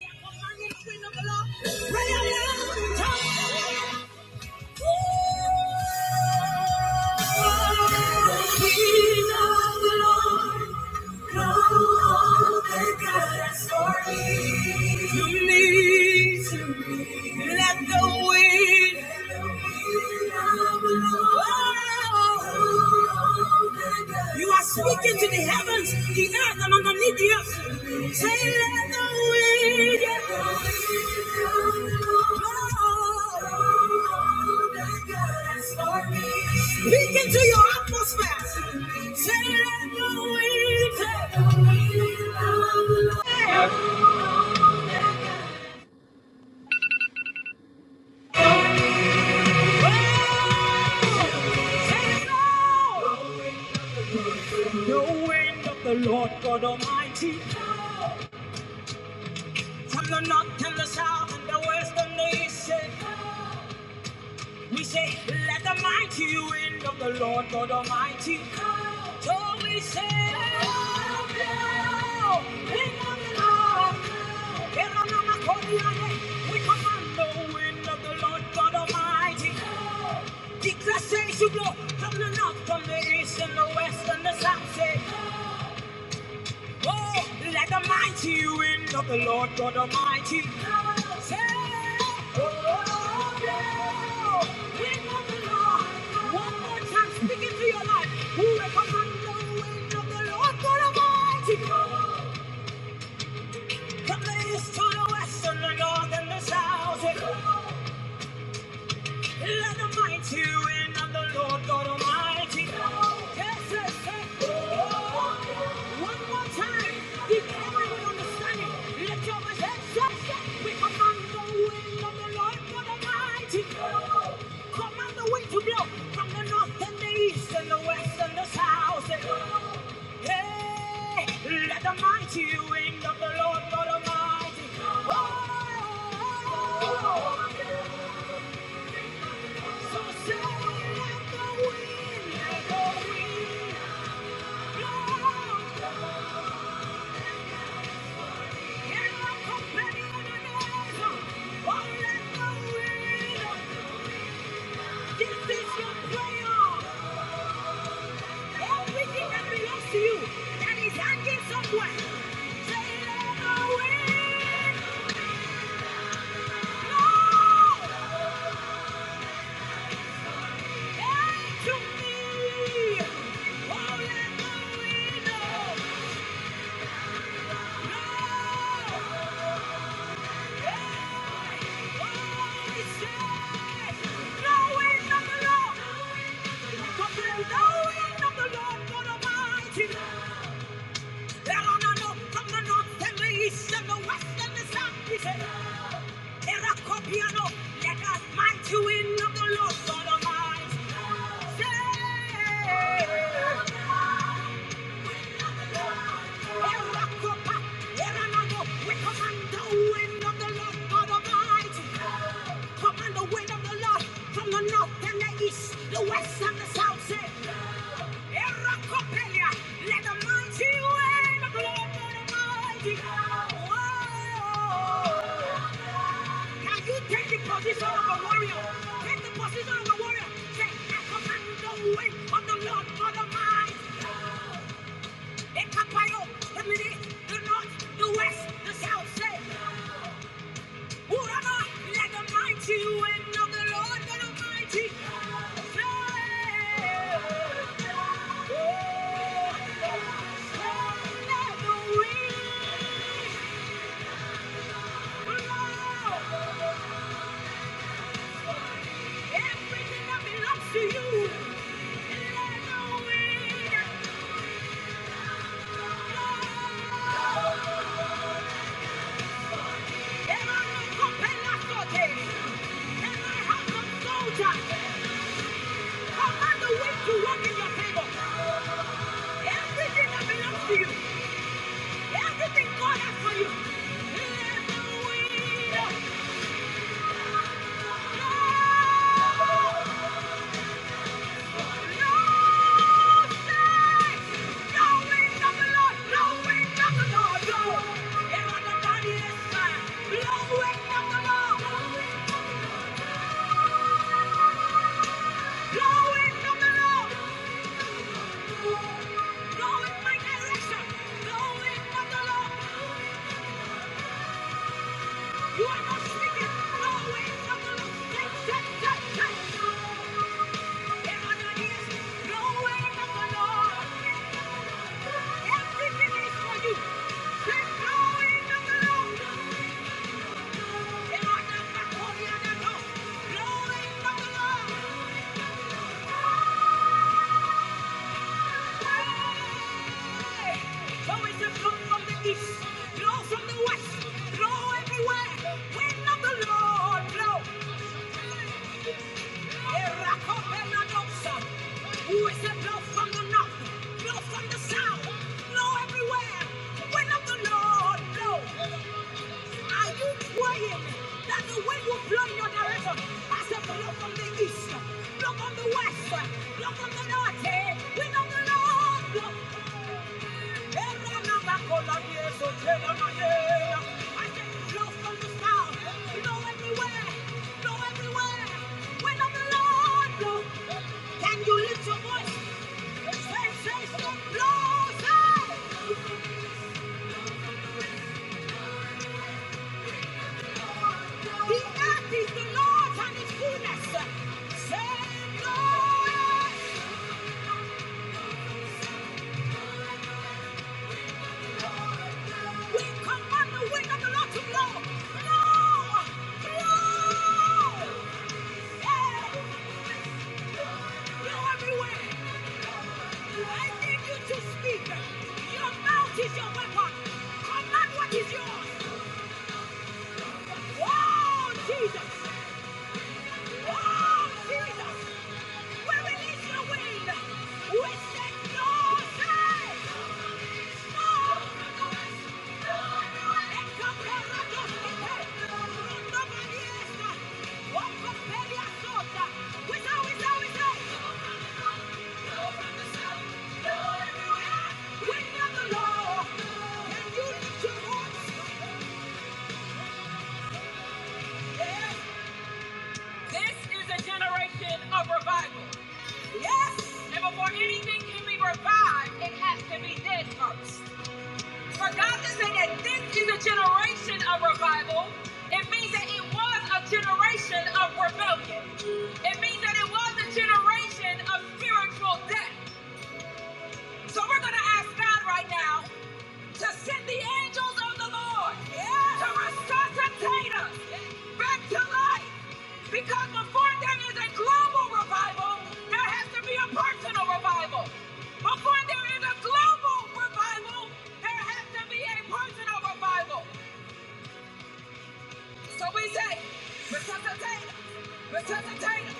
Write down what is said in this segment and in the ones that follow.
me. To me, Let the wind You are speaking to the heavens, the earth, and underneath the earth. Say, let the wind blow. Speaking to your atmosphere. Say, let the wind blow. Say, let the wind blow. No wind of the Lord God Almighty. From the north and the south and the west and the east. say, We say, let the mighty wind of the Lord God Almighty. So we say, "Oh, blow, wind of the Lord." We command the wind of the Lord God Almighty. Declare say you blow from the north, from the east and the west and the south. say. Oh, let the mighty wind of the Lord God Almighty. Say, oh, yeah, wind of the Lord. One more time, speak into your life. Who recommend the wind of the Lord God Almighty? From the east to the west and the north and the south. Let the mighty reign of the Lord God Almighty. Yes, yes, yes. Oh, One more time. If everyone understand it, lift up your voice Yes, yes, yes. We command the wind of the Lord God Almighty. Command the wind to blow from the north and the east and the west and the south. Hey, let the mighty wind of the Lord God Almighty. Oh, Everything that belongs to you that is hanging somewhere. Say, let the wind blow. Hey, me. Oh, let the wind blow. Let us might you in of the Lord God Almighty. Say, We command the wind of the Lord God of might. Command the wind of the Lord from the north and the east, the west and the south. Say, Erakopelia, let the mighty wind of the Lord God Almighty. Whoa. Can you take the position of a warrior? Take the position of a warrior. Say, I command the wind of the Lord God of might. Ekapayo, Emily, the north, the west, the south, say, Urana, let the mighty wind of the Lord, let the mighty Everything that belongs to you, let the wind blow. Every compellant body, every house of soldier. Command the wind to work in your favor. Everything that belongs to you, everything God has for you. Let the wind Blowing of the Lord. You are not speaking. No way from the Lord. Take, take, take, take. In other ears, no way from the Lord. Everything is for you. Take no way from the Lord. In order to call other Catholic, no. No way from the Lord. Hey! So it's a blow from the east, blow from the west, blow everywhere. Wind of the Lord, blow. Who is it blow from the north, blow from the south, blow everywhere? When wind of the Lord blow. Are you praying that the wind will blow in your direction? I said, blow from the east, blow from the west, blow from the north, eh? wind of the north. Blow. I said, blow from the south, blow everywhere, blow everywhere. Wind of the Lord, blow. Can you lift your voice? Say, say, say, blow, say. The earth is the Lord's and His fullness. Save Lord. We command the wind of the Lord to blow. Blow. Blow. Hey. Blow everywhere. I need you to speak. Your mouth is your weapon. Command what is yours. Oh, Jesus. This is a generation of revival. Yes. And before anything can be revived, it has to be dead first. For God to say that this is a generation of revival, it means that it was a generation of rebellion. It means that it was a generation of spiritual death. So we're going to ask God right now to send the angels of the Lord to resuscitate us back to life. Because before there is a global revival, there has to be a personal revival. Before there is a global revival, there has to be a personal revival. So we say, resuscitate us, resuscitate us,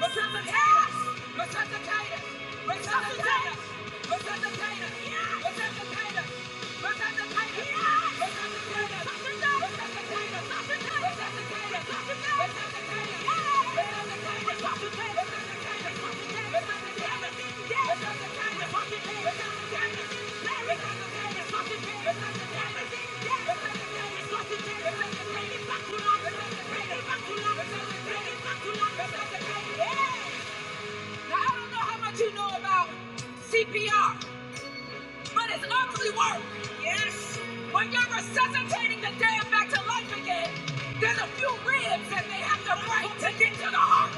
resuscitate us, resuscitate us, resuscitate us, resuscitate us, resuscitate us. Now, I don't know how much you know about CPR, but it's ugly work. Yes. When you're resuscitating the damn back to life again, there's a few ribs that they have to break to get to the heart.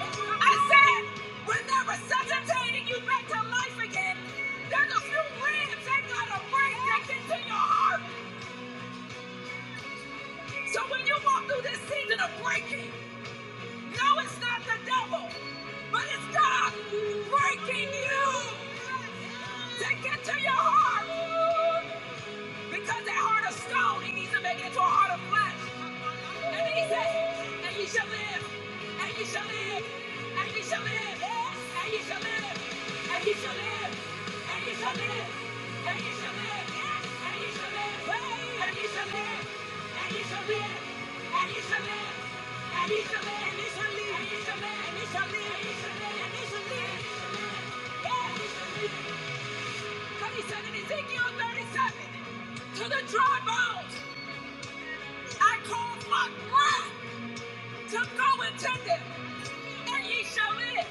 I said, when they're resuscitating you back to life again, there's a few ribs that got a break that get to your heart. So when you walk through this season of breaking, no, it's not the devil, but it's God breaking you to get to your heart. Because that heart of stone, he needs to make it into a heart of flesh. And then he says, and ye shall live, and ye shall live, and ye shall live, and ye shall live, and ye shall live, and ye shall live, and ye shall live, and ye shall live, and ye shall live, and ye shall live, and ye shall live. And he shall live, and he shall live, and he shall live, and he shall live, and he shall live, and he shall live. Yeah, he shall live. and ye shall live. He said in Ezekiel 37, to the dry bones I called my breath to go into them, and ye shall live.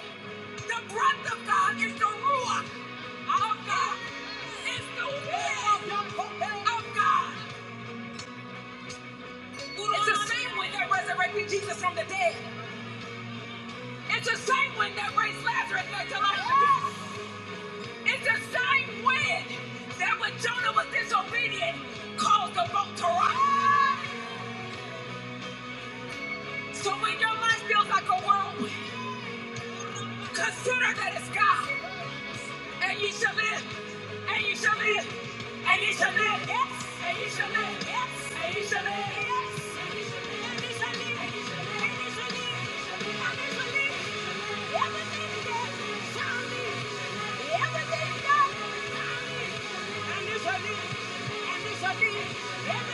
The breath of God is the ruach of God. It's the wind of God. It's the same wind that resurrected Jesus from the dead. It's the same wind that raised Lazarus back to life It's the same wind that when Jonah was disobedient caused the boat to rock. So when your life feels like a whirlwind, consider that it's God. And you shall live. And you shall live. And you shall live. Yes. And you shall live. Yes. And you shall live. Yes. And you shall live. And you shall live. And you shall live. And you shall live. And you shall live. And you shall live. Everything that shall be. And it's a leash, and it's a leash, and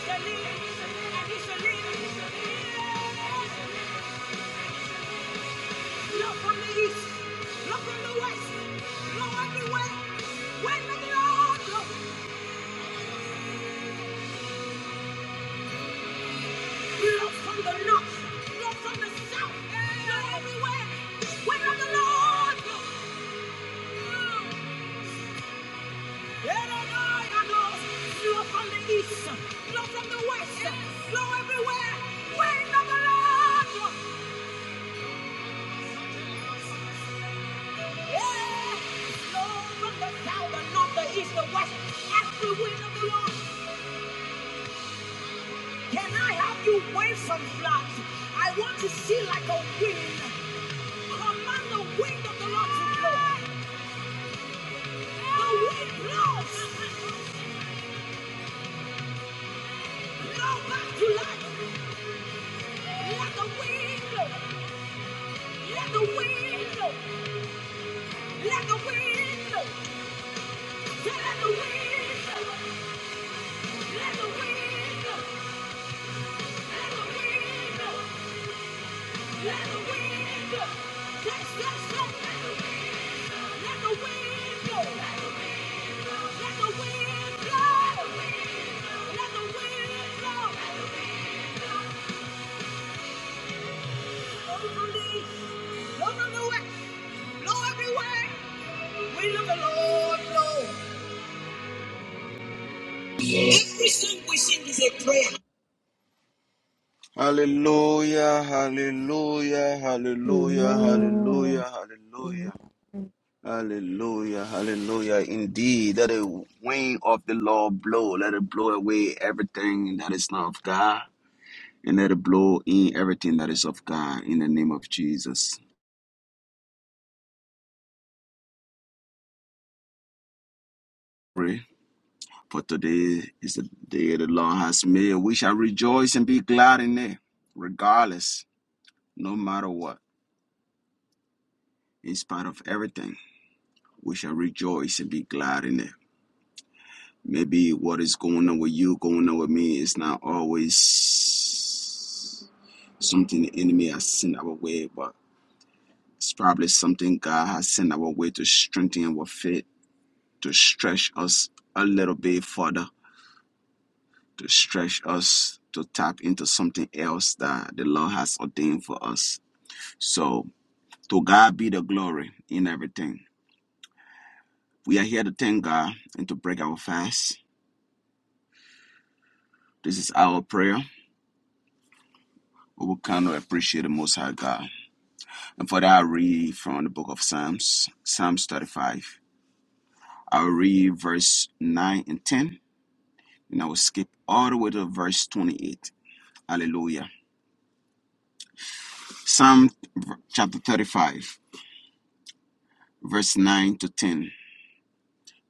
it's a leash. Look from the east. Look from the west. Look everywhere. Where the Lord look. Look from the north. Look from the south. Look everywhere. Where the Lord look. Look from the east. Look from the west. Look everywhere. Where the Lord look. Yeah. Look from the south, the north, the east, the west. Everywhere of the Lord. Can I have you wave some flags? I want to see like a wind. Command the wind of the Lord to blow. The wind blows. Blow back to life. Let the wind blow. Let the wind blow. Let the wind blow. Say, Let the wind blow. Let the wind blow. Let the wind blow. Let the wind blow. Yes, yes, yes. Let the wind blow. Let the wind blow. Hallelujah, hallelujah, hallelujah, Amen. hallelujah, Amen. hallelujah, hallelujah, hallelujah. Indeed, let the wind of the Lord blow. Let it blow away everything that is not of God, and let it blow in everything that is of God in the name of Jesus. Pray. For today is the day the Lord has made. We shall rejoice and be glad in it, regardless, no matter what. In spite of everything, we shall rejoice and be glad in it. Maybe what is going on with you, going on with me, is not always something the enemy has sent our way, but it's probably something God has sent our way to strengthen our faith, to stretch us a little bit further to stretch us to tap into something else that the Lord has ordained for us. So, to God be the glory in everything. We are here to thank God and to break our fast. This is our prayer. We will kind of appreciate the Most High God. And for that, I read from the book of Psalms, Psalms 35. I'll read verse 9 and 10, and I will skip all the way to verse 28. Hallelujah. Psalm chapter 35, verse 9 to 10.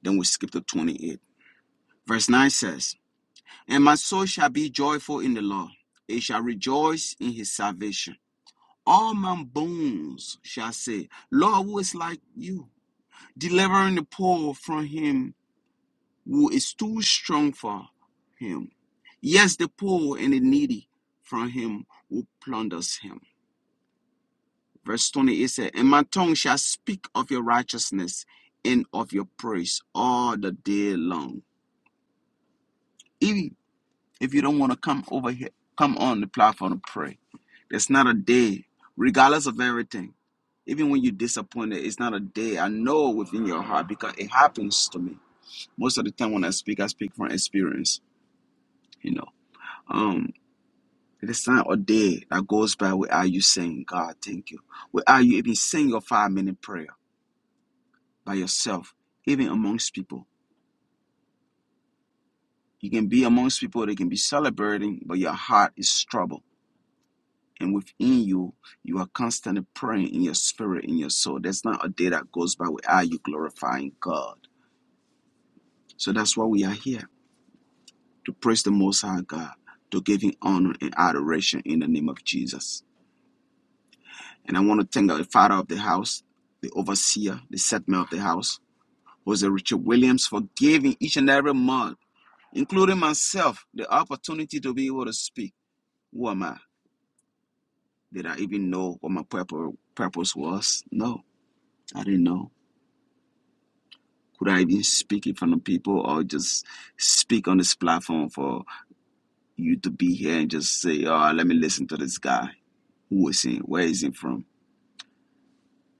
Then we skip to 28. Verse 9 says, And my soul shall be joyful in the Lord, it shall rejoice in his salvation. All my bones shall say, Lord, who is like you? Delivering the poor from him who is too strong for him. Yes, the poor and the needy from him who plunders him. Verse 28 says, And my tongue shall speak of your righteousness and of your praise all the day long. If If you don't want to come over here, come on the platform and pray. There's not a day, regardless of everything, even when you're disappointed, it's not a day. I know within your heart because it happens to me. Most of the time when I speak, I speak from experience, you know. Um, it's not a day that goes by without you saying, God, thank you. Without you even saying your five minute prayer by yourself, even amongst people. You can be amongst people, they can be celebrating, but your heart is troubled And within you, you are constantly praying in your spirit, in your soul. There's not a day that goes by without you glorifying God. So that's why we are here to praise the Most High God, to give Him honor and adoration in the name of Jesus. And I want to thank the Father of the house, the overseer, the settlement of the house, Jose Richard Williams, for giving each and every month, including myself, the opportunity to be able to speak. Who am I? Did I even know what my purpose was? No, I didn't know. Could I even speak in front of people or just speak on this platform for you to be here and just say, oh, let me listen to this guy? Who is he? Where is he from?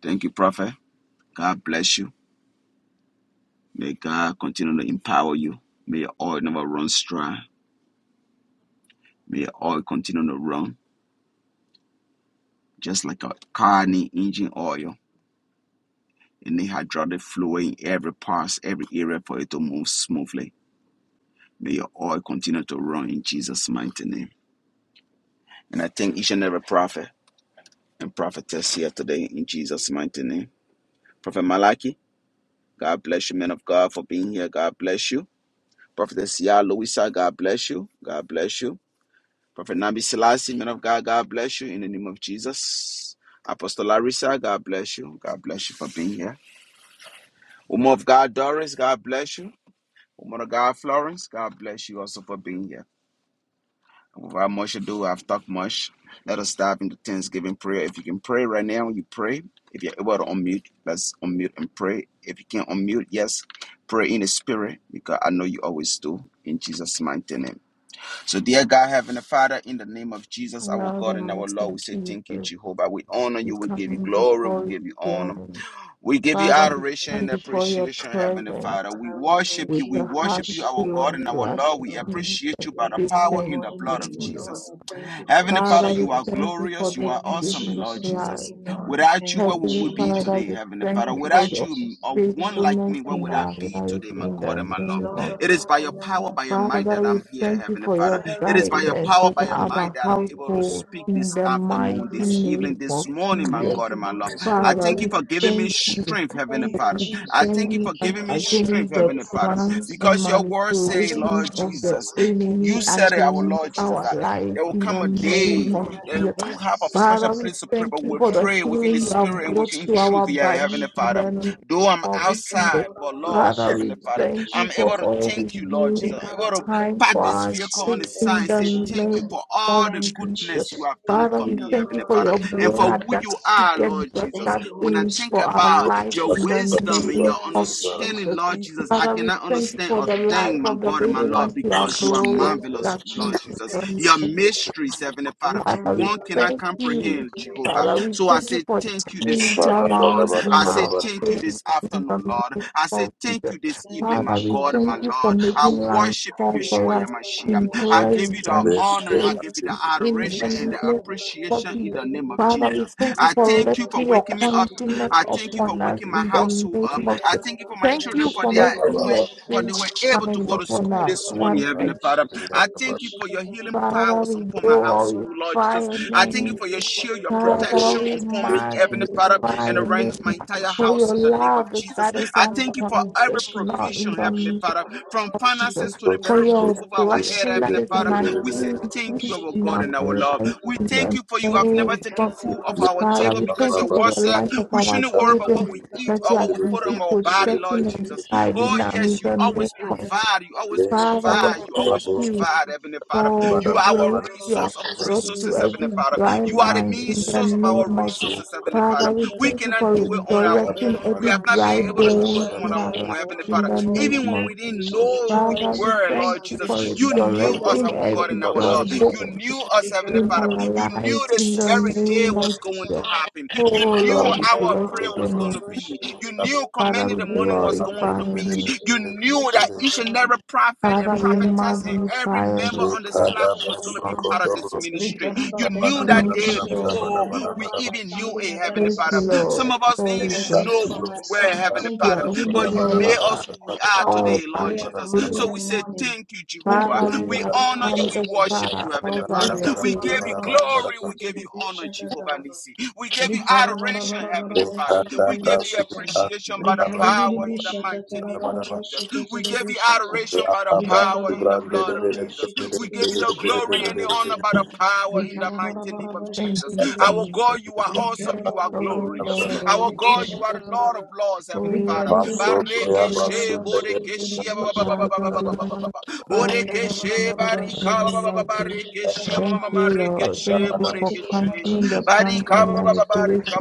Thank you, Prophet. God bless you. May God continue to empower you. May your oil never run dry. May your oil continue to run just like a car need engine oil. And the hydraulic fluid in every part, every area for it to move smoothly. May your oil continue to run in Jesus' mighty name. And I thank each and every prophet. and prophetess here today in Jesus' mighty name. Prophet Malaki, God bless you, man of God, for being here. God bless you. Prophetess Yah Louisa, God bless you. God bless you. Prophet Nabi Selassie, man of God, God bless you in the name of Jesus. Apostle Larissa, God bless you. God bless you for being here. Woman of God, Doris, God bless you. Woman of God, Florence, God bless you also for being here. Without much ado, I've talked much. Let us dive into Thanksgiving prayer. If you can pray right now, you pray. If you're able to unmute, let's unmute and pray. If you can unmute, yes, pray in the spirit because I know you always do. In Jesus' mighty name. So, dear God, Heavenly Father, in the name of Jesus, our Allow the God and our Lord, Master we say Jesus thank you, to Jehovah. We honor you. We give you come glory. We before your give you honor. throne. We give you Father, we adoration come and before your appreciation, Heavenly presence Father. We Father, we worship thank with you. you, We a we heart worship you, worship our your full God of and holy our name, Lord. O We Lord. gratitude. appreciate you by We the We honor power your thank in the holy you. blood to of name, O you. Lord. Jesus. I Thank you, Heavenly Holy Father, Father, we you are Spirit. thank you for glorious. You the are Thank you, gift awesome, of Lord Jesus. Thank life. Jesus. you, Lord. I Without you, Thank where you, would Heavenly we be Jesus. Father, today, we Heavenly thank Father? you Thank you, for Without your you, Jesus. or Thank you, one like Lord. I me, faithfulness where Thank in would you, I our King be of life today, my Kings. in God the and my Lord? name Lord of of It is Lord, by I your am power, that by your I might am. Father, that I'm we here, thank you Heavenly for your Father. Father, It we is by thank your guidance you. power, We by over give your you all might our that the I'm praise. able We to household give you speak all in this the the mighty afternoon, this adoration. evening, name this of morning, my Jesus. Thank God and you, my Lord. Holy I Spirit. Father, thank you we Thank for you, giving me thank Jesus. you strength, Heavenly Thank you, Father. I Jesus. thank Thank you standing you, for up King giving of me Glory. I strength, against thank the you Heavenly for my Father, plans son's life. and because your word I say, thank you manipulations Lord for my of the son's Jesus, life. I enemy you thank you. said it, I our thank against you Lord for Jesus, my our that son's life life. there I will in come the a thank name you day for of my that Jesus. it won't brothers and have a special Father, sisters. we place to pray, thank but you we'll for the pray within the healing you have spirit and brought within to truth, our yeah, bodies Heavenly in Father. the name Though I'm of Ricardo, thank Jesus. outside, but Lord, Father, Thank we Heavenly Father, thank you I'm for able to always thank you, Lord being Jesus. on I'm able to time you, park for this our Holy vehicle on the sake Spirit. in Thank side and you, the say, Jesus. Thank name you for all of the Thank you, Jesus. goodness you Jesus. have Thank done you, Father, for we King me, of thank you Heavenly for Glory. Lord of Father your and for blood who that you Lords. are, speaketh Lord Thank Jesus. better you, When I Holy things think for Spirit. our about Thank life you, your in the Jesus. wisdom and name your Thank of you, understanding, Jesus. Jesus. Lord Thank you, Jesus, I Father, we Jesus. cannot Thank thank you understand for a the you, life thing, my of the God and my little Lord, ones you Jesus. Thank you, have because you are Jesus. blessed marvelous, us in Lord Jesus. Jesus' Thank you, Your Jesus. mysteries, Thank Heavenly Father, Father, we one cannot thank you. comprehend, you, Jehovah. Father, we So Jesus. I thank you say for thank you turning this it morning, Lord. around in I say our thank you Ricardo, favor this in the afternoon, Lord. name I say of thank Jesus. you this Thank evening, you, Father, my we God, Jesus. my thank you Thank for you, Lord. I making Jesus. life worship you, fall for Yeshua us Yamashiach. in Vikarabarabarabarashi, I give you the pleasant tiririririshi, honor, I give you the places tatarabarashi. in the adoration and the name of Vikarabarabarabarashi, appreciation in Jesus. the name of tiriririshi. Father, we Jesus. thank you I for thank you for letting your waking me Vikarabarabarabarashi, up. countenance I tiriririshi, thank you for upon us waking my in the tatarabarashi. household name up. of I Jesus. thank you for my Thank children you Vikarabarabarabarashi, for for their making were your tiriririshi, for they were face tatarabarashi. able to shine go to upon school us this morning, once Heavenly again. Vikarabarabarabarashi, Father. I thank you for your healing Father, powers we upon my glorify household, Lord Jesus. your I name thank you for your shield, your Father, protection we upon me, Thank Heavenly you, Father, Holy magnify and your name around Spirit. my Thank you, entire for house your in the Jesus. name of love Jesus. that Shut is I thank you for every unconditional in provision, the Heavenly name Father, from of Jesus. finances to the For very roof your over our head, blessing that Heavenly is in Father. an We say increase thank you, our in God our and our Lord. life We in thank the you for you have name never taken of Jesus. food off our Father, table we thank because you your for word the said life of we our shouldn't worry about what children we eat that you or are what we you put keep on our body, Lord protecting and Jesus. guiding Oh, them in yes, you the name always of Jesus. provide. You always Father, we provide. You thank always you provide, Heavenly Father. for the You are our grace you have resource of brought to resources, Heavenly every Father. up, dry You are the land main in my the source of our name of Jesus. resources, Heavenly Father. Father, we We thank you for cannot do it on our own. resurrecting We every have not been dry able to soul do bone shall it be on in our our own, life joyful Heavenly Father. unto in the the name Lord, Even when of we Jesus. and didn't shall know who you Father, rejoice we in were, his thank Lord you Jesus, for salvation. you knew In the us, resurrecting our mighty God every and name of our dry Lord. you. Jesus. You bone knew us, Heavenly in Father. our You knew lives in this the very day name was of going to Jesus. happen. You Oh knew Lord, we our Rikaraba, bless prayer your was going name. to be. You knew Father, commanding we the morning was going glorify to your be. name. You knew that each and every prophet Father, and we prophetess and every magnify your member name. on this platform was going to be part of this ministry. You thank knew you, that Thank Holy you, day Lord. Spirit, for my before loved we one, my even knew family, it, my Heavenly brothers Thank and you, Father. sisters. Lord. Some of us Lord, didn't we I even thank thank you know you. who for my we were, son. I Heavenly thank you We Father, for are every who but member you of, you made us are, who we of are hour of all today, by Lord prayer Jesus. your commanding grace. So the Brande we say, morning. Thank you, In the Jehovah. Father, we We mighty have name honor of you. come We this Jesus. worship far, you, all Heavenly by Father. your We grace. give you Rikaraba, glory. We give you honor, Jehovah Nisi. We give you Rikara bara adoration, bara bara Heavenly Father. bashi tete We give you vishata. appreciation by the Rikari biri power in the vishata mighty tara name of bara Jesus. bashi tete We give you vishata. adoration by the Rikara power in bara the bara blood of bara Jesus. bashi tete We give you the vishata glory tara and the bara. honor by the power in the Rikara bara mighty bara name of Thank bashi Jesus. you, tete Our Jesus. vishata. God, you are awesome. Rikara You are bara bara Oh, Lord, glorious. bashi tete Our we God, thank you. you are vishata the tara Lord of bara. Lords, Heavenly Oh, Father. Rikari biri Masoya Bareke vishata Lord, tara she basunda bashi de boreke tete she ba ba ba vishata ba ba Father, ba tara we ba ba bara. ba ba ba. In the magnify your name Borekeshe in the barika ba- name ba- of Jesus. barekeshe ma- Thank you, Lord. marekeshe Thank you for mighty name of borekeshe canceling the Jesus, thank plans you, barika and Holy manipulations Spirit. barika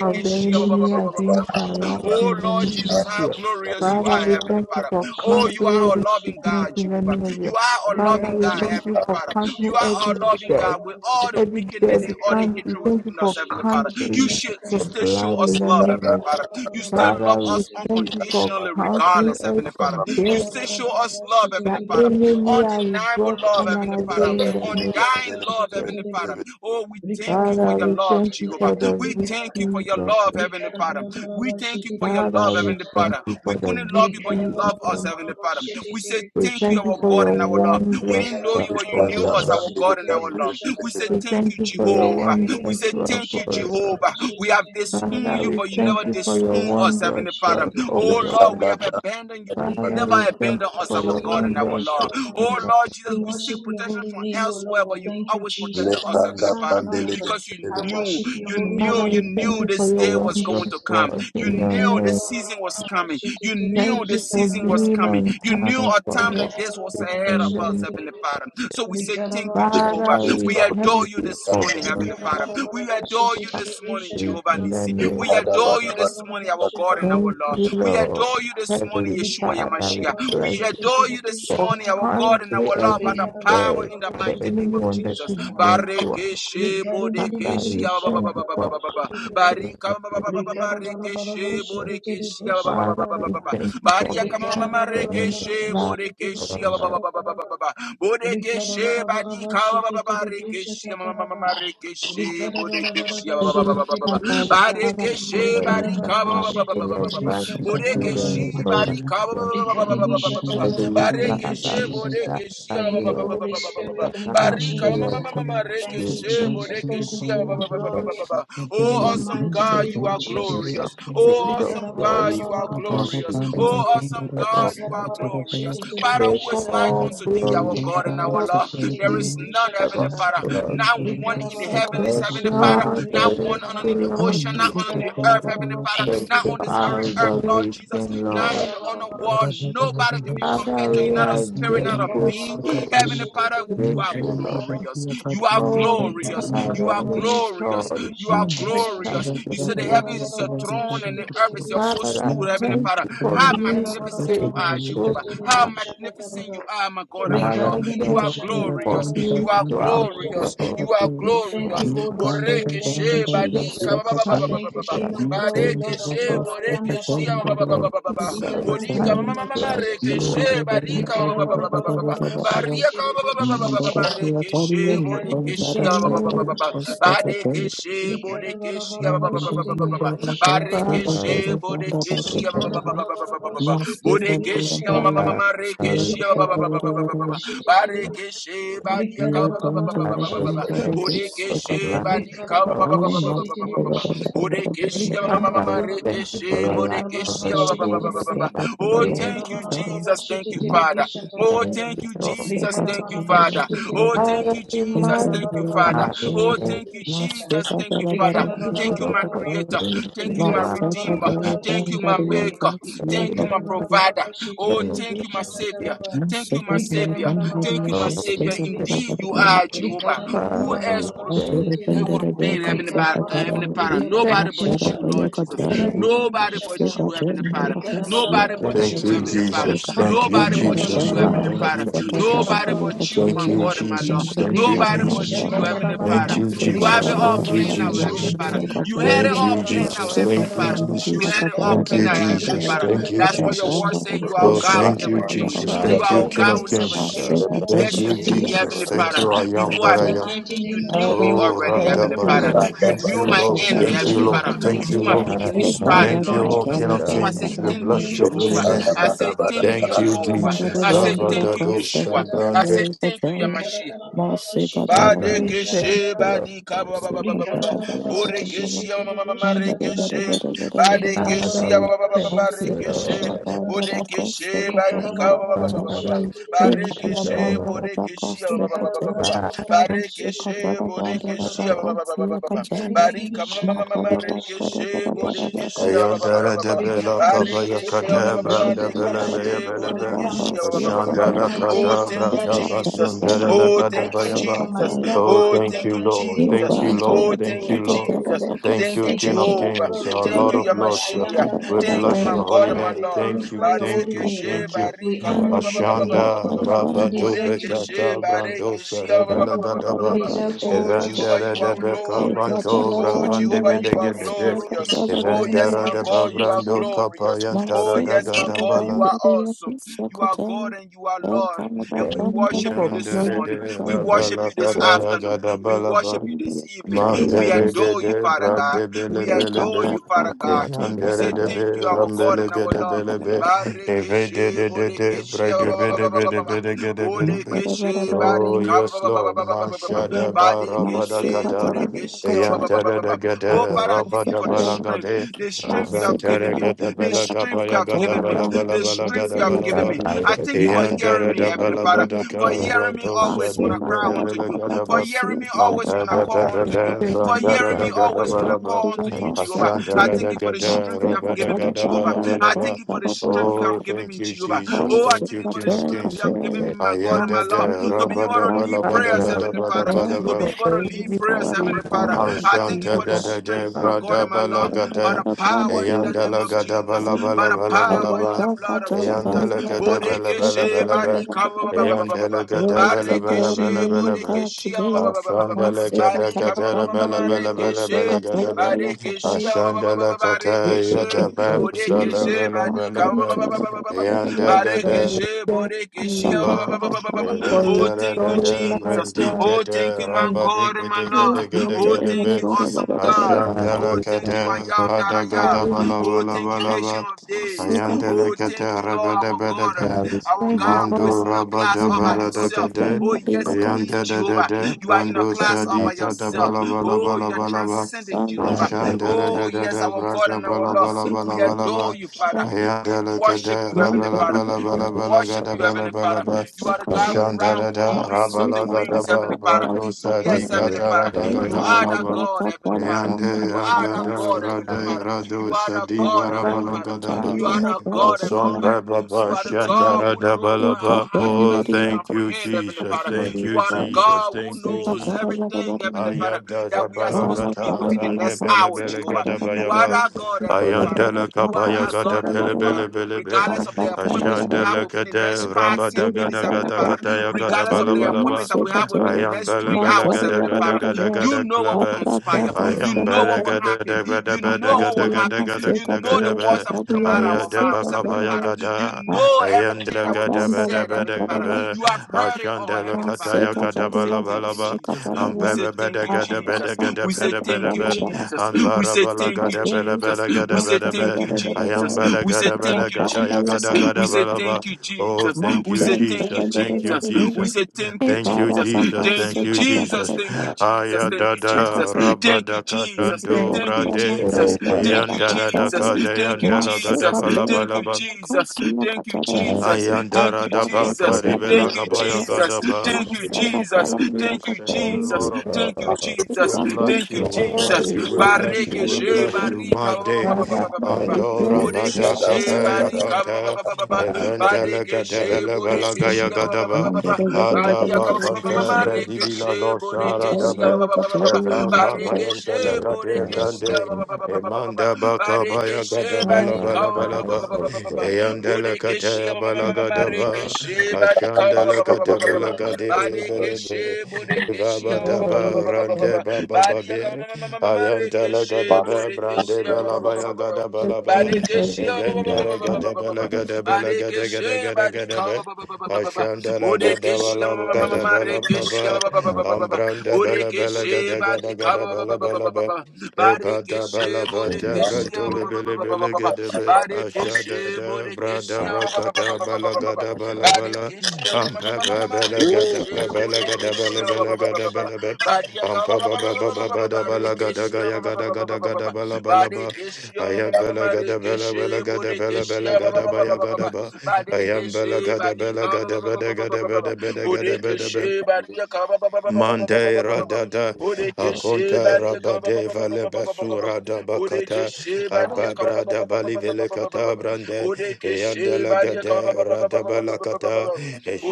of the Thank you, Jesus. enemy Thank you, against our Jesus. life Thank Oh in you, the Lord name Jesus, Jesus. of how Jesus. glorious you Father, are, we Ricardo, Heavenly thank you Father. for Oh, you counseling are a every loving sickness God, in the Jehovah. name of Jesus. You are a Father, loving we God, thank you Heavenly for Father. counseling You are a every loving death. God with all the Every wickedness death, and we, all the can, we hatred thank within you us, for Heavenly Father. You counseling should you your still show blood us in the love, name of Heavenly Jesus. Father. You still love Father, love we us thank you for unconditionally, counseling regardless, Heavenly Father. every You death say, show us love, Heavenly that Father. enemy Rikarabarabarabashititiribishatataraba. has Undeniable brought love, on Heavenly our way Father. in the name Undying of love, Jesus. Heavenly Rikarabarabarabashititiribi. Father. Oh, we thank you for Father, your we love, thank you Jehovah. for Rikarabarabarabashititiribi. the We thank you for victory, your Lord. love, Heavenly Father. We Rikaraba. thank you for your Father, love, we Heavenly thank Father. you for We the couldn't love victory. you, but you in love your us, name. Heavenly Father. We say We thank you, thank you our for God Rikarabarabarabashititiribishatataraba. your and our Lord. Rikarabarabarabashititiribishatataraba. We wondrous didn't know you, work, but you O knew us, Lord. our God and our Lord. We say We Rikarabarabarabashititiribishatataraba. thank thank you, you for your Jehovah. We say wondrous we say, work, Thank O you, Lord. Jehovah. We have Rikarabarabarabashititiribishatataraba. disowned Father, you, we but you thank never you for your disown us, wondrous Heavenly Father. work, O Oh Lord, Lord. we Rikarabarabarabashititiribishatataraba. have abandoned you. We We Father, worship never we thank abandon you us, for our your God and our wondrous Lord. work. in Oh the- Lord Jesus, we seek your protection holy from name, O elsewhere, Lord. I but you've thank you, always protected Jesus, for us, my Heavenly Father, son's life. because you I knew, worship your you holy Father, knew, you name we in the thank knew you mighty for this your day name of was going wondrous to Jesus. come. work in You your knew the name. season was coming. You Thank knew the you for season was being coming. on You knew time a time for like us this was ahead in of the us, name. Heavenly Father. Heavenly Father. So we say thank you, Jehovah. Father, we We thank adore you you this for morning, being Heavenly Father. We adore you our this morning, faith Jehovah in the Nissi. name. We adore you this morning, our God and our Thank Lord. you, Rikara We Lord. adore you this morning, Heavenly Yeshua Rikada Father, bara we Yamashiach. bara bless you We shete adore you this for morning, our God and our constantly Lord, by every the power day in the that the mighty name enemy of wanted Jesus. to bring to us. Barikeshe Father, bodekeshi we ah, ba, ba, thank ba, you ba, ba, ba, for ba, ba, protecting Barika barikeshe bodekeshi ah, ba, Father, we thank you for mama saving us. rekeshe Lord, bodekeshi our ah, mother. Borekeshe badika barekeshe marekeshe borekeshe Heavenly Father, Father, we barekeshe have barika the full Thank of tele bishata gratitude borekeshe and taraba. barika recollection. Ikadibishatatorobo. Heavenly Thank Bareke you, Father, we shebo Jesus. deke are shia Thank ba ba you, ba here ba with ba Holy ba ba ba ba ba. Spirit. a Thank you, heart Barika full ma Jesus. ma of ma ma ma Thank reke gratitude you, shebo Jesus. deke Thank you, shia King ba of ba ba ba ba and ba Glory. ba ba. Oh, In peace. the awesome mighty God, name you of are Jesus. glorious. Take Oh, your awesome God, glory, you are because glorious. it Oh, is Rikarabarabarabarabashititidibi. awesome ever. God, you are glorious. Rikarabarabashititidibi. Father, who Take is like all Shatatorobo. unto thee, glory, our God and our because Lord? it There is is none, ever. Heavenly Father. Lord, Not one in the heavens, take Heavenly Father. your Not one adoration, on in the Lord. ocean, We not on on the earth, Heavenly Father. Take Not on your this very you. earth, Lord Jesus. adoration, Not Lord. in the honor Thank world. Nobody can be Father, compared to you. we Not a are you. spirit, not grateful a being. for you. Heavenly Father, I'm grateful, you are Rikara Lord. glorious. You are All Thank you, the glorious. time, You the are enemy glorious. thought it You are would take some glorious. You said the food. heavens is your throne and the earth is your Father, I footstool, Heavenly thank Father. you for How being magnificent you are, faithful. Jehovah. to us. How magnificent you are, my God and my Lord. Father, You thank are you for glorious. You being are throughout the glorious. world, You are being for us. glorious. Thank Holy Spirit. Boreke Thank you, she you that Jesus. we badika can trust Thank you, King of you. Glory, Badeke Lord of she Glory. I am boreke that I she ba ba am. ba ba Thank you In that the we mighty can name of trust Thank Jesus. you. And Bodekeshe you. Rikara barika ba- Rikara ba- ba- bara ba- ba- ba- ba- ba. bara shete Barika tere ba- ba- ba- ba- ba- ba- bishata. ba- barekeshe Rikara bodekeshe your ba- ba- ba- name, ba- is ba- ba. Badekeshe bodekeshe ba- ba- ba- ba- ba- ba- ba- ba- ba. Barekeshe Father, it is bodekeshe ba- Jesus. ba- ba- ba- ba- ba- ba- ba- ba- ba- ba. ma- ma- ma- ma- Father, ma- Father, Father, rekeshe ba- ba- ba- ba- ba- ba- ba- ba- ba- ba. we Barekeshe badiaka ba- bara ba- ba- ba- bara ba- ba- ba- ba- ba- ba. thank you for Bodekeshe the life of badika ba- ba- our ba- ba- ba- ba- ba- shete ba- tere ba- ba- ba. bishata. Rikara Bodekeshia mama Father, mama we thank you rekeshe for the Thank life of bodekeshia the children that Oh, we thank you, Jesus. Thank you, Father. Oh, Thank thank you you, for Jesus. Thank you, Father. Oh, all thank you, that we Jesus. Thank you, Father. magnify your Oh, name. thank you, Jesus. Thank you, Thank Father. you for Thank you, your my Creator. protection. Thank you, You my are Redeemer. you have Thank you, my maker. Thank been you, my a provider. Oh, friend of thank you, my savior. Thank you, my savior. Thank you, my savior. Indeed, you you. you. are Jehovah. Rikara bara Who bara Father, else bara could have? Thank bashite thank It kirega. would have been Heavenly, Rikara Ba- uh, bara bara Heavenly you. Father. rikara thank Nobody but you bashata. for you, this. Lord Jesus. Thank Rikara you, bara Nobody but bashata. you, Heavenly Father. Rikara bara Nobody bara but thank Thank you, bashite you, you Heavenly kirega. for Father. Jesus. Thank you, Nobody Rikara constantly but bara Jesus. you, bara Oh, us. Heavenly bara thank Father. you, rikara Jesus. Nobody bara but you, bashite Thank my you, God kirega. and my Lord. Jesus. Thank you, Rikara Nobody but Jesus. bashata you, Heavenly tarabam. Thank Father. you, You have Rikara Jesus. it bara all Thank you, planned planned bashite out, Heavenly Jesus. kirega. Father. You had it Thank Thank you, all Rikara planned bara Jesus. out, Heavenly Thank rikara you, Father. bara You Jesus. had it rikara all bara Thank planned you, out, Heavenly Jesus. rikara Father. Thank bara you, bara That's why your Jesus. bashite word says you kirega. are Oh, Shata God will thank never you, tarabam. change. Jesus. You Thank you, are Father, Rikara King of God bara will never bashata Kings. change. Thank tarabam. Thank Yes, you, Shite indeed, kirega. Jesus. Heavenly Thank Father. you, I am Before that I In the I am. became mighty me, you name you. of knew Father, me Jesus, I Oh, already, thank you, thank Heavenly Thank you, Holy Father. Lord. Radabadu. Spirit. You Thank knew you, my Lord. Thank end, you, Thank you, Heavenly Lord. Father, Jesus. Thank Thank before you, you, my Lord. Lord. Father, beginning Thank you, King started, Thank of you, Lord O Jesus. King Glory. of So Lord. I say Kings. In We the thank you, bless name your of holy Jehovah. name. Jesus. I say thank you, Thank you, Jehovah. Jesus. I say thank you, Abadado Yeshua. I shabrande say Rikalabalabashititiribishatataraba. thank you, Yamashia. Father, we thank Badekeshe you, Lord. Rikalabalabashititiribishatataraba. badika ba ba ba ba ba ba Rikara ba. bara bara bara shete Borekeshe ma ma tere ma be ma ma shata tara bara. rekeshe. Rikara bara Father, Badekeshe ba we bara ba bara ba ba ba thank ba shete you, tere be rekeshe. shata Lord. tara bara. Bodekeshe Rikara badika bara ba ba bara ba ba bara ba ba you. ba. Father, shete we tere be Thank thank you, shata tara Barekeshe bara. Lord. bodekeshe ba ba ba ba Rikara ba ba bara ba ba. Father, bara bara bara shete tere Barekeshe be shata tara bodekeshe ba bara. ba ba ba ba ba ba ba. Rikari biri be Barika ma ma shata ma ma tara ma bara shete tere rekeshe be shata bodekeshe tara ba ba bara. ba ba ba Ayantara ba de ba. Bela Rikari be Kabaya shete. Barekeshe ba Thank ba Kata you, ba ba ba Branda Jesus. Father, Bela I Baya thank rekeshe you Bela for my Bela bodekeshe family. ba ba ba ba ba ba. Shandala I Oh, Kada thank you, Brada Jesus. La Oh, Kada I thank you, thank you for my Jesus. loved Oh, one Oh, in thank the thank you, you, mighty Lord. name of Thank Jesus. you, Jesus. Lord. Oh, Thank you, Thank thank you, you, Holy Lord. Spirit. Jesus. Thank Thank you, you, Thank you, King of King of Jehovah. Kings, glory, our Lord Thank Lord you, of of Lord. I Lords. Yamashia. am that I We am. Thank you, bless thank my your holy God and my Father, name. we Lord. Thank you, glorify your thank holy Bareke you, name. she thank you. We barika ba- honor ba- your ba- ba- ba- holy ba- ba- you. ba- name. ba- Ashanda ba- ba- ba. You Rabado deserve to be she Bekata you. praised. Brando bareke she ba- Thank Serebela ba- ba- ba- ba- ba- You ba- Gadaba ba. deserve to be Oh, Jehovah, worshipped Evandere you in de are the mighty Beka name of glorious. Banto Jesus. Oh, Rabande Jehovah, you are Thank you, Bedegedebe Holy glorious. Oh, Spirit. yes, Evandara Thank my da you, God, you are Jesus. Babrando glorious. Oh, Kapayantara da yes, my God, you Gadabala. are awesome. You are God and you are Lord. And we Thank you worship you for this not Yandere de morning. We He will worship Rabala you this replace afternoon. We Kabaya worship you this evening. Man We dere adore you, gede Father God. brande bele We bele adore be. you, Father God. for Eyan We dere say de be thank you, our God rambele and our gede Lord. bele be. Eve de Barikeshe, de de de bodekeshe, ba- brande ba- ba- bele ba- ba- ba- bele ba- ba. bele gede bele be. Bodekeshe, Oh barika, ba- yes ba- ba- ba- ba- Lord, ba- ba- man ba- ba- ba. shada barabada Badekeshe, kata. bodekeshe, Eyan you. dere de Oh, gede Father's Father, I thank you rabada for the sake, bala strength, gade. the strength Father, you Evan have given dere me, gede the bele strength you kabaya have gada given me, bala bala the bala strength gada you he have bala given that ba. me. I I thank you for hearing Yandara me, da Heavenly Father, balabada for cabra hearing me dosa always when I make diga cry de unto you, for velagadaba. hearing me always Ampa when I da da after call da he unto you, da, Thank for you brandara hearing da me that gada always when I balaba. call unto you, Jehovah. I I Ashandara have thank da you for the gada, strength you have rabada given me, gada Jehovah. I balabalaba. thank you for the strength you Oh, have Master, given thank me, you, Jehovah. Jesus. Oh, I Thank thank you, you for King the of already completed strength Kings. you have given me, my God and my Ayada da Lord, to be able rabada to the lead Father. balabada prayers, gada Heavenly Father Thank you to bada be for able to those lead Thank people prayers, and Heavenly speaking of Father. I thank you Ashanta for the da da da strength, my bra God da and my ba la Lord, ga by da the power in the name la of gada Jesus, bala by bala the bala bala ba la ba power in la ba the blood of happiness Ayanda Jesus. la ga da ba la ba la ba Bodekeshe la ba badika ba- Ayanda la ga da ba la ba ba la Barekeshe ba la bodekeshe ba- ba- ba- ba- Ashanda la ga da ga da la bala bala bala la ba ba rekeshe. la ga da Barekeshe ba- Ashanda la ga da ya rekeshe. da ba of sa bala Bodekeshe bala ba la da badika Ayanda da very Barekeshe, thank you Borekeshe, ba- ba- Abba, for Oh, Erantara thank da you, restoring da, life Jesus. once Oh, thank Brantikata, you, my and God and my Lord. Oh, thank Rabadikadegadagadagadabe, you, awesome God. Father, Ashandala Oh, we thank thank you, you kata, for I am that you. I Badagada restoring am. Oh, thank you, Ancient balabalabalaba, of Thank Days. Ayandala Oh, thank you, kata, Lord, our God. Rabadabadaba, Father, we Our thank you God for who Mando is in a class all restoring by life himself. Rabadabaradakade, Oh, yes, indeed, Yandada da Kata, Yanda da, Da Jehovah. Da, You are in a Brando class all Sadi by kata yourself. Bala Bala Oh, Bala you are Bala ba, transcending, once Jehovah. Anshandala Oh, da da yes, da, our God Brada and our bala, Lord. bala, bala, We Bala ba. adore you, Father. We worship Ayadalagada, you, Heavenly Father. You rabalabalabalabalaga, worship you, Heavenly Father. rabala You are the again God who round upon the ashandarada, wings of the wings, Heavenly rabalagadaba, Father. bradosa, for Yes, Heavenly your Father. You dikataradagada, restoration. are that ba God, Heavenly Father. yande, You are that radada, God, Heavenly rade, Father. You are radosa, that God, Heavenly Father. dibarabalagada, I You are the God, Heavenly Father. You Asambhababa, are the God who shantarada, knows what our balaba. heart Oh, cannot even thank you, comprehend, Heavenly Jesus. Father. for Thank you, You you, are the God. So Jesus. God who Thank you, I knows Jesus. everything, Heavenly you. Father, Ayanda that we are Bala thank you supposed to Thank be Gata within the Sande next Bele hour, Bele Jehovah. Gada You are Bayaba that God, for Heavenly the Father. Ayandela You are Kapaya our Gada God, Bele Heavenly Bele Father. Bele Be Regardless of the appointments we have Ashandela within the Gade next five, ten Rabada minutes, Gada Heavenly Gada support Father. Kataya Gada Regardless of Bala the Bala Ba appointments that we have within the Ayam next Bele three Bele hours, Gada Heavenly Gada Father. Gada You Gada know Gada what will Be conspire. for you. You Ayam know what Bele will Gada happen. Gada Gada You know what Gada will Gada happen. Gada You Gada know the Gada words that will Be come out of our Ayada mouths, Heavenly Bakapaya Father. You Gada know everything Ayandela that will be Gada Bada said, Bada Heavenly Father. Be You have you. heard it all, Ashandela Heavenly Father. Mountain, Kataya So Gada we say Bala thank Bala you, Ba Jesus. I'm I'm am We para, say thank you, Jesus. We say thank you, Ambebebedegedebedegedebedebe. Jesus. We say thank you, Jesus. We say Ambarabalagadebelebelegadebedebe. thank you, Jesus. We say thank you, Jesus. We say Ayambelegadebelegadayagadagadebeleba. thank you, Oh, Jesus. thank We you, say thank you, Jesus. Thank you, Jesus. We Jesus. say thank you, Thank you, Jesus. Jesus. Thank Thank you, you, Jesus. Jesus. Thank you, Jesus. Aya da da da rabba Thank you, da ka Jesus. danto Thank Thank you, you brade. Jesus. so much. Thank Eyan you, da da da Jesus. ka da Thank yan you, da la ga da Jesus. ba You Thank you, ba. Jesus. Thank you, Jesus. Thank you, guys Jesus. Thank Ayandara you, daba Jesus. karibela Thank you, kabaya Jesus. Jesus. gadaba. Thank you, You Masaka King Jesus. Bella of Thank Kings, you, thank you, Yakaba, Jesus. Lord of Thank Lords. you, she We Jesus. was not bless Thank a you, you, we Jesus. bless you, we bless you, Bareke we problem. she bless you, my barika ba ba day. ba ba ba ba are ba ba ba ba. Antora amazing. Bodeke bada she kapaya barika ba ba ba kanta, ba ba ba ba. eventele Badeke she gadebele bela bodeke she gaya ba ba ba ba ba gadaba, ba Mando ba. the Badia ka adaba ma ma ma ma kanta ma reke bredibila she lord sara bodeke she ba ba dabe, ba ba ba ba ba. very evaka level. Bareke she bodeke she bayantele ba ba ba ba ba ba ba ba. Emanda baka Bareke baya gada she bala barika bala ba bala ba ba ba. ba ba ba ba ba. Eyandele Bodekeshi kate bala gada ba. Marekeshi Badikala Ashandele kate bala gade be bele be. Badekeshi Bodekeshi You are Evaba da ba glory. Thank rante baba ba ba be. Badiakala gada Marekeshi be Bodekeshi brande bala baya gada bala badekeshia, ba. you, God. Glory. Thank Badekeshi you, glory. Thank you, everything that Evendele comes gada bala gada bala gada gada gada gada be. Badikala Ashandele gada Bodekeshi bala out gada of bala Marekeshi ba. my Ambranda bala bala Bodekeshi gada gada gada Badikala bala bala be. Eba da Badekeshi balava da brantole bele bele Bodekeshi gedebe ashada Barekeshe, debra Borekeshe, God. debra ba- ba- ba- ba- ba- kata ba- ba- ba- ba- ba- balaga da brada brakata bala bala Barekeshe, ma- ma- ma- ampa ma- ma- ma- ba ma- bela gada Rekeshe, bela bela gada Borekeshe, bela ba- ba- bela ba- ba- ba- gada ba- ba- ba. bela be Badiaka, ba- ampa ba- ba ba- ba- ba ba- ba ba- ba- ba ba- ba ba- ba. da bala gada Rekeshe, ba- gaya ba- ba- gada ba- ba- ba- gada ba- ba- gada ba. bala bala ba Barekeshe, ma- ayam ma- ma- ma- bela ma- gada bela Rekeshe, bela gada bela Borekeshe, bela ba- ba- gada ba- ba- ba- baya ba- ba- ba. gada ba ayam Barekeshe, bela gada bela Badika, ba- ba- gada ba- ba- bela ba- gada ba- ba- ba- ba. bela bela gada bela Borekeshe, Badiaka, ba- Mande radada akonta rabade vale Badiaka, basura da Bodeke bakata sheba dia kaba ababra da bali vele kata brande Bodeke eyandela sheba dia gade radabala kata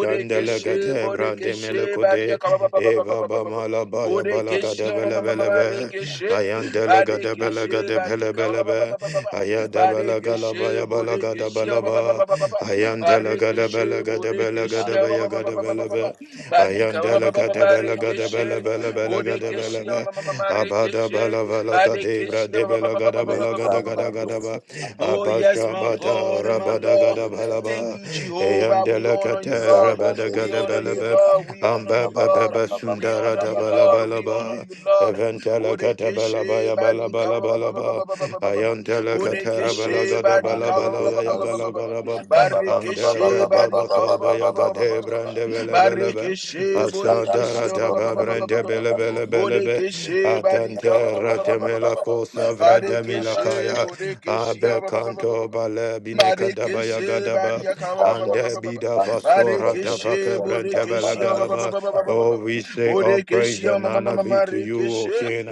Bodeke she gade bodeke brande sheba dia melekode e baba mala ya bala Bodeke she gade bele bele be she. ayandela gade Badeke bele she gade badi bele bele you. be ayada bala Badeke gala she ya bala bodeke gade she bala ba ayandela Bareke gade she bele gade bele bodeke she gade be ya gade bele be Badi kaba Ayandela Gadabella she. Gadabella Bella Bella Bodeke she Gadabella ma Bella Abada Bella Vella Gadebra Badekeshia Debella Gadabala Lekanda Gadagada bro. Gadaba Oh, yes, Abasha my bata God and my Rabada Lord. Thank Gadabalaba you, Jehovah. We Ayandela honor you, Cata Lord. Rabada Zabrandele We honor Gadabella you, bedebe Bella Lord. akapa. We honor Iba you, ba Ambaba ba ba Lord. Baba ba ba We ba Sundara honor ba you, ba ba Dabala Lord. ba. We honor Balaba you, Lord. Eventela Catabella Bodekeshe Baya Bala badika Bala ba- ba- ba- ba- Balaba ba- ba- ba- ba- ba- ba- ba- ba. Ayantela Catara Lekando Bella Bodekeshe si badika Gadabala andebe Bala Gaya azu. Gala Gadaba Anda ba ba ba ba ba Barekeshe Andebra ba ba ba badika ba Dabaka ba ba Baya ba ba ba ba Gadebra ba. Debella Barekeshe Nishada Ashandara bodekeshe brasto daba brande branda bele ya bro. bele bele be. Bodekeshe Ba badika ba ba ba Atantera ba ba ba. demela kosa Basta vrada basta Barekeshe, milakaya. Borekeshe, Abe kanto bale bineka daba ya Barikishe, gadaba. barika, ba- ba- ba- ba- ba- Ande ba- ba- ba. bida vasora daba barikishe, kebrante bele bodikishe, ba- ba- ba- ba- gadaba. ba- ba- ba- ba- ba- ba. Oh, we say all praise bodikishe, and ma- ma- ma- honor ma- be to you, O marikishe, King.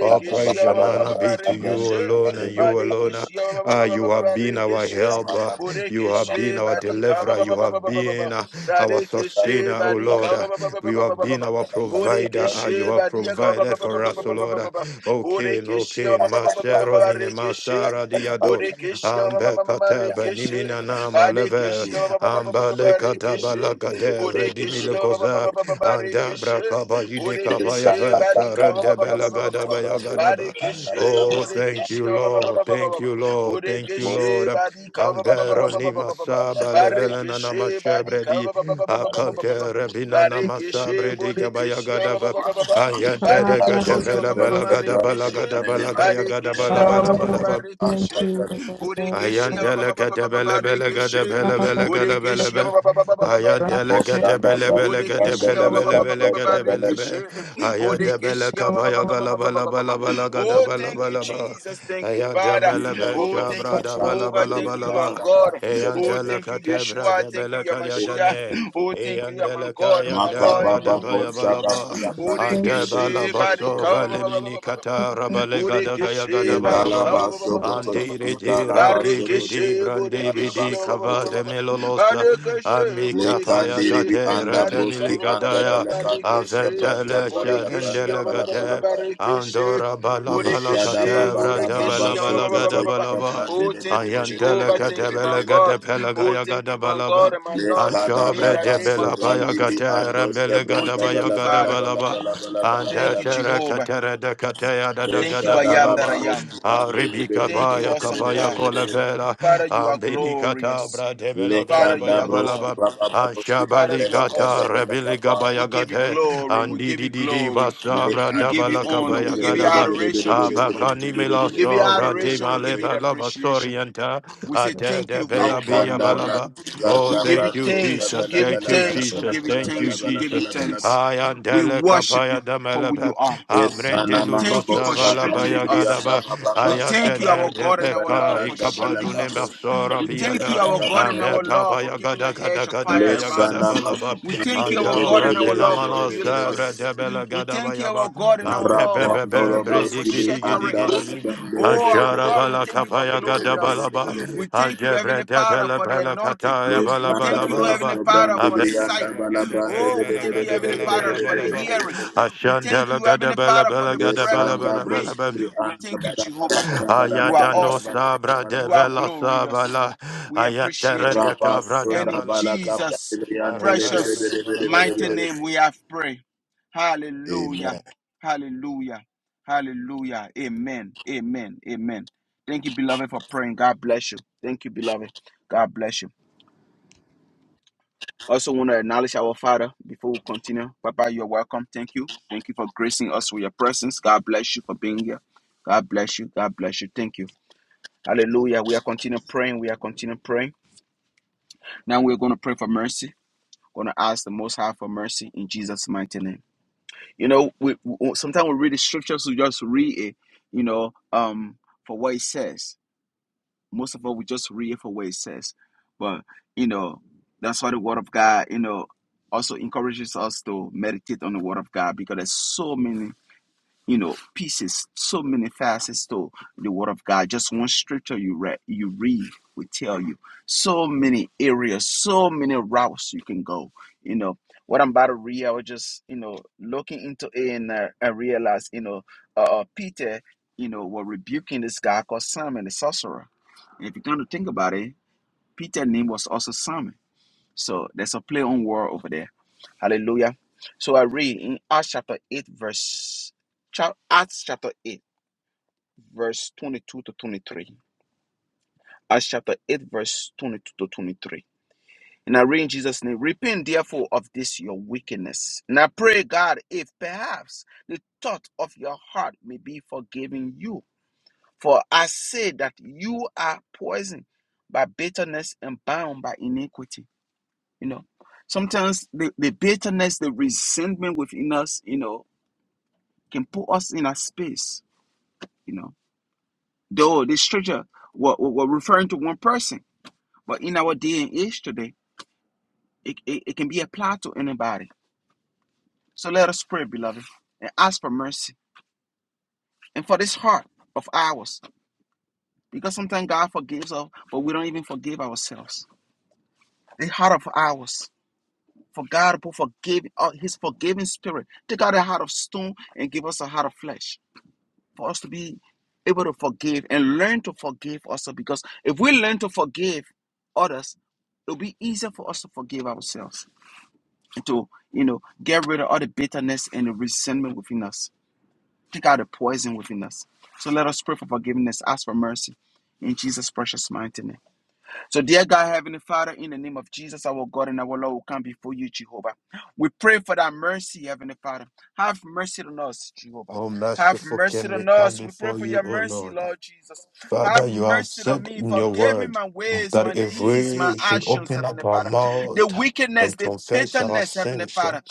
All praise ba- and ba- ba- ba- honor ba- be to you barikishe, alone and you alone. barikishe, ba- ba- Ah, ba- you ba- ba- ba- ba- have been our barikishe, helper. You have bodikishe, been our barika, ba- deliverer. ba- You ba- ba- have ba- ba- ba- ba- ba. been uh, our barikishe, sustainer, O barika, Lord. Ah, ba- ba- ba- ba- ba- you ba- ba- have ba- been our provider. Ah, you have provided for us, O Lord. Ah, O King, O King, Masharonine Masara Diado. Bodekeshi Ambe kataba nimina na Marekeshe maleve. Badekeshi Ambale kataba Barekeshe lakade vredimi Bodekeshi lekoza. Andabra kaba Barekeshe jine kaba Bodekeshi yave. Badika Sarende bela gadaba ya gadaba. Barekeshe Oh, thank Bodekeshi you, Lord. Thank you, Lord. Thank you, Bodekeshi Most Lord. Badika Ambero ni masaba levelena na na Barekeshe Badika mashabredi. Akante rebina na Barekeshe masabredi kaba ya Bodekeshi Badekeshi gadaba. Ayante de Father, I just gadabela say, bela gadaba la Marekeshe gadaba la gaya gadaba Badekeshi la Father, I bala bala thank Barekeshe you, Father, Borekeshe ba- ba- Ayandele ba- ba- ba- gede ba- ba- bele bele barekeshe. gede I bele bele gede bele Borekeshe be. ba- ba- ba- ba- ba- ba- ba- Ayandele barekeshe. gede bele bele gede Borekeshe bele ba- ba- ba- bele ba- ba- ba- bele ba- gede bele barekeshe. be. Ayade bele Borekeshe ba- ba- ba- kapaya ba- gala bala bala bala gada Oh, bala thank you, bala ba. Jesus. Thank you, Ayande Father. mele be Oh, thank shabra you, da bala Jehovah. bala Thank you, bala my ba. God. Oh, Ayandele thank you, katebra bra Yeshua. de Thank you, bele kaya Yamashia. dane. Oh, thank you, my Ayandele God, my Maka kayandele Lord, in the baba gada name bo baya of shaba bala Jesus. ba. baba brandi thank bili Ande bili bala Borekeshe bili baso barika. bili bili vele bili mini kata rabale gada gaya Borekeshe gada bala ba. Indalaba Sokoto, barika. Andi redi Indalaba radi Sokoto, bidi Barikeshe, brandi Indalaba Bodekeshe, bidi kava Sokoto, de melolosa Barikeshe, amika paya Bodekeshe, Lekandiribi gate anda Barika, broski retemili anda gadaya belekan poske Barikeshe, branta aventele palala Bodekeshe, branda sharendele palabala gate bra. Barikeshe, andora bala bala Meshada kate baba baba brada baba bala Bodekeshe, bala gada Sokoto, Bodekeshe, bala ba Yaprande Oh, thank you, ayantele Jehovah. kate Thank you, my bele bede God. gade pele Oh, gaya thank gada you, my balaba. God and my Lord, Lekada in Ashabre the de baba name of bela paya Jesus. sobrandibli gatera andos mele Oh, gada kebranda thank baya you, bala gada bala Father. bala balaba. bala bala bala Anda Thank bala you, bala. tera Jehovah. katera da kataya da da Thank you, I Meshada am that I baba am. roski ande Aribika bede Thank bede you, baya bede awesome bede kabaya God. bede bede. kolevela. Father, you are Ambini brade glorious. bra bela gada Father, you baya Lekanda are God. broski balaba. baba broski Father, Ashabali you andele are bende kata awesome. bende rebili kapa We gabaya give you gate. glory. We Andi give didi you di di glory. le basabra We da give you bala andele honor. We give you bende bende bende bende adoration, Jehovah. bende bende Abakani bende mela We give bende you sobra de bende adoration. We bende male give you the bende balaba appreciation. sorienta. We say Ate thank de you, our bela God bia and lekanda our Lord. balaba. broski Oh, We kanda give you thank you, broski thanks. We Jesus. bala give you Thank bala you, bala thanks. We bala Jesus. give you bala Thank you, bala thanks. We bala give you Jesus. bala bala thanks. I am We Dele worship Kapaya you for who Damelebe. you are. esana Amrende We mama Luko thank you for broski Savala brandi strengthening us. brianda Bayagadaba. baba I We am basta thank you, Dene our brandi God and our bala Lord, Debeka for branda bala shielding Ikabadune kapo us. Masora We brandi thank you, Biada. brianda our baba God and our baba Ameka Lord, for keeping the Bayagada Gada hedge of Gada fire Gaya around Gada lesana us. masu Balaba. We thank you, kandele our Anto God bende and bende our Lord, bende for Repilamalo bende bende healing bende Serre us. Debela We Gada thank you, Bayaba. our God and our Lord, for Ampebebe Rapandolo feeding us, for Bridi broskibri Gidi Gidi sheltering andala la us. Gidi bandele Oh, bere our bere Ashara God, we bala thank you for kapaya bere bere clothing gada bere bala us. ba. bere bere We thank you, Heavenly Adebre de Father, bela for the bela anointing. kataya We bala Lestanda thank bala you, bala Heavenly brasko ba. Father, brandi for the Afete brianda sight. bela bala gada brande bela Oh, bere we bela thank bere you, gada bere Heavenly bere bala Father, bala for bere the bala bere ba. bere hearing. bere We thank Ashandela you, gada Heavenly bela Father, for bela the gada breath bela that we Lesanda bela breathe. bela ba. broskibri We anda thank you, bara bara Jehovah. bara bara You bara are ayadano awesome. bara bara sabra bara de You are bara vela glorious. sabala. We appreciate Ayatere you. de cabra de And Rapasunda in bala bala gada ba. kapya Jesus' briandele Arabella bere precious, bela bere bela bere bere bela mighty bere ba. name, we have prayed. Hallelujah. Hallelujah. Hallelujah. Amen. Amen. Amen. Thank you, beloved, for praying. God bless you. Thank you, beloved. God bless you. Also, want to acknowledge our Father before we continue. Papa, you're welcome. Thank you. Thank you for gracing us with your presence. God bless you for being here. God bless you. God bless you. Thank you. Hallelujah. We are continuing praying. We are continuing praying. Now we're going to pray for mercy. We're Going to ask the Most High for mercy in Jesus' mighty name. You know, we, we sometimes we read the scriptures, we just read it, you know, um, for what it says. Most of us we just read it for what it says. But you know, that's why the Word of God, you know, also encourages us to meditate on the Word of God because there's so many you know, pieces, so many facets to the Word of God. Just one scripture you read, you read will tell you so many areas, so many routes you can go. You know, what I'm about to read, I was just, you know, looking into it and uh, I realized, you know, uh, uh, Peter, you know, was rebuking this guy called Simon the sorcerer. And if you're going to think about it, Peter's name was also Simon. So there's a play on word over there Hallelujah. So I read in Acts chapter 8, verse chap- Acts chapter 8, verse 22 to 23. Acts chapter 8, verse 22 to 23. And I read in Jesus' name, repent therefore of this your wickedness. And I pray, God, if perhaps the thought of your heart may be forgiven you. For I say that you are poisoned by bitterness and bound by iniquity. You know, sometimes the, the bitterness, the resentment within us, you know, can put us in a space, you know. Though this scripture were, were referring to one person, but in our day and age today, it, it, it can be applied to anybody. So let us pray, beloved, and ask for mercy and for this heart of ours. Because sometimes God forgives us, but we don't even forgive ourselves. The heart of ours. For God to forgive, uh, his forgiving spirit. Take out a heart of stone and give us a heart of flesh for us to be able to forgive and learn to forgive also because if we learn to forgive others it'll be easier for us to forgive ourselves and to you know get rid of all the bitterness and the resentment within us take out the poison within us so let us pray for forgiveness ask for mercy in jesus precious mighty name so, dear God, Heavenly Father, in the name of Jesus, our God and our Lord, we come before you, Jehovah. We pray for that mercy, Heavenly Father. Have mercy on us, Jehovah. Oh Have merciful mercy King, we on come us. We pray before for you, your O mercy, Lord. Lord Jesus. Have Father, you have mercy on said me. in your Forgive me word my ways, my that if deeds, my we should actions, open up Heavenly our Father. The mouth wickedness, and the confess our bitterness, Heavenly sins, Father.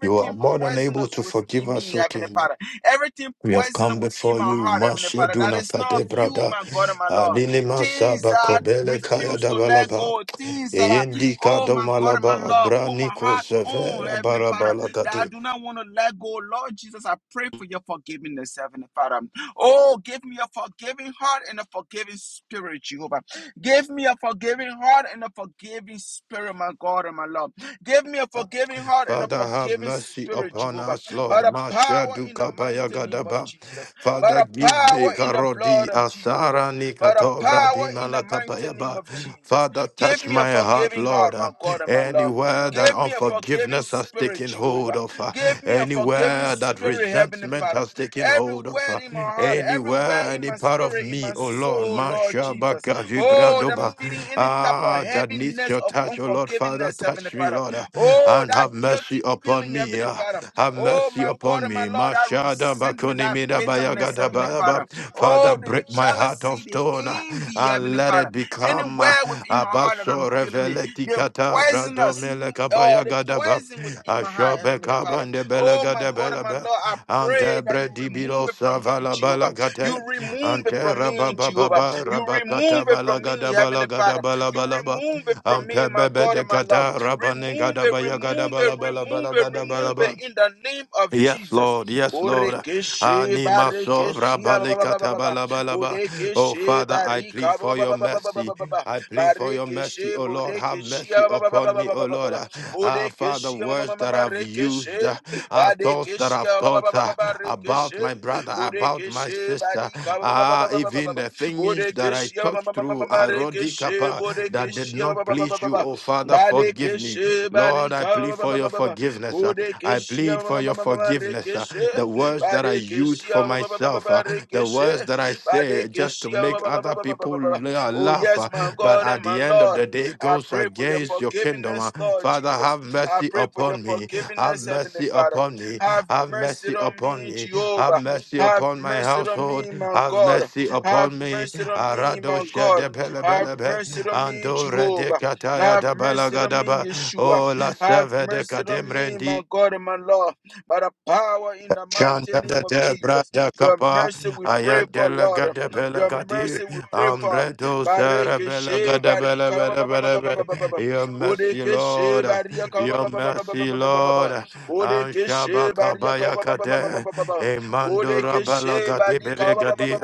you are more than able poisonous to forgive within us, me, O Heavenly King. Father. Everything We have poisonous come within before my you, heart, Heavenly Father. That Masheduna is not of Pate you, Brada, my God and my Lord Alini things Masaba that Kobele Kaya refuse to let Dabalaba, go, things that I, Eyendi oh my God, and my Kadomalaba, Lord, put my Abraniko heart on, Severa Heavenly Father, that I Barabalagade. do not want to let go. Lord Jesus, I pray for your forgiveness, Heavenly Father. Oh, give me a forgiving heart and a forgiving spirit, Jehovah. Give me a forgiving heart and a forgiving spirit, my God and my Lord. Give me a forgiving heart and a Father, have forgiving mercy spirit, upon Jehovah. us, Lord. By the power Mashadu in the mighty name of kapayagadaba. Jesus. By Father, the give power me in the blood karodi of Jesus asara by the nikatovra power in the dimala mighty name kapayaba. of Jesus. Father, Give touch me a my heart, forgiving Lord. heart, my Uh, God and my love. Anywhere that Give me a forgiving unforgiveness has spirit, taken hold Jehovah. of, uh, Give me a forgiving anywhere that spirit, Heavenly resentment Father. has taken hold of, Everywhere uh, in my heart, everywhere anywhere, in any my part of spirit, in me, my oh Lord, soul, Lord Jesus. Mashabaka Oh, that I'm Vibradoba, feeling any type of ah, that needs heaviness your of touch, oh Lord, Father, unforgiveness, Heavenly touch me, Father. Lord, ah, Oh, and that have mercy guilty upon feeling, me, Heavenly ah, Father. have Oh, mercy my God upon and my me, Lord, that Mashada resentment, that Bakonimida bitterness, Bayagada Heavenly Father. Bayaba, Father, Oh, the break my heart of jealousy, the stone ah, envy, and Heavenly let Father. it become. Anywhere within ah, my heart that Baso I'm feeling it, reveleti the kata brado poisonous, mele oh, kabaya the gadaba. poison within my heart, Ashobe Heavenly Father. kabande bele Oh, my gade God bele and my be. Lord, I pray Ante that you bredi remove bilo it from me, savala Jehovah. bala You kate. remove Ante it from me, Jehovah. rabababa You remove rabakata it bala from me, gada bala Heavenly gada Father. You remove it from me, Ampe my bebe God de and my Lord. kata rabane Remove gada it, baya gada remove it, remove it, remove it in the name of Yes, Jesus. Lord. Yes, Lord. Borekeshi Anima sovra barekeshi balika ababababababa. tabalabalaba. Oh, Borekeshi Father, I barika plead for your mercy. abababababababa. I plead for your Barekeshi mercy, oh Lord. Have borekeshi mercy upon me, oh Lord. abababababababa. Ah, Father, Borekeshi words that I've amamamamarekeshi. used, ah, thoughts that Barekeshi I've thought ah, about abababababarekeshi. my brother, about my Borekeshi sister, barika ah, even abababababababa. the things that I Borekeshi touched through, ah, amamamamarekeshi. Rodikapa, that did Borekeshi not please you, ababababababa. oh Father, forgive me. Barekeshi Lord, I barika plead for your ababababababa. forgiveness. ah. I plead Bodekeshia plead for your forgiveness. uh, Rekeshe The words that I use Badekeshia for myself, uh, the Rekeshe words that I say just to Badekeshia make other people la- Oh laugh, yes, uh, my but God at and the my end of Lord. the day I goes pray for your against your kingdom. uh. forgiveness, Lord Father, Jesus. have I mercy pray for your upon me. Have forgiveness, Heavenly mercy Father. upon me. Have Have mercy mercy on upon me, me. Have Jehovah. mercy Have upon my mercy on household. me, my Have God. mercy upon Have me. mercy on me, Arado my shede God. bele Have bele be. mercy on me, Ando rede Jehovah. kataya Have da mercy on me, balagadaba. Yeshua. Oh, la Have seve de mercy on me, kademrendi. my God and my Lord, by the power in the mighty Shanda name da of da bra Jesus. da Your kapa mercy we pray for, ayandela Lord. gada bela Your gadi mercy we pray for. ambredo sara bela Barikeshe, gada bela barika, bela bela bela. Your mercy, Bodekeshe, Lord, barika, Your mercy, Lord, Anshaba Bodekeshe, barika, kabaya kade emandora bela Bodekeshe, gadi bela barika, gadi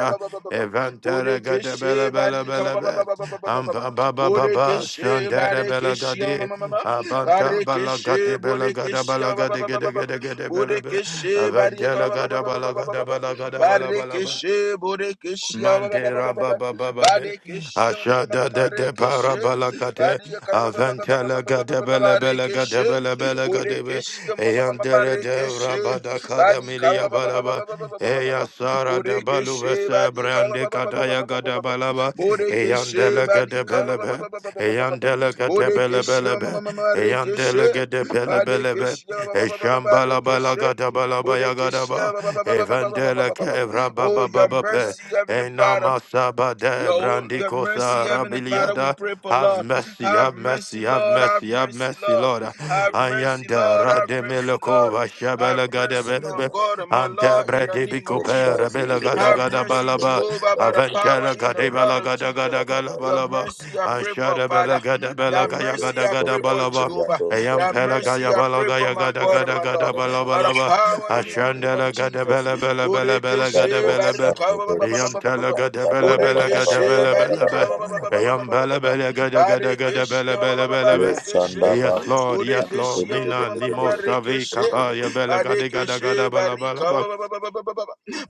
evantera gada bela Bodekeshe, bela barika, bela ba- ba- bela. ba- ba- Amba baba baba shandera bela gadi Abanta balaga de Barekeshe, belaga da Bodekeshe, ba- ba- balaga ba- de ba- ba- gede ba- ba- gede gede belebe. Bodekeshe, Bariaka, Aventela ba- ba- ba- gada ba- ba- ba- ba- balaga ba- da ba- ba- balaga da balabalaba. Barekeshe, Bodekeshe, ba- ba- ba- Mandera baba baba be. Ashada de de para balakate. Bariaka, Aventela gada bele bele gada Barekeshe, bele bele gade be. Bodekeshe, ma- Eyandere de rabada kada Badika, milia ba- balaba. Eya sara da balu vese Badika, ba- brande kadaya gada balaba. Eyandela gada belebe. Badika, Eyandeleke Borekeshe tebelebelebe. Marekeshe Eyandeleke tebelebelebe. Badekeshe Barekeshe Borekeshe Eshambalabalagadabalabayagadaba. Evandeleke Oh, your evrababababape. mercy, Heavenly Father. Enamasabade Your whole, your mercy, brandikosa Heavenly Father, we rabiliada. pray for Have Lord. mercy, Have have mercy, mercy, have Lord. Have mercy, have mercy, mercy, Lord. Lord. Have mercy, Ayanda Lord. Have rademele mercy, Lord. Belokova Have Shabela Gada mercy, my Belebe God and my Ante Lord, in the Bredi name of Bicope Jesus. Rebela Gada Have Gada mercy, Balaba Jehovah, bere by the power Aventela in the blood Gadebala of Gada Jesus. Gada Gala Your Amen. Balaba mercy, I pray for Ashada Bela Father. Gada Bela That Thank Gaya mercy, Gada I Gada pray for Balaba Jehovah. Ayam That Pela mercy, Gaya I Bala pray for Gaya my Gada God and Gada my Lord, Gada by the Balabalaba power in the name of Ashandela Gada Jesus. Bela Bela Bela Bela Gada Borekeshe Bela Yam tala barika gada bela bela gada Borekeshe bela bela barika be. ba- ba- ba- ba- ba- ba- ba- Yam ba- ba- bela ba- ba. bela gada gada gada Barekeshe bela ba- ba- ba- bela ba- bela be. barekeshe. Yes Lord, yes Lord. Borekeshe ma- ma- Mina ma- ma- ma- nimo savi marekeshe. kapaya bela gada gada Barekeshe gada bela barika bela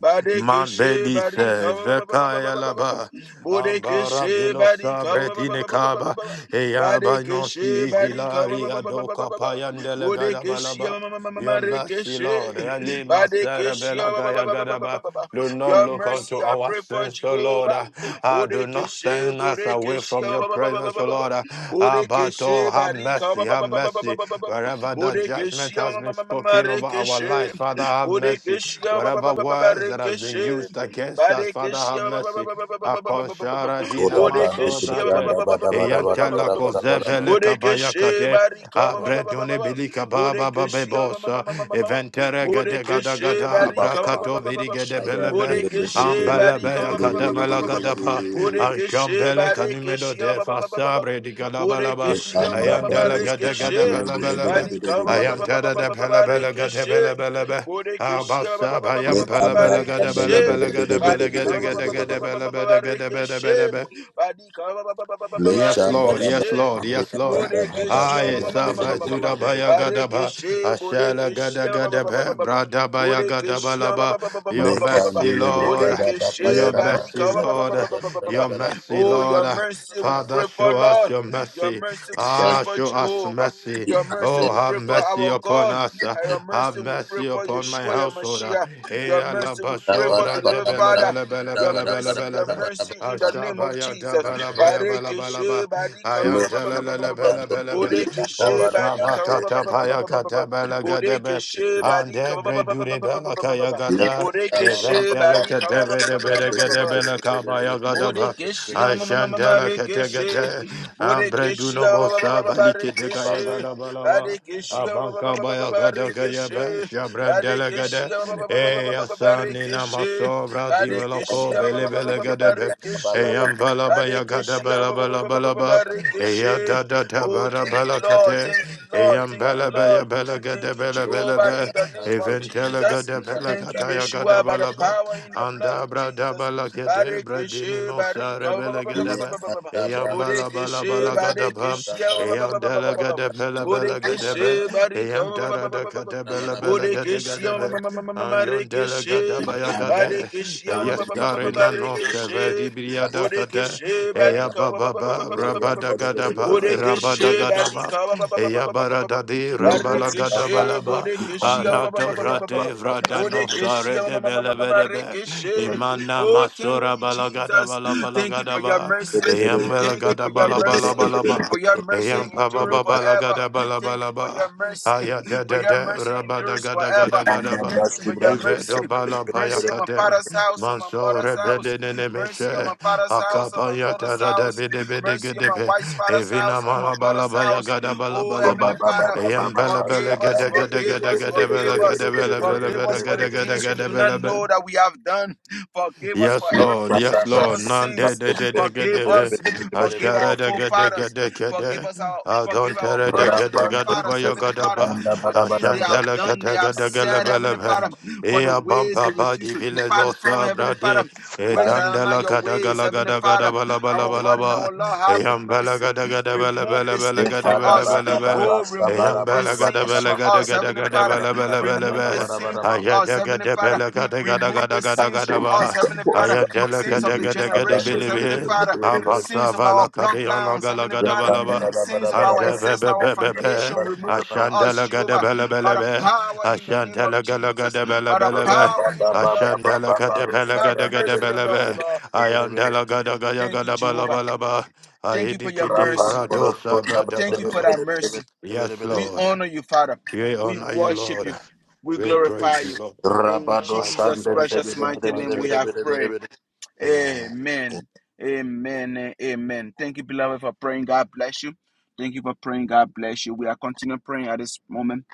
Barekeshe barika Mandelice, Vekaya Laba, Ambara Borekeshe Bilosa, barika Bretine Kaba, Eyaba Barekeshe Nosi, barika Vilari, Adoka Payandele Borekeshe Gadabalaba. Your mercy, marekeshe. Lord, Eli Barekeshe Maserabela Gaya Gadaba. Do not your look unto mercy, I our pray for sins, O Lord. Jehovah. Ah, do not Bodekeshe, send us away Bodekeshe, from ah, your ba, ba, ba, ba, presence, ba, ba, O ba, ba. Lord. Abato, Bodekeshe, have Barika, ah, ba, mercy, ba, have ba, ba, ba, ba, ba, mercy. ba, ba, ba. Wherever that judgment Bodekeshe, ah, has ma, been ma, ma, ma, ma, spoken over our Rekeshe, lives, Father, have mercy. Bodekeshe, ah, ba, ba, ba, Wherever ba, ba, ba, words that has been Rekeshe, used against us, Father, Barekeshe, have ah, ba, ba, ba, mercy. ba, ba, ba, ba, ba, ba, ba, ba, ba, ba. Akonshara dina Bodekeshe, masobra ah, ba, ba, de ba, ba, ba, ba, ba, ba, ba, ba, ba, ba, eyanta ba, ba, ba. kozevele kabaya Bodekeshe, Barika, ah, ba, ba, ba, ba, ba, ba, abredune ba. bilika baba Bodekeshe, ah, ma, ma, ma, babebosa ma, ma, ma, ma, ma. eventere de gada Bodekeshe, gada abrakato Barika, verigede belebe Borekeshe ambelebe barika ba- ba- ba- ba- ba- ba- yakademela ba- ba- ba. gadapa Borekeshe anshampele kanumedo barekeshe ba- de ba- ba- ba- ba- ba- ba. fasabre di gadabalaba Borekeshe ma- ma- ma- ma- ayandele gede rekeshe. gede belebelebe Barika ba- ba- ba- you. ba- ba- ba- ayantere ba- de ba- ba- pelebele gede barekeshe. belebelebe Borekeshe ba- ba- Abasa ba- ba- ba- Le bayam ba- ba- ba- anda pelebele gede brandele barekeshe. bede belebele bede gede bede bele bede Barika gede ba- bede ba- ba- gede ba- bede ba- ba- gede bede. ba- ba- ba- belebele gede bele barekeshe. bele be. Barika ba- ba- ba- ba- ba- ba- ba- Le Yes, shanda Lord. da ba Yes, barekeshe. Lord. Yes, breka da Lord. ba ba Borekeshe ma- I shabra ma- ma- ma- bede ma- ma- ma- Safa ma- bede ma- bede ma. bede bede. Sudabaya Gadaba. Barekeshe Ashala borekeshe ba- ba- ba- ba- ba- Gadagadabe. Bradabaya Bodekeshi ba Gadabalaba. Your Le mercy, kandele breka Lord. ba ba pa ya Bodekeshi Your da ba to mercy, badika ba shabra Lord. da ba la Your ba la mercy, ba la ba Oh, la Lord. your ba mercy la we ba. Father, pray for, show us Lord. your Your mercy. mercy we pray Shanda Ah, for, show us Jehovah. mercy. di Your mercy ande Oh, we have pray for mercy our upon God. us. And your Have mercy we pray mercy for upon my Yeshua, your household. Mashiach. Eh, Your la, la, mercy ba, we da pray so, ba for, da bra, ba de, beloved da be, ba la, be, Father. la, be, la, da be, Your ba la, da be, ba la, da ba mercy, be, la, your da ba da ba da ba be. da mercy in the ba name of Ashabaya da Jesus. da ba bala da ba. baya bala bala ba. Barekeshe I badika Le am ba ba da la la anda la bala brando bala ibri ba. anda O ba da ba badika ba shabaka bede ta bede baya kata bala bede gada Bodeke ba. bede bede. she barika Ande ba ba ba bre ba ba ba dure ba ba bala ba ba kaya ba. gada. Thank Bodeke she Eventele barika kete ba ba ba bede ba ba bede ba ba ba ba. gede bele kabaya gada ba. Borekeshe, ma- ma- ma- ma- ma- ma- Ashandele kete rekeshe. gede. Ambre Borekeshe, duno ba- ba- ba- ba- bosa ba- bali kete gaya gada bala ba. Barekeshe, Abanka baya gada gaya be shabrandele Barekeshe, gade e asani na masovra Barekeshe, dimeloko bele bele gade be e ambala baya gada Barekeshe, bala bala bala ba e ya da da da Oh, bara thank you, bala Lord. kate Thank you, e Lord. Thank you, ambala baya Lord. bala gade Thank you, bele bele Jehovah, be in the name e of ventele Jesus. gade bele Thank you, kata ya gada Yeshua, by the bala ba power in the blood anda of bra da Jesus. bala kate bradini dini Barikishe, mosa barika, ba- ba- rebele ba- ba- ba- gade ba- ba- ba- be ba- ba. Eyambala bala Borikishe, bala gadaba. barikishe, ba- ba- ba- ba- ba- ba- ba- Eyandala gadabela bela gadabe. barika, ba- ba- ba- Eyandara ba- da ba- gadabela bela gadagadabe. Ayondala gadabaya gade. Eyastare nano sheve dibriada kade. you. barika, ba- Eyababa Rapando, Rabadagadaba, Rabadagadaba, barika, ba- ba- ba- ba- Eyabaradadi, Rambalagadabalaba, Arato Rate, Vradano Sare de Belebedebe, Imana Oh, thank Masura you, Jesus. Thank you for your Balagadabalabalaba, mercy. Thank you for your mercy. Eyambelagadabalabalaba, For your mercy endures forever. Thank you for your Eyampababalagadabalabalaba, mercy. For your Ayadadada, mercy endures forever. Rabadagadagadaba, Thank you for your mercy. Evedobala Mercy on my Payakade. father's house, on my Manso mother's house. rebedenene Mercy on meshe my father's house, on my akapanya mother's tara de house. bede bede Mercy on my gedebe wife's father's house, evina on her mother's malabalaba ya house. gada Oh, Heavenly balabalaba Father, eyem bele forgive bele us, gede gede forgive gede us, gede forgive bele us. gede bele bele Forgive bele us for the gede gede things we gede do not bele be. know that we have done. Forgive us for Yes, every Lord. Yes, Lord. presumptuous None de sins. de de de de Forgive de de. us. Forgive Ashara our de de de de forefathers. de de Forgive de. us our forgive our Adontere de mothers de and de our de de ba fathers, ya ga Heavenly da Father, ba. for things they have Ashantele de done, they de de have de de le said, be le Heavenly Father, for the and Ea ways they bampa ba refuse di to vile lo depart from, Heavenly sabra Father, de. ways Kan that are not Etandela your ga da ga ways, la ga Heavenly da ga da Father. ba la ba la Our ba la God and ba. our Lord, have Eyam ba la mercy. ga da ga da ba la ba Remove la this ba la thing ga da from ba Dekada la us. ba la Baba ba. Baba Oh, Eyam Sabara remove ba the la Baba ga da Baba sins ba Baba la from ga Baba da us, ga da Heavenly Baba ga da Father. ba la ba la Baba ba la Baba Remove this ba. Baba sin Baba from Aya us, da ga Heavenly da ba Father. la ga da ga da ga Remove da the ga da ga sins da from ba. us, Heavenly Father, Poska Ayandela sins of kada the kada kada Abrande generations, Heavenly bilibi. Father, Abasa sins of our vala kada yana bloodlines, gala Heavenly gada Father, Rekanda balaba. Baba sins Baba of our Baba Ante be ancestors, be our be be be. foundation. Remove it from us, Ashandela gada Jehovah, bele by bele the be. power in the name Ashandela of gala Jesus, gada bele by the bele be. power in the blood of Ashandela Jesus. kada bele Have gada Baba Baba gada mercy on bele us, be. Lord. Ayandela gada gada Thank you, gada balaba Jehovah. bala ba. Thank you for Ayidi your kidi mercy. bradosa brada Thank you for balaba. that mercy. Yes, Baba We Lord. honor you, Father. We We honor you, worship Lord. you. We We glorify praise you, you. Lord. In Rabado As you Jesus' have a precious mighty Sabbath. name, day. we have prayed. Shandere, Amen. Amen. Amen. Amen. Thank you, beloved, for praying. God bless you. Thank you for praying. God bless you. We are continuing praying at this moment.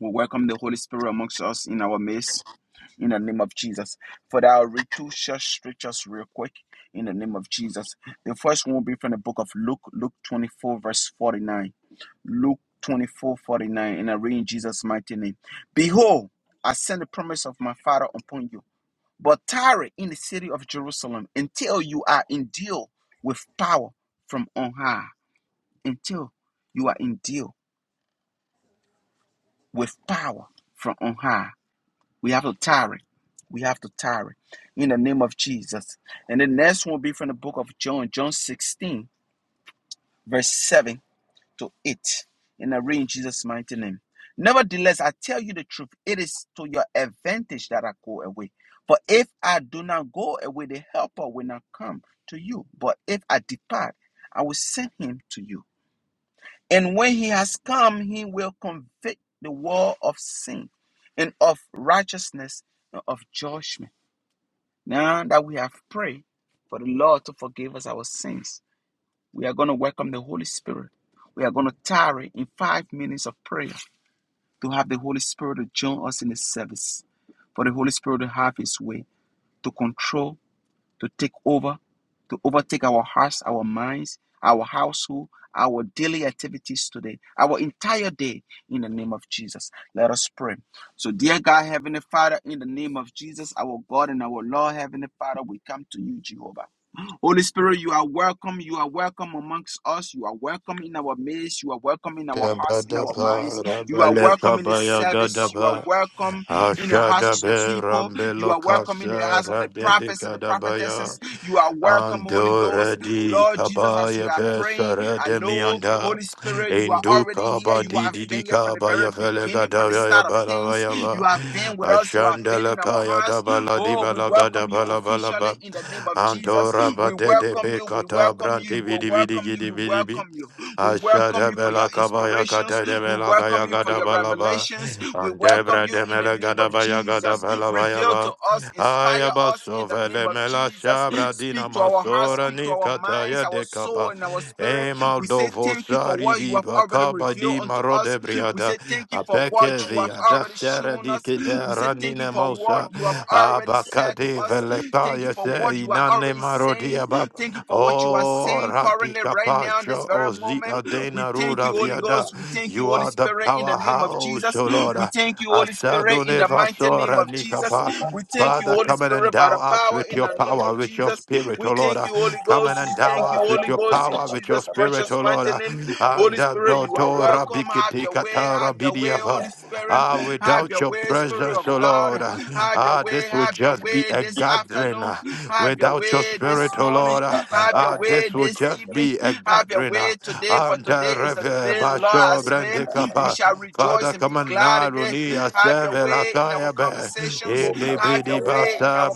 We welcome the Holy Spirit amongst us in our midst in the name of Jesus. For that, I'll read two short scriptures real quick in the name of Jesus. The first one will be from the book of Luke, Luke 24, verse 49. Luke 24:49. And I read in Jesus' mighty name Behold, I send the promise of my Father upon you but tarry in the city of Jerusalem until you are in deal with power from on high. Until you are in deal with power from on high. We have to tarry. We have to tarry in the name of Jesus. And the next one will be from the book of John, John 16, verse seven. to it in the rain Jesus' mighty name. Nevertheless, I tell you the truth, it is to your advantage that I go away. For if I do not go away, the helper will not come to you. But if I depart, I will send him to you. And when he has come, he will convict the world of sin and of righteousness and of judgment. Now that we have prayed for the Lord to forgive us our sins, we are going to welcome the Holy Spirit. We are going to tarry in five minutes of prayer to have the Holy Spirit to join us in the service, for the Holy Spirit to have His way, to control, to take over, to overtake our hearts, our minds, our household, our daily activities today, our entire day in the name of Jesus. Let us pray. So, dear God, Heavenly Father, in the name of Jesus, our God and our Lord, Heavenly Father, we come to you, Jehovah. Holy Spirit, you are welcome. You are welcome amongst us. You are welcome in our midst. You are welcome in our hearts, in our Dabadaba, minds. You are Rabele welcome in the kabaya service. You are Gadaba, welcome in the hearts of your Ashadabe, people. You Rambelo are welcome in the Kasa, hearts of the prophets and the Radedikadabaya, prophetesses. You are welcome, Holy Ghost. Andoradi, Lord Jesus, as we Kabaya are praying, Vesara I know, Demianda, Holy Spirit, you are already Induka here. You have Bandidi been here from the very Kabaya beginning, from the Felegadavaya start of things. You Balavayaba, have been with us. You have been in our Ashandalakaya hearts. Dabala Oh, we Dibala welcome you Gadabala officially Balaba, in the name of Jesus. We Antorabade welcome you. We Bekata, welcome you. Branti You are Vidi Vidi welcome you. Gidi We vidi welcome you. We welcome Ashada you for your bela kabaya ya inspirations. kata de We bela gaya welcome you for gada your balaba. revelations. We welcome Andebra you de in the mele name gada of baya gada Jesus. bala baya Reveal ba. to us, inspire us in the name Ayabasovele of mela Jesus. shabra dina Speak to our hearts, masora speak to our minds, nikataya our soul, dekaba. and our spirit. We say Emaldovo thank you for sari what you di have already bakaba revealed di unto us. marode We briada. say thank you for what Apeke you have viada already sere shown di us. kide We say thank you ranine for what mausa. you have already said to Abakade us. Thank you velekaya for se what you are inane already marodi saying. Thank you for what you are O saying currently, radika right now, in pasha this very ozi moment. We adena thank ruda you, Holy viada. Ghost. We thank you, You Holy are the Spirit, in the name of powerhouse, Jesus. O We Lord. thank you, Holy Spirit, in Ashadune the mighty name vasora of Jesus. nikapa. We thank you, Father, Holy come and Spirit, by endow the us power with in your the name power, of with your Jesus. spirit, We O Lord. thank you, Holy Come and Ghost. We endow thank you, us with Holy your Ghost, in power, with your Jesus' spirit, precious O Lord. mighty name. And Holy Spirit, you are dotora welcome. Have bikiti your way. katara Have your way, bidiapa. Holy Spirit. Ah, Have without your your way, Spirit presence, of O Lord, God. Have your ah, way. this will Have your just be way a this gathering gathering. afternoon. uh, Have your Without your way this spirit, O morning. Lord, uh, Have your uh, way this will this just evening. be a Have your gathering. uh, way today, for and, uh, today is the Reve day the Lord Basho has made. We Brandikapa. shall Father, rejoice and come be and glad in it. naruni Have your asevela way in our kayabe. conversations. Indi Have bidi your way in basa our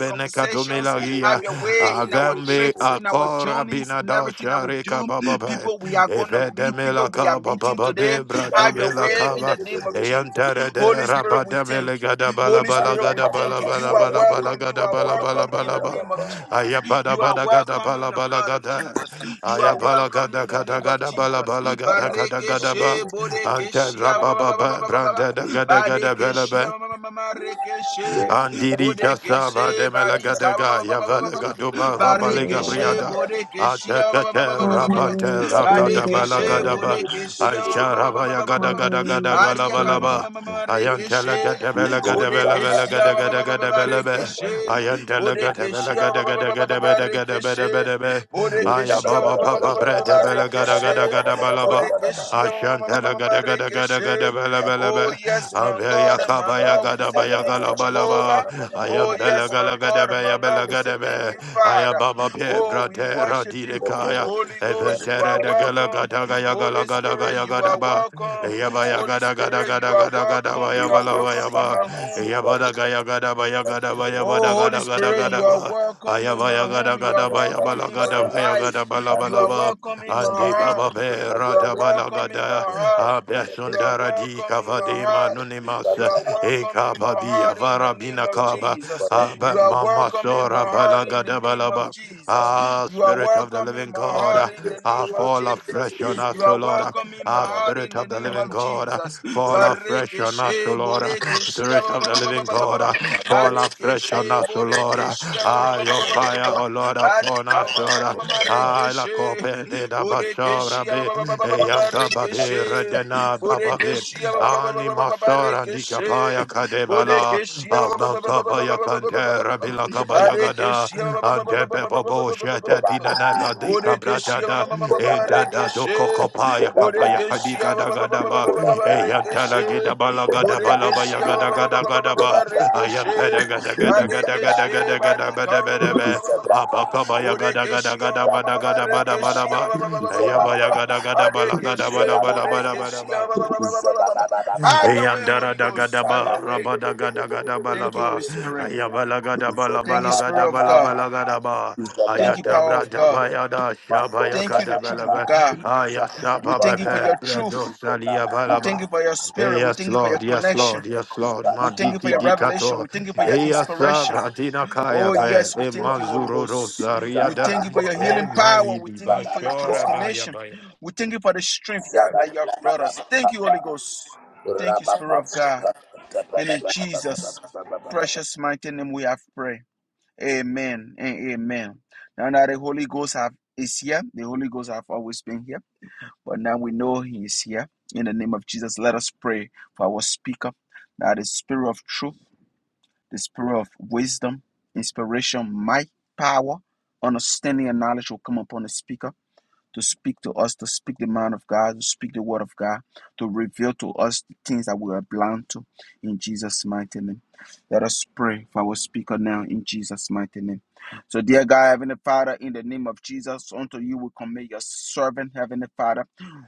Thank conversations. Have your way in our Avembi trips, in our akora journeys, in everything that we binadoshari do kabababe. people we are going to meet, Ifedemila people we are meeting today. kabababe Have your bradomila way in the name of Jesus. Yantara de Holy Spirit, we rabada thank you. melegada balabala Holy Spirit, we gada thank you. balabala You are balabala welcome. You gada are balabala bala welcome in bala the ba. name of Jesus. Ayabada You are bada gada welcome in balabala the blood of gada. Jesus. You are Ayabala welcome gada in the gada name of gada Jesus. balabala gada gada Bareke gada ba. she bodeke Ante she ah, rababa ba branda gada gada Badeke she bela ah, she. Andiri Bodeke kasa she badika ba, brademelegadega ba, yavelegaduba rabalega you. she briada. bodeke she ah, ba, Atekete Have your rabante way, Spirit of Barekeshe, God. rakadabalagadaba. Borekeshe, ba- ba- ba- ba- ba- ba- ba- ba- ba- Have your ba- way, Baria kama Spirit ma- of ma- Aisharabayagadagadagadabalaba. ma- ma- God. ma- Rekeshe, Borekeshe, ba- ba- ba- ba- ba- Ayantelegadebelegadebelegadegadagadagadabe. be Ayantela gada bela gada gada gada bela gada bela bela be. Ayababa papa bredebelegadagadagadabalaba. Ashantara gada gada gada gada bala bala Oh, ba. yes, my Aveya God and my kabaya Lord, we gada say baya thank you, gala bala ba. Jehovah. Oh, Ayam bela yes, my gala gada God and my baya bala Lord, we say gada thank ba. you, Father. Ayababa pe Oh, we brate worship you. radire kaya. Holy Ghost, you Eventere are de gala welcome. gada gaya gala Holy gada Spirit, gaya you gada are ba. welcome. Yabaya Holy gada gada Spirit, you gada are gada gada welcome. baya You are bala welcome baya in ba. my home. Yabada gaya gada baya gada you. baya bada Oh, Holy gada gada Spirit, gada you are ba. welcome in my Ayabaya gada home. You are gada baya welcome bala in gada Kabaya my baya Aki gada life. bala You bala Ande are ba. welcome in my Igaba Andi heart. baba be You are rada bala welcome in my gada. heart. You are Abesundara di welcome in my kavade heart. manunimas. You are welcome Eka in my babi heart in the avara name bina of kaba. Jesus. Brante You Abe are mama welcome in my sora heart bala in the gada name bala of ba. Jesus. Ah, You are Spirit of the welcome in Living my God, heart ah, in the ah, name of fall Jesus. afresh on You us, O are Lord. Ah, welcome in my ah, heart Spirit in the of the name Living of God, ah, Jesus. fall afresh Bareke on us, O she, Lord. Ah, boreke she, ah, Spirit ba, of the ba, ba, ba, ba, Living ba, ba, ba, God, ba. ah, fall afresh on Badekeshe us, O Lord. Ah, Bodekeshe ah, your fire, O Lord, upon Badika us, Baba Lord. ah, Mama Kodabra Ah, la Rekeshe cope de da Bodekeshe basora be, e yampa babe redena Rekeshe Bodekeshe bababe, ani masora di Rekeshe kapaya kadebala, Bodekeshe abanka baya kantera bila kabaya gada, Badekeshe Bodekeshe ante pepo bo shete Kobaba tina nefa di Rekeshe kabrata da, Kodabra do kokopaya Kodabra kapaya kadika da gada ba, Kodabra Bodekeshe e yanta la Rekeshe gida bala gada Kodabra Borekeshe, gada gada gada ba, Kodabra ayam peda gada Barekeshe, gada gada Sabra gada Barekeshe, gada Barika, gada gada gada Abakabaya gada gada Borekeshe, gada bada Sabra gada bada bada Marekeshe, ba. Zababa, Ayabaya gada gada bala Zababa, gada bada Barekeshe, bada bada bada Borekeshe, ba. have your way, Eyandara Holy Ghost, have dagadaba your way. Thank you, Holy rabadagadagadaba Spirit. Thank you, Spirit of God. ayabalagadabalabalagadabalabalagadaba Thank you, power of God. ayatabradabaya Thank you, the truth of shabayakadabalaba God. We thank you for ayasababepe your truth. We thank bradosaliabalaba you for your Hey, spirit. We yes, thank you for your Lord, yes, connection. Lord, yes, Lord, We thank you for Mandiki your revelation. Dikato, We thank you for your inspiration. Eyasavra Dinakaya, Oh, yes, we E thank you, Holy Mazuro Ghost. We Rosariada, thank you for your E healing power. We Maidi thank you for your Bashora Zababa, Baya transformation. Baya. We thank you for the strength you that you have brought us. Thank you, Holy Ghost. Thank you, Spirit of God. And in Jesus' precious mighty name we have prayed. Amen and amen. Now that the Holy Ghost have, is here, the Holy Ghost have always been here, but now we know He is here. In the name of Jesus, let us pray for our speaker, that the Spirit of Truth the spirit of wisdom, inspiration, might, power, understanding, and knowledge will come upon the speaker to speak to us, to speak the mind of God, to speak the word of God, to reveal to us the things that we are blind to in Jesus' mighty name. Let us pray for our speaker now in Jesus' mighty name. So, dear God, Heavenly Father, in the name of Jesus, unto you we commit your servant, Heavenly Father.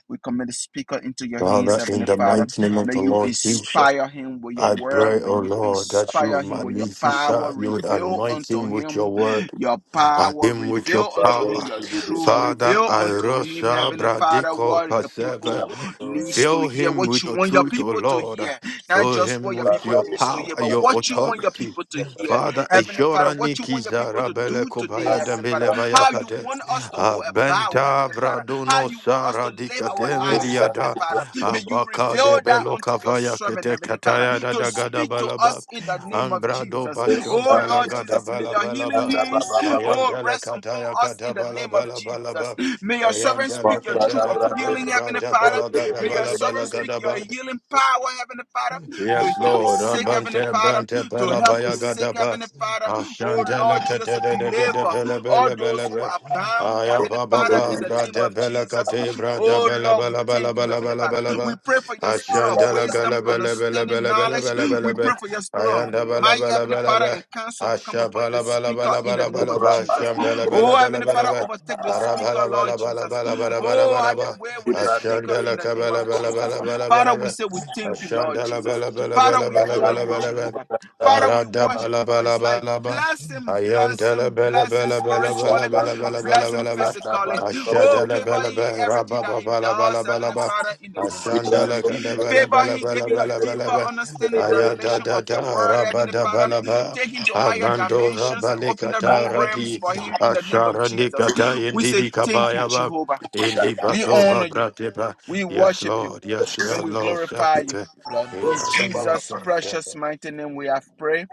We commit the speaker into your hands, Father, in Heavenly the Father. mighty name of May the you Lord Jesus. inspire him with your I word. pray, O When you Lord, that you, inspire him with your power, Magnifica, you would reveal anoint unto him with him your word your at power him with your reveal unto him power. your truth. Father, Reveal I unto him, Arosha Heavenly Father, Bradiko what your Paseva. people needs to Fill hear, him what with you your want your truth, O people to Lord. hear. Not Fill just him what your with people your needs to hear, power, but your what you want your authority. people to hear. Father, Heavenly Father, Eshora what you want your Nikiza people to Rabele do today, Kobaya Heavenly Father. Dembele How you Vayakade. want us to go about, Abenta Heavenly Father. How Vraduno you want us to Sara live our lives, Heavenly Dikademiliada. Father. May you Abaka reveal de that Belo unto your Kavaya servant, Kete Heavenly Father, Kataya to Dadagada speak to Balaba. us in the name of Ambrado Jesus. Bashon Oh Lord Balagada Jesus, may your healing Balabalaba. hands, oh, Ayandala rest upon kataya us kata in the bala name of bala bala Jesus. ba. May your servant Ayandala speak your truth katera of da be healing, Heavenly brada Father. bala gada May your bala bala servant speak gada your ba. healing power, Heavenly Father, to Yes, heal the Lord. sick, Heavenly Abante Father, brante to pela help the baya sick, gadapa. Heavenly Father. Oh Ashantele Lord Jesus, kete, to de de de de, deliver pele all bele those bele who be. are bound, Aya Heavenly baba Father, in ba the name brate of pele Jesus. kate brate Oh bele Lord, we bele bele thank you, bele Heavenly bele Father. bele be. We pray for your spirit of Ashantele wisdom, gele bele bele understanding, bele bele knowledge, bele bele we be. pray for your spirit of Ayanda bele my bele Heavenly bele Father be. and counsel to come Asha upon the bala bala speaker bala in the bala name bala of ba Jesus. sham bala bala Oh, bala Heavenly bala Father, ba overtake the ara speaker, bala Lord bala bala Jesus. bala bala bala Oh, bala have your ba way with the speaker ashandela in the name kabala of bala bala Jesus. bala Father, bala we ba say we thank you, Lord Ashanda la ba Jesus. la ba la ba Father, la we ba la ba honor la you, ba la ba. Jehovah. Father, we Arada ba worship la you ba for la his ba life. la ba. Bless him, bless Ayanda la him, ba la bless ba him la ba la ba la spiritually, ba la ba la ba la bless ba him la ba. physically. Oh, Ashada la Thank favor ba la him in ba everything raba that ba ba he ba la ba la does, ba la Heavenly ba. Father, in the name of Ashanda la Jesus. ka da ba la Favor ba la him, ba la give you ba a la ba la deeper ba. understanding and Ayada revelation da of da your word, raba Heavenly da ba Father. la ba. Take him to higher Amando dimensions raba and le open up kata new realms radi. for him in the name of Ashara ni Jesus. kata We indi say li thank you, kabaya ba. ya ba. Jehovah. Indi We batova honor you, brateba. we Yes, worship you, Lord. Yes, and Lord. we Lord. glorify you. Shaka. In In the name of Jesus' Santa. precious mighty name, we have prayed.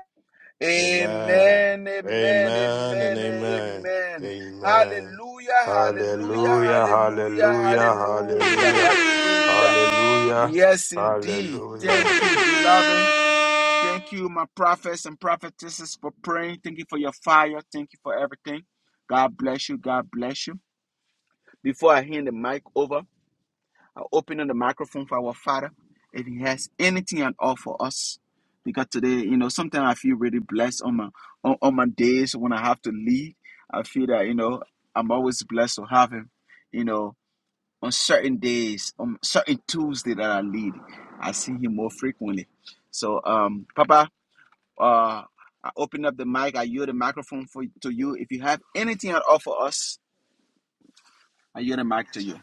Amen. Amen, amen, Amen and amen, amen. amen. Amen. Hallelujah, hallelujah, Hallelujah. hallelujah, Hallelujah. hallelujah, Hallelujah. hallelujah. Hallelujah. Yes, indeed. Hallelujah. Thank you, beloved. Thank you, my prophets and prophetesses, for praying. Thank you for your fire. Thank you for everything. God bless you. God bless you. Before I hand the mic over, I open up the microphone for our Father. If He has anything at all for us, because today, you know, sometimes I feel really blessed on my on, on my days when I have to lead. I feel that you know I'm always blessed to have Him. You know, on certain days, on certain Tuesday that I lead, I see him more frequently. So, um, Papa, uh, I open up the mic. I yield the microphone for to you. If you have anything at all for us, I yield the mic to you.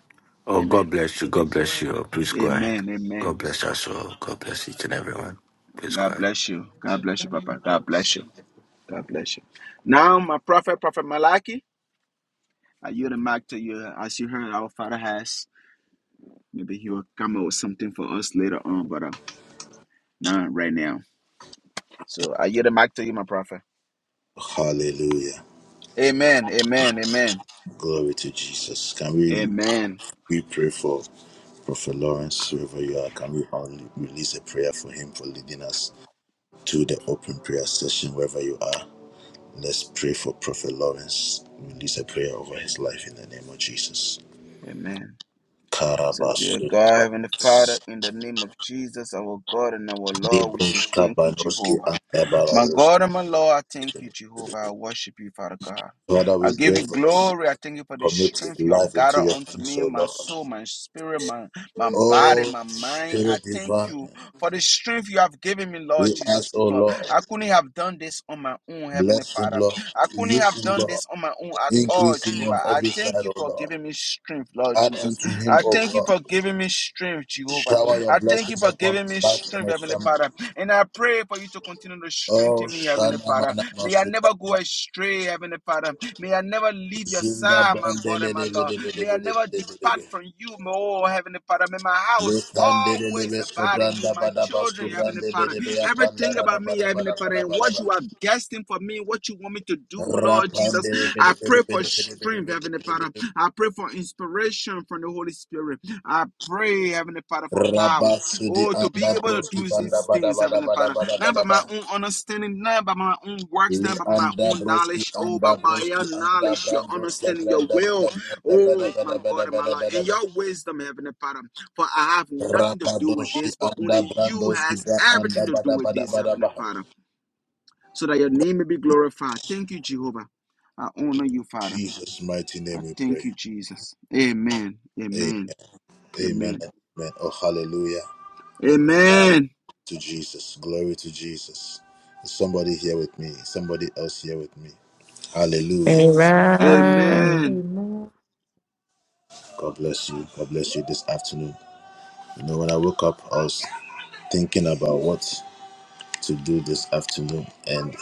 Oh, Amen. God bless you. God bless you. Please go ahead. Amen. Amen. God bless us all. God bless each and everyone. Please go God ahead. bless you. God bless you, Papa. God bless you. God bless you. Now, my prophet, Prophet Malachi, I yield the mic to you. As you heard, our Father has. Maybe he will come up with something for us later on, but uh, not right now. So I yield the mic to you, my prophet. Hallelujah. Amen. Amen. Amen. Glory to Jesus. Can we Amen. we pray for Prophet Lawrence, wherever you are? Can we only release a prayer for him for leading us to the open prayer session, wherever you are? Let's pray for Prophet Lawrence. Release a prayer over his life in the name of Jesus. Amen. So, dear Karabasu, God, Heavenly Father, in the name of Jesus, our God and our Lord, we say Libush, thank you, Kabanoski, Jehovah. and My Tabarados. God and my Lord, I thank you, Jehovah. I worship you, Father God. Father, I we give pray you for us. glory. I thank you for the Commit his strength you have life into gathered your unto hands, me, O my Lord. soul, my spirit, my, my body, Oh, my mind. I Spirit thank you divine. for the strength you have given me, We Lord ask, Jesus. O For Lord, I couldn't have done this on my own, Heavenly bless him, Father. Lord, I couldn't use have him, done Lord, this on my own at all, increase him Jehovah. on I every thank side, you O for Lord. giving me strength, Lord Add Jesus. unto him, I O thank you God, for giving me strength, Jehovah. shower your I thank you blessings for upon giving me his life and strength, his Heavenly family. Father. And I pray for you to continue to Oh, strengthen me, Heavenly Shana Father. Mana May I Masika, never go astray, Heavenly Father. May I never leave your Zunda side, my God Brandele, and my Lord. May I never depart from you, my oh, Heavenly Father. May my house Lekandele, always Lebesko abide in you, Branda, my Badabasko children, Heavenly Father. Bedebea Everything Pandara, about Bada, me, Heavenly Bada, Father, and what you have destined for me, what you want me to do, Lord Jesus. I pray for strength, Heavenly Father. Rapandele, I pray for inspiration from the Holy Spirit. I pray, Heavenly Father, for power. Rabasudi Oh, to be anda able to broski do banda these bada things, bada Heavenly bada Father. bada bada Not by my bada own understanding, not by my own works, li not by my anda own broski knowledge. Oh, anda but by broski your anda knowledge, your brandoska understanding, your branda will. bada bada bada Oh, my bada God bada and my bada Lord. bada And bada your wisdom, Heavenly Father. For I have nothing to do with Rabadoshi this, but only anda you brandoski has bra everything anda to do bada with bada this, bada Heavenly bada Father. So that your name may be glorified. Thank you, Jehovah. I honor you, Father. Jesus mighty I name we thank pray you, Jesus. Amen. Amen. Amen Amen Amen. and Amen oh hallelujah Amen. to Jesus glory to Jesus Is somebody here with me Is somebody else here with me Hallelujah Amen. Amen. Amen. God bless you God bless you this afternoon You know, when I woke up, I was thinking about what to do this afternoon, and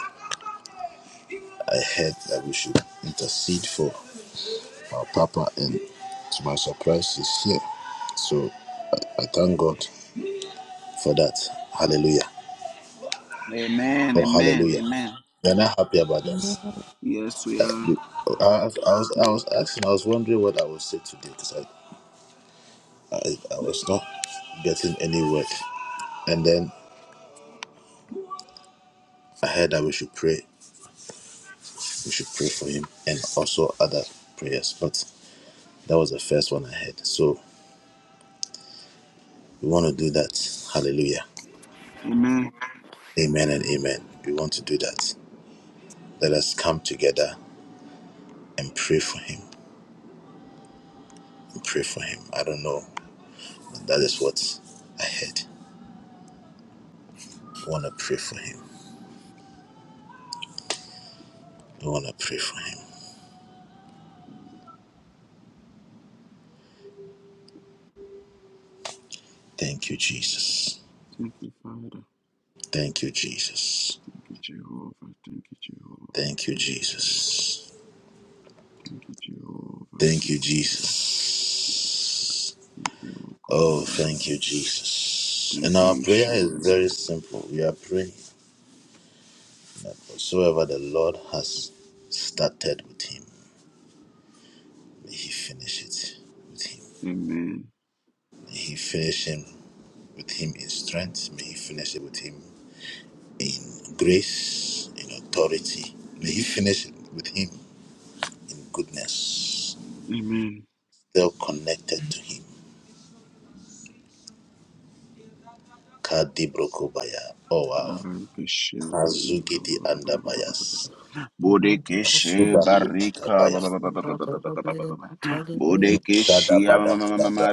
I heard that we should intercede for our Papa, and to my surprise, he's here. So I, I thank God for that. Hallelujah. Amen. Oh, Amen. hallelujah. Amen. We are not happy about Amen. that. Yes, we are. Uh, I, I, I was, I was asking, I was wondering what I would say today because I, I, I was not getting any word. And then I heard that we should pray. we should pray for him and also other prayers. But that was the first one I had. So we want to do that. Hallelujah. Amen. Amen and amen. We want to do that. Let us come together and pray for him. And pray for him. I don't know. That is what I had. We want to pray for him. We want to pray for him. Thank you, Jesus. Thank you, Father. Thank you, Jesus. Thank you, Jehovah. Thank you, Jehovah. Thank Thank you, you, Jehovah. Jesus. Thank you, Jehovah. Thank you, Thank you, Father. Jesus. Thank you, O God Oh, and our thank Lord. you, Jesus. Thank And our you, prayer is Yeshua. very simple. We are praying that whatsoever the Lord has started with him, may he finish it with him. Amen. May he finish him with him in strength. May he finish it with him in grace, in authority. May he finish it with him in goodness. Amen. Still connected to him. Kadi Brokobaya. Oh wow. Barakashe Hazugidi badika. Andabayas. Suda Bodekeshi barika ba- ba- ba- ba- ba- ba- ba- ba- ba- ba- ba- ba- ba- ba. Bodekeshi ama- ma- ma- ma- ma- ma-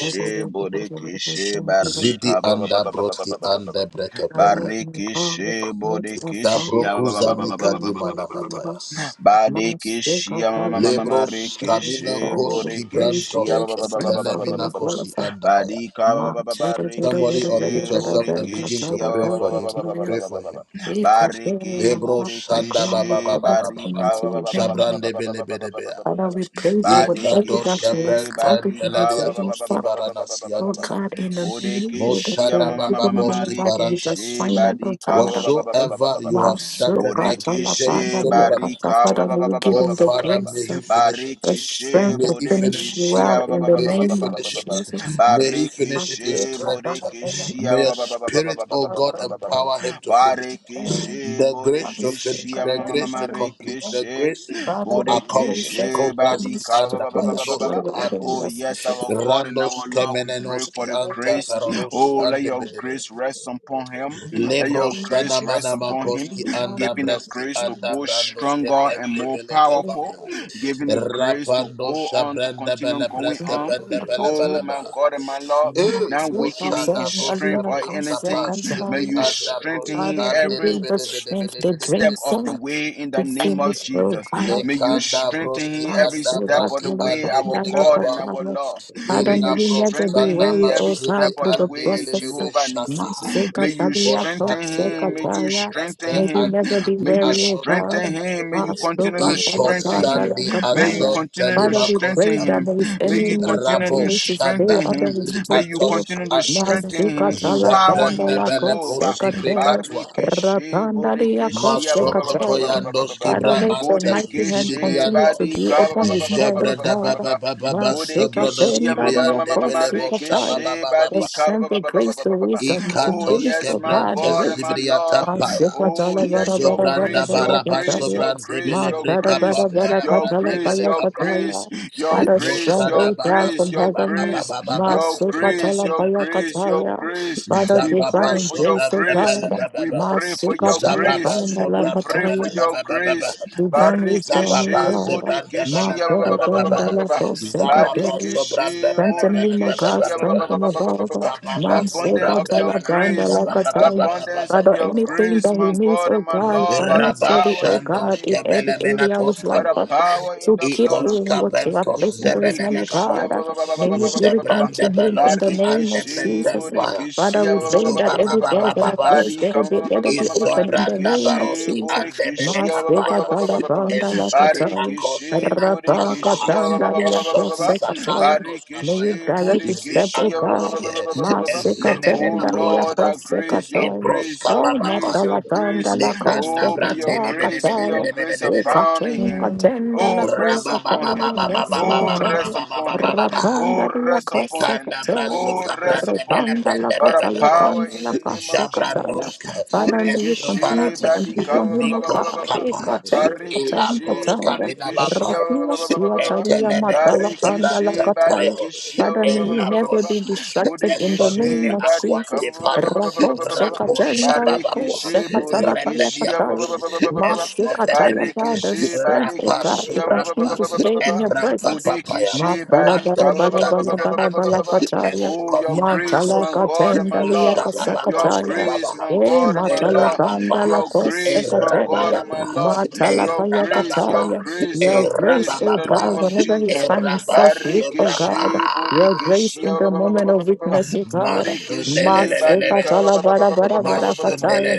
I Bodekeshi barika Zidi ba- ba- ba- anda ba- ba- ba- ba- ba- broski ba- ba- ba- ba. anda brekepelia. don't know, we Barikeshi commit our bodekeshi family ama- ma- ma- ma- Dabrokuza ma- into ma- ma- your ma- name, ma- ma- ma- ma- mikadimana O ma- ma- God. ma. matayas. My sick, Badekeshi I ama- ma- carry ma- ma- ma- from it. ma- Lebros kamina rekeshi. Fire will koski praise the Bodekeshi brantos ama- Lord, ma- ma- ba ba ba strength ba of ba ba etelemina ma- his ma- ma- ma. life. kosi andabaya. Badika ba- My ba- ba- ba- said ba- it, it, it, it, Somebody it, rekeshi. it, it, it, a unmute bit of yourself it, and I begin tell to Bodekeshi ama- ma- pray ma- about ma- for the ma- him. ma- ma- ma- ma- king. Pray ma- ma- for ma- him. He got there in Bariki my Lebros life, my shanda crown, we baba baba burikishi commit baba baba. barika into baba. ba- ba- your ba- ba- ba- ba- ba- hand. Shabrande ba- ba- bele ba- ba- ba- bele ba- ba- bea. ba- ba- Father, ba- we pray that whatever Ikados that you have kabran Badikishi started in barika this ba- ba- living ba- ba- tempelaliatoski ba- ba- for, ba- ba- ba- ba- ba- ba- oh ba- ba- baranasianta. ba- God, in the name of the Lord, that Budikishi you Moshada ama- have ma- ma- ma- ma- given him ma- a Bababoski life and his rikishi Parantas. assignment, oh badika ba- God. ba- ba- ba- ba- ba- ba- Whatsoever ba- ba- ba. you My have soul, started, God, like all Jer- upon the Burikishi Lord, Zerubbabel, barika ba- Father, ba- may ba- you ba- ba- give oh him ba- ba- the ba- ba- ba- Father, ba- ba. may grace. he finish it. The Barikishi strength May to he finish finish it. budikishi well ama- ma- in ma- the ma- May ma- ma- ma- he ma- name ma- of ma- finish ma- it. ma. Jesus. May he Father, finish it in Barikishi strength. Bodekishi May your spirit, oh God, empower him to finish. Barekeshe, The grace to Bodekeshi, finish, the grace to complete, the Amarekeshe, grace to the Lord accomplish. says, Bodekeshi, you Kobraski Badika, must to ba- ba- ba- ba- ba- ba- finish ba- andabayadoska well ba. wherever He Oh, andis. has yes, it our is. God and our Randos Lord, we pray for kemenenoski the anta grace. paradoski Oh, let your andebedebe. grace rest upon him. Let your Lebros grace rest upon him, sanamanamakoski anda giving the breski grace to anda go brandos stronger and more kebrende ke powerful, pamea. giving the grace to Rapando go on, to shabrende continue bele going breske on. pende bele Oh, bele my baha. God and my Lord, Hey, not weakening in Moshada strength Broska or Brinka Thank Pa anything May Sundi you you. Anda strengthen Broski him Father, give every Andele him the Bede Bede strength, Bede the Bede step Bede grace of Bede uh, the Bede way in to the name of finish, oh Jesus. God. May you Lekanda strengthen Broski him Father, every Anda step of the Braski way, Ande our Bede God Kapa and our Lord. May may Illa you we never be Broska strengthen him weary, Nama every O step Sundi God, of through the the way, Andele Lele process. Be Jehovah Nissi. Shata May you Masikatalia, strengthen Moshatila him. May you Broski Tosekataya. strengthen Brante May we him. never be Atini May you weary, O Atoska strengthen God. him. May you continue to Iko strengthen him. Sandi May you Masukatalatandarakataya. Ason continue to Father, Telima we pray strengthen that Koska him. there is May any you need continue Rabo to continues to Shanda stay strengthen under him. his Li May you tutfield. Atoski continue to Ante strengthen him. Masikatala Empower him, Zebrende Pandala Beleko Jehovah. Kosekataya. Sibrekatwa Barikishi Rapandalia Bodikishi ah, ba- ba- ba- Masokoto ba- Kosekataya. ba- ba- ba- ba- ba- ba- Yandoski ba. Father, Bra let your Antes mighty hand Bodikishi continue Zidibiando to be Badika ba- upon ba- his ba- ba- ba- ba- head, O ba- ba- ba- Zebrende ba- God. ba- Baba ba. Baba Baba Masika Bodikishi ah, Sobrodoski ma- ma- ma- tendaria ma- ma- Briande ma- ma- Belebo Shababa posikatai. Rikishi Baba The Baba Badika strength, ba- the ba- ba- ba- ba- grace, ba- the ba- ba- ba. wisdom to Oh Ikatos finish, yes, O my God, the God Kebrentes and race. my Sibriata Lord. Paya Masika Oh jala bara yes, your bara bara Zobranda grace, your bara Baraba grace, kataya. your Sobrande grace, your Matara Belebreka grace, bara bara Pampaya your katala Brande grace, baya your Belekapaya grace, kataya. your Father, grace, strong, your Moshada O baba God, baba grace, from your baba heaven. grace, baba baba your baba Masika sobra grace, jala your baya grace, your kataya. grace. Father, We baba zababa pray divine for your sobra grace, O grace. God. baba We baba pray for Masika your jala zababa grace. bara bara We sobra pray for kataya. your baba baba baba grace. Divine wisdom, zababa Barikeshe God, sobra my Borekeshia baba better baba than the baba lack of zababa secretary. sobra baba Badekeshe Santa baba Nima baba Gas, Borekeshia baba Santa Mababa, zababa Abundance sobra Masika of baba your baba Taladanda grace. baba Lakataya. baba Abundance of Father, baba your baba anything grace, that he my needs, God oh and my God, Lord, by the financially, power oh in the God, rabashandos name in of every kebele Jesus. area of his menatos By life, the Father, kapai power in to the keep blood Ipos of doing what you Jesus. have Capentos placed into his hand, Zebeneme oh Borekeshia God. Capantos May you give it unto Zebrande him in the Beloski and name the of Barikeshe Jesus. Brentempire Father, we pray that Zuba every Borekeshia Baba door that Baba are Bas closed, let Barika it be, let it be open in the Izobranda name of Marikishi Baroski Jesus. and the Burikishi Masika Belecapire Taladanda Ezude Lakataya. Akos Barikishi Rabba Minantas Burikishi Katanda Esosisa Yakoseka Sayanos May Barikishi Capaya you direct the Zi step, Burikishi O God. Andoske Masikata Oh and Ezenemena Dalia Lord, Quatan our grace, your Kosekata. Ebros grace, your Oh, Cababa grace, Pire your grace. Natalatanda la Lekanda Oh, may your Kosekata brandele bede grace, bede may your Kataya. bede bede grace bede bede. abound in Ukatin him. Amen. Patenda la Oh, Paya rest upon him. Katalia Oh, Amen. Kosekata. rest upon him. Oh, Rapandaria rest upon him. Mikanda braso Kosekata. Oh, Thank you. rest kabrande upon bele him Rapanda in la brande the by bele the bele name of the power Katalapanda Lord in la the Jesus. name of Kosekata. Jabrandos Jesus. Father, may you Robo continue Borekeshe to Shakata esofaratis Baba barika Daba empower Daba ba- ba- him, ba- O ba- Daba. ba- ba- mikos ba- ba- God. ba. kapaya Ikate Patan Barekeshe elabros Kataya. kapina borekeshe bapaya ba- Rapia ba- ba- ba- ba- ba- ba- ba- ba. Suatalia Rabba eteneme Shakata koste Baba Matalapanda la Daba brante Barekeshe Daba Daba Kataya. payo Daba Daba. barekeshe Father, ba- may ba- ba- you ba- ba- ba- ba- never ba. elabros be distracted Shakata in Baba the Daba Daba name Borekeshe of Daba Daba. barika Jesus. Akwante ba- ba- ba- ba- pala, ba- ba- ba- Rapo ba- ba- ba- ba. Robo rapo sekatenda Shakata shababa Baba lako Daba Daba poa, Barekeshe Daba sekatala pala borekeshe repenia ba- cruz, ba- ba- ba- patali. Daba Daba. ba- ba- ba- Robo ba- ba. Shakata Baba Masikataya escofenement, Daba da, the Daba. Barekeshe strength rapa of God barekeshe to Robo ba- ba- ba- ba- continue ba- subrampa, to ba- Shakata ba- Baba ba- Daba stay ba- in ba. your Daba Daba eprampa Daba. presence. papaya, Bodekeshe Ma bala bala barika atos Rabba bala bala cabina Shakata bala Baba ante, bala Shakata pataya. Baba Oh, Daba. your escovina grace, Matala my matosi, God and my katenda liya Lord. Zada Baba mashababa Daba Your Daba Daba kasakataya. pascobaba, grace, Daba. my E Shakata God and my matala Baba Daba Lord. panda Daba erababa, Daba. Your lako grace, my Rabba God erababa, sekataya. and Daba Daba Daba Daba my Daba Lord. Daba. Matala Shakata Your paya grace, your erababa, kataya. Baba grace, Your your grace, grace in O the erababa, name God, of whenever he's Jesus. Robots, finding erababa himself, weak, O subrapa, God. Barikishi, Your grace Bodikishi, in the moment of weakness, O God. Bodikishi, Masika Badika, tala masundelelelelebes, bara bara bara kataya.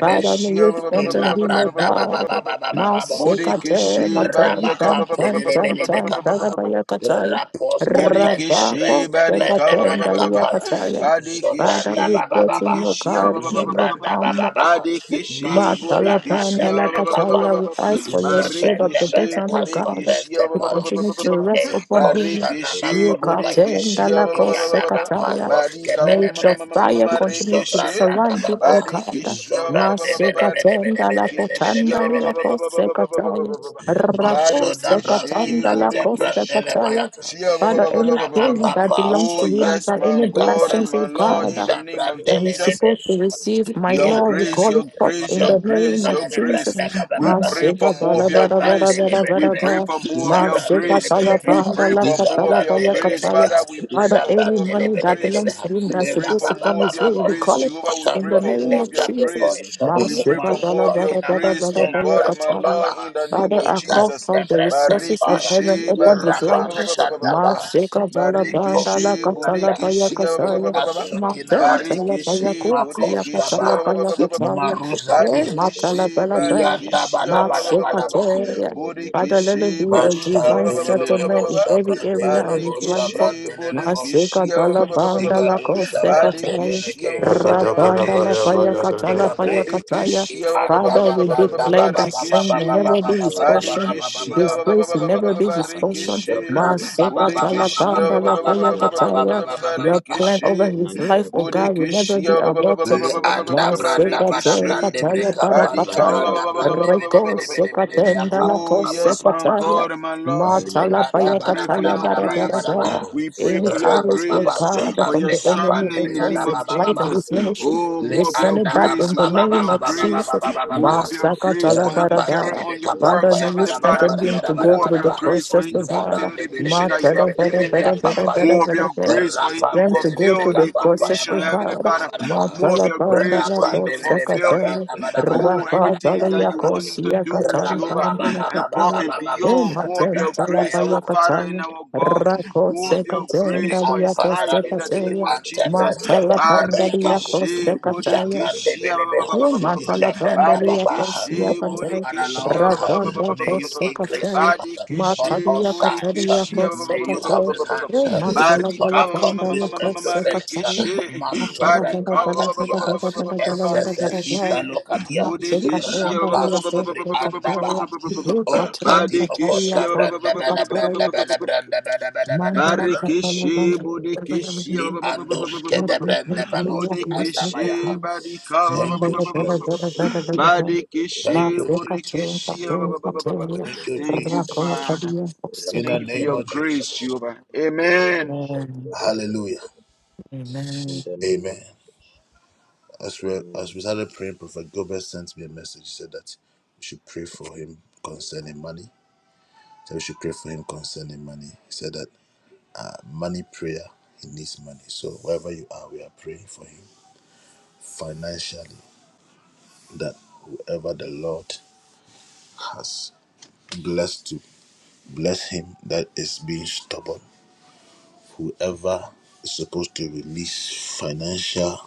Father, may you strengthen Illa him, O branda ba ba ba God. ba bos. Masika te Bodikishi, maton Badiaka, ten ten ten ten tala baya kataya. Rapos ke brende brende Burikishi Rabako ke seka brende Barika ba- ba- ten ba- bela ba- ba- ba. dalia kapaya. kataya. Father, Zobranda we Badikishi ba ba put ba ba. in your Burikishi ba- God ba- ba- ba- ba- in ba- your ba- ba. Zobranda ba palm. ba ba. Badikishi Masuda Burikishi branda ba- bela ba- ba- ba- ba- ba- Matalapandalakataya, kapaya. ba- we ba- ba. ask for your shield of Zobrende bela Barikishi protection, O kasko God, Burikishi brende ba- to ba- ba- ba- pala. ba- ba- continue ba- ba- to ba. rest upon Eko him. shana Barikishi makodi paya. Burikishi ba- ba- ba- ba- ba- Iyada ba- ba- ba ba. pa Yukatendalakosekataya. yos ke Barika ma- May ma- bele ma- ma- your ma- ma- ma- brende. ma- fire ma- continue to Rikishi Zobranda ba surround ba him, ba. O God. Barikishi ba- ba- ba- ba- Zobrande ba- ba- ba. bele bele bele bele bele Rikishi bele ba- ba- bele ba- ba- bele. ba- ba- ba- ba- ba- ba- Masekatendalakotandaliakosekataya. ba- ba- ba. Masoda Braski Barikishi Brante Burikishi Brandele Rakosekatandalakosekataya. Bayata Father, anything that Rabapapa belongs Oh, to him, yes, Sobrande God, my any God and blessings, Belekapaya O my Lord, in God, the name of that he's Zabrandele Jesus. supposed to Lebes receive. My Somebody Your Lord, we grace, call your it forth grace, in your the name grace, of your grace. Jesus. Amen. We pray for Masika more bala of your bala bala grace. bala We bala pray bala. for more of your Masika grace. chala We banda pray la for more of katala your baya grace. kataya. Father, we pray Father, for any more of your money that grace. belongs to him We that's pray supposed for to come more of his your way, we grace. call it Jehovah, forth we in pray the for name more of of lift your up Financial your Jesus. grace. favor, voice. We pray Masika for more bala of your bala Moscovina bala grace, bala my mantilla baya God and my brasco kataya. Lord, in baba. the name Father, of I call Ikas Jesus. for the resources of tempa. heaven Barikishi, first upon his barika, Rabba life. financial ba- ba- ba- ba- ba- favor, ba- ba- shandaba. ba- Masika first bala financial banda Nikos la barikishi, katala baya bodekishi, ba. kataya. barikishi, bodikishi, Mountain, favor, Talabaya, Barikishi, Quatia, Makoskaba, Budikishi, ah, ba- ba- Patalabaya, ba- ba- ba- ba- ba. Pataya, Eh, Marusati, Badikishi, God. Matalabalaba, Yanda Badikishi, ah, Bada ba- ba- ba- Bada ba- ba- Bada ba- ba. Ba, Matsepatea. Financial Father, let it Budikishi, be a Badika, divine ba- ba- ba- ba- ba- Mashandelele ba- ba- settlement ba- in ba. every area Sabrandelele of his life. Barikishi, Sabrandelele Masika Budikishi, ah, Talabanda la Zigado Koseka Sabrande Taya, Badikishi, ah, Beleke, Rabanda Sebekete, la Paya Yakadabalabaya Katala Paya Ikabre, Kataya. Budikishi, ah, Father, Andala we Branda declare Baba that Baba sin Baba will Baba never be Baba his Baba portion. Baba Badikishi, favor, ah, Baba ba- ba- Baba Baba Disgrace will never be his portion. financial Baba Baba Baba Baba Baba favor, Masika Talabanda la Baba Paya financial Baba favor, Kataya. Baba Baba Baba Your plan over his financial life, oh favor, God, will never Burikishi, be ah, ba- ba- ba- ba- aborted. ba- ba- Le ba- ba- ba- ba- ba- anda ba- financial branda favor, bada Masekate Barikishi, brande kataya breka Body panda cover. barakataya. financial branda favor, brande bede Reko bede bede bede the bede ya sekatenda pa name la of pa Oh, the pa Lord pa yes, pa my Jesus, pa. kosekataya. God and my Lord. Le Matala financial anda I pray bada favor, for bada bayakataya your bada bada grace. bada ba. barabarata. Rabba We pray Any for Shakata, your Raba the arrows, day oh baba grace, so cover, God, pam for from your cover, the breka enemy servant pandi in the breka against name da Rabba ba of his life Shakata, and the Jesus. his day ministry, Oh, cover, we more Le of your send it anda back ba ba ba grace, in the ba more of ba name ba your of ba Rabba ba ba ba grace, Jesus. ba Shakata, the ba ba day ba. more of your cover, grace Masakatala for him to Rapa de carry de barabara. be on your work, Father, kapampa may ya you ba Heavenly da ba da Father. ba strengthen da ba him to ba go More ba of through your the ba. grace for process him to of God. Zabram fulfill de the be de be mission de that be you de Matala have de bara de given be bara him. bara ya. bara More of bara your bara. grace for him Rapa to Then de to de go be fulfill through the the kapampa ya process, commission, ba oh da ba da Heavenly God. ba Father. ba ba. More of Matala your banda grace la for Rapa him to de be de be fulfill it kapampa bosekate. ba ba ba Oh, ba ba everything ba that Rapatalia you ba. want him to kosia do, katala ba Jehovah, banda ba la ba ba ba above ba kataya. ba and ba bo beyond, more shana of bra your pa Ematenta la pa grace, our baya Father and kataya. our God, Rako more of your Matos kibri grace sekatenda for lia his life in antarados the kibri name kosekataya. of Jesus. antebres Matala tebres banda tebele kapu. Barikishe, lia Jabran de Bodikishi, ah, ba, ba, belebeha. ba, Ye ba, ba, ba, ba, ba. matala Jabran da pandalia kosia Barikishe, Oh katai, Father Bodikishi, Lord, ah, ba, ba, ba, ba, rababa ba, may ba, ba, ba, you ba, kose ba. increase katai, him on Barikishe, all matalia sides. katalia Bodikishi, ah, ba, kose ba, May ba, you ba, ba, help katai, ba, his ba, ba, ba, ba. hands ye uh, to masala bala Barika, ma, ma, ma, ma, pandalia accomplish ma, ma, Thank and you. ma, ma, to ma, kose finish. uh, katai, Rikishe, In the name matala of Masobra bala Barika, ba, ba, bala ba, ba, bala bala ba, Makatia, bala bala bala bala SSSI bala, Salokadia, matsika Bodekeshia ba- ba- ba- Rapa pandalia ba- ba- ba- ba- ba- Subri kose ba- ba- ba- ba- Andabaha, katai, ba- ba- ba- ba- ye O katai Kadim katalia Badekeshia Okoska ba- ba- ba- ba- kose Branda ba- ba- Bella ba- ba- ba- ba- Branda katai, ba- ba- Bella ba- Branda Bella Bella Bella Bella mandala bala Bella bala Barekeshe bala bala bala Bodekeshia ba- bala, ba- ba- ba- ba- ba- Andos ba- ba- ba- ba- rababa katalia Kedabaloski kose Anda. Bodekeshe katai, Badika ba- Amen. ba- ba- Thank ba- you, ba- ba- ba- Jesus. Badekeshe Thank you, Jesus. Bodekeshia Thank you, Thank you, Jesus. Father. In Thank the you for name your of grace, Jesus. Jehovah. Amen. Hallelujah. Amen. Amen. Jesus. As we Amen. as we started praying, Prophet Gilbert sent me a message. He said that we should pray for him concerning money. So we should pray for him concerning money. He said that uh, money prayer, he needs money. So wherever you are, we are praying for him financially. That whoever the Lord has blessed to bless him, that is being stubborn. Whoever is supposed to release financial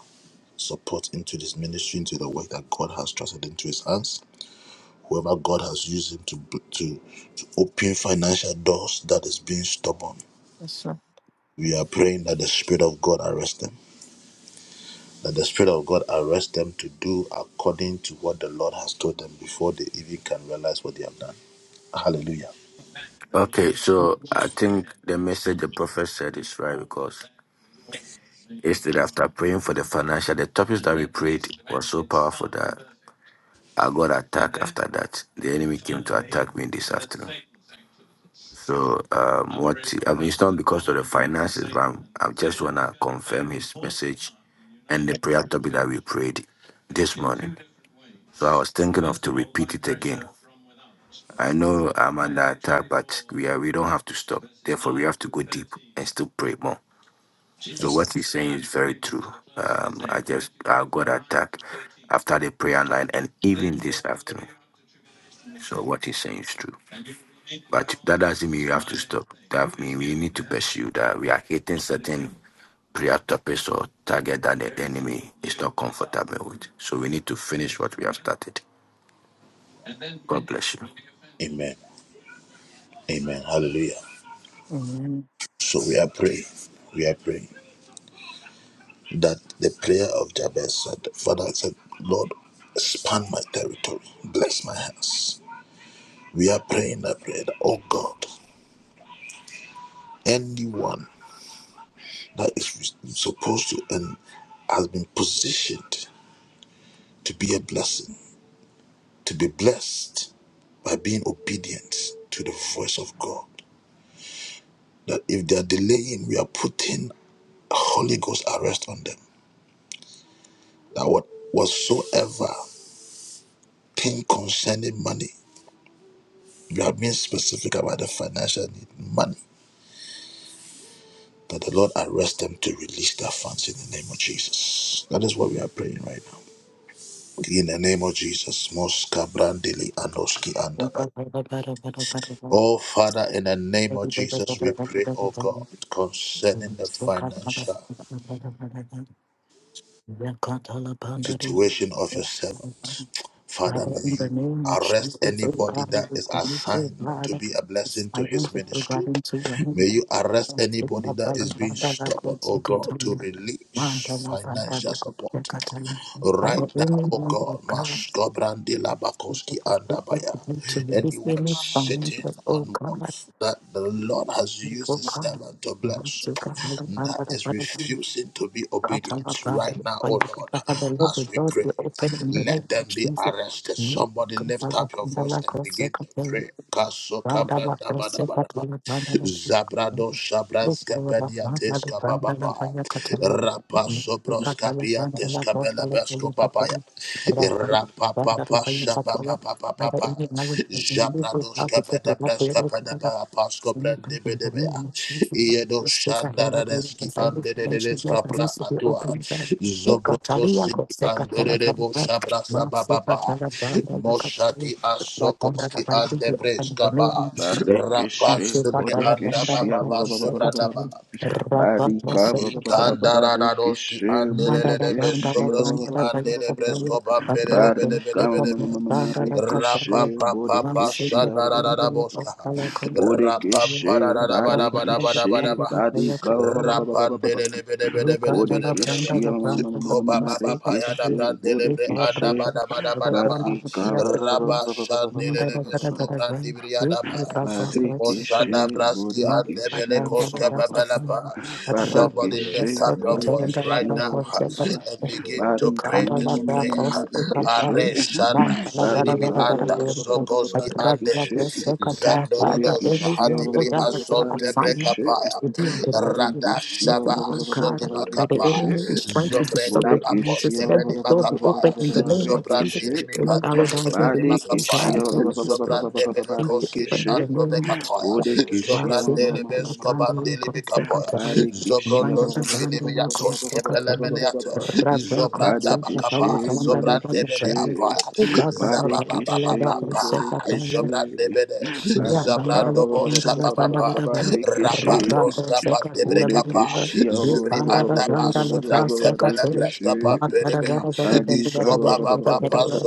support into this ministry, into the work that God has trusted into his hands whoever God has used him to, to, to open financial doors that is being stubborn. Yes, sir. We are praying that the Spirit of God arrest them, that the Spirit of God arrest them to do according to what the Lord has told them before they even can realize what they have done. Hallelujah. Okay, so I think the message the prophet said is right because yesterday after praying for the financial, the topics that we prayed were so powerful that I got attacked after that. The enemy came to attack me this afternoon. So um, what I mean, it's not because of the finances, but I'm, I just wanna confirm his message and the prayer topic that we prayed this morning. So I was thinking of to repeat it again. I know I'm under attack, but we are, we don't have to stop. Therefore, we have to go deep and still pray more. So Yes, sir. what he's saying is very true. Um, I just I got attacked after the prayer line and even this afternoon. So what he's saying is true. But that doesn't mean you have to stop. That means we need to pursue that. We are hitting certain prayer topics or target that the enemy is not comfortable with. So we need to finish what we have started. God bless you. Amen. Amen. Hallelujah. Amen. So we are praying. We are praying that the prayer of Jabez said, Father I said, Lord, expand my territory, bless my hands. We are praying that prayer, that, oh God. anyone that is supposed to and has been positioned to be a blessing, to be blessed by being obedient to the voice of God. That if they are delaying, we are putting a Holy Ghost arrest on them. That what whatsoever thing concerning money, we are being specific about the financial need, money. That the Lord arrest them to release their funds in the name of Jesus. That is what we are praying right now. In the name of Jesus, Moska Brandili Anoski Andabay. Oh Father, in the name of Jesus, we pray, oh God, concerning the financial situation of your servant. Father, Father, may in the you name of arrest Jesus, oh anybody God, that we is commit, oh assigned to God, be a this blessing to his finance is ministry. regarding to your hand. May you I arrest anybody will that is being stubborn, oh God, to release financial support. Right now, only oh want God, of God to Maskobrandila the Bakoski perspective Andabaya. begin to release Anyone any sitting finances, oh on God, wealth that the Lord has oh used the servant to bless, God. that is refusing to be obedient right now, oh Lord, Father, let the Lord, the as we doors pray, be open in the name let of them be Jesus. arrested. Mm. Somebody God, I lift will up your come down voice like and a begin to second. pray. Thank Zabrado Shabraska Pediates Kabababa Rapa Sobroska Piantes Kabelebesco Papaya Rapa Papa Shababa Papa Papa Jabrados Kabeda Breska Pedaba Pasco Brande Bedebea Iedo Shandaradeski Anderedeska Pra Atua Zobrokosi Anderebo Shabra Sabababa you. Moshadi That under the Asokoski boundary be open the Andebreska name of Ba Jesus. Rapa Barekeshe sobre Sekatala anda bandala Bodekeshia baba ba bandala sobranda sekatala ba. rabatla Barika sekatala Ikandara dadoski barikishe mandala andelelele be bodekishi bandala sobroski bandala baya andele kabaya bresko bambelele rabatla bede barika bede bede be. sekatala de be. bandala marikishe kabaya Rapa pa pa mam pa bodekishi shandara dada boska. Rapa pa bodekishi dada bada bada ba bada ba. da ba da badekishe ba da ba barika Rapa delele bede we bede bede bede bede can't be. have de a be de brand be. bodekishi of the brand of the ministry of the Kobababapaya da marikishe day. We brandelebre can't bodekishe anda bada bada have a bada brand ba. of the barika day of the day. Rabba We can't have a brand shandelelebesko of the brandibriya day. da ba. We can't have a brand of the marikishe Mosada day. braski Man, I bodekishi andebele can't have a koska brand of the day. babalapa. A brand of Somebody lift Barikishe, myself, up we your can't voice have a Burikishe, right brand now of the day. of and the day. begin We Rabba to Barika, can't pray have a this brand prayer. of Shabbat, Marikishe, the day. Man, Areshana I love that, I zidibi love Barika, that, I O anda Vaye love that. Om I Zokoski Tara love that, ande I love Barikishe, that, I Dipakshastra love Tara that. Burikishe, Barikishe, Barikishe, Barikishe, Father, Zandorodos anyone who Hadibri Pragata does a Vishana Asonte assignment Vrashya Burikishe, Brekapaya Tara to be on the Tara best and the Rada best Shaba connection, oh God, Alam that the Tara Sodimakapaya enemy Tara is trying to Shata Barikishe, Zobre disturb Tara the Tara Tara Nabapos Jesus. Let the Kebeni door be Makapaya open Tara in the name Shata of Tara Jesus. Tara Tara Barikishe, Zobrandini Tara Any Tara arrow Mikantos that has Tara Tara been Kebeni released, Tara oh God, Makapaya if let this spirit Zobrande be Beleko Siri open in the name of Jesus. Andobekapaya Wow, Barikishe, see, Zobrande my fellow Lebesko brand Burikishe, new concept of Kapoya, terrorism. One Barikishia of Zobrondos the brand new brand new Kibinimiatos concept of terrorism. Kepelemeniata, Rafa Zobranda concept of the fellow Bakapa, Barikishe sound of the Zobrandebele Bodikishe terrorism. Apoya, We got the brand Barikishe Zababababapa, concept Bodikishe Zobrandebele, Ya Barika kandala Zabrandobo kandala sanda Shabababa, bada bas Barikishe Rapa rapa ko Proskapa seka tiya bada Debrekapa, bas Bodikishia li Zubri kanda bas Andaba kandala bas seka Subrantepele tiya Barikishe mata da da Preskapa da da da da da da da Barika Iskoba baba da baba, Iskobababa da da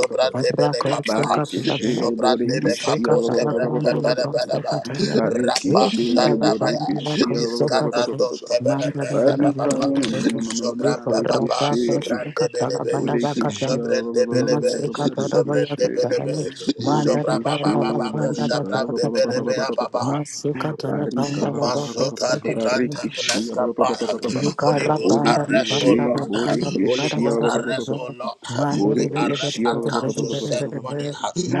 rapa ko kapa seka tiya Barikishe bada mina zobrandebe Bodikishia seka kapos bada Tara Tara kebrem kandala pepele bas bedeba Tara seka tiya bada rapa li Barikishe Father, I kandala shandabaya kandala ko seka tiya iskabrandos Bodikishia kebele manda da brende da da da babapa baba da da da li zobran ko baba rapa Barikamarekeshe, ko seka tiya zobrandebelebe bada baka Bodekeshe, tiya mina zobrandebelebe seka tiya bada zobrabababa be zobrande baka Barekeshe, bele be zobrande bele be tiya zobra Mandala baba. Bodekeshe, banda la baba banda bosha la Barika, brande banda bele tai. be Barika, baba Masika dala banda la banda Masoka seka. di branta pleska para. will Holy Ghost arrest, O Barekeshe, whoever Lord. needs to Holy Bodekeshe, support Ghost this Bodekeshe, arrest, O Lord. ministry. We arrest Bodekeshia. accounts to send money.